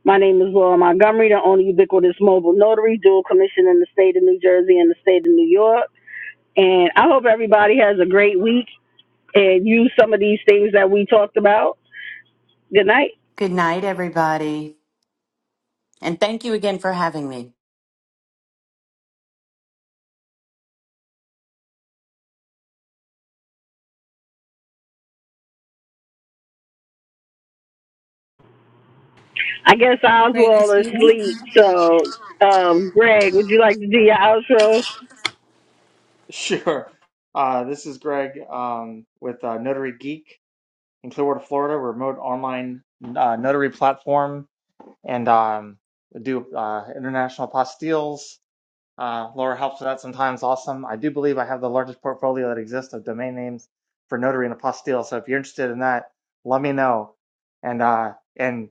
My name is Laura Montgomery, the only ubiquitous mobile notary, dual commission in the state of New Jersey and the state of New York. And I hope everybody has a great week and use some of these things that we talked about. Good night. Good night everybody. And thank you again for having me. I guess Greg or Oswald is Steven? asleep. So, um, Greg, would you like to do your outro? sure uh this is greg um with uh, notary geek in clearwater florida remote online uh, notary platform and um do uh international apostilles Uh, Laura helps with that sometimes. Awesome. I do believe I have the largest portfolio that exists of domain names for notary and apostille. So if you're interested in that, let me know. And uh, and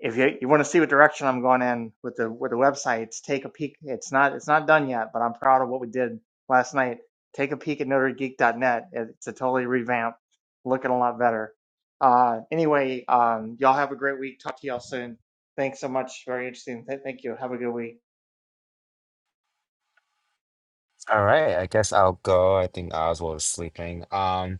if you, you want to see what direction I'm going in with the with the websites, take a peek. It's not it's not done yet, but I'm proud of what we did last night. Take a peek at notarygeek.net. It's a totally revamped, looking a lot better. Uh, anyway, um, y'all have a great week. Talk to y'all soon. Thanks so much. Very interesting. Th- thank you. Have a good week. All right, I guess I'll go. I think Oswald is sleeping. Um,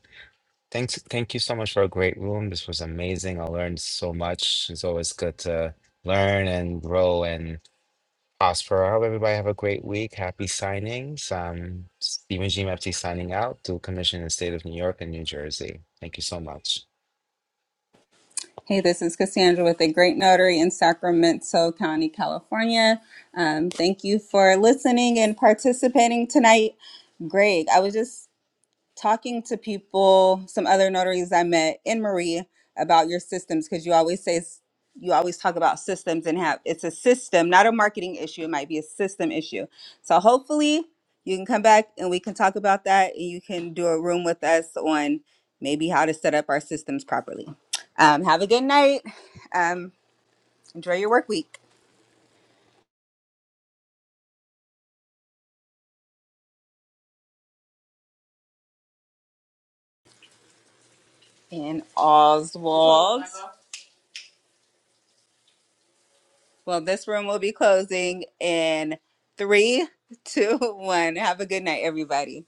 Thanks, thank you so much for a great room. This was amazing. I learned so much. It's always good to learn and grow and prosper. I hope everybody have a great week. Happy signings. Um, Stephen G. Mepsi signing out. Dual Commission in the state of New York and New Jersey. Thank you so much. Hey, this is Cassandra with the Great Notary in Sacramento County, California. Um, thank you for listening and participating tonight. Greg, I was just talking to people, some other notaries I met in Marie about your systems because you always say s- you always talk about systems and have it's a system, not a marketing issue. It might be a system issue. So hopefully you can come back and we can talk about that and you can do a room with us on maybe how to set up our systems properly. Um, have a good night. Um, enjoy your work week. And Oswald. Well, this room will be closing in three, two, one. Have a good night, everybody.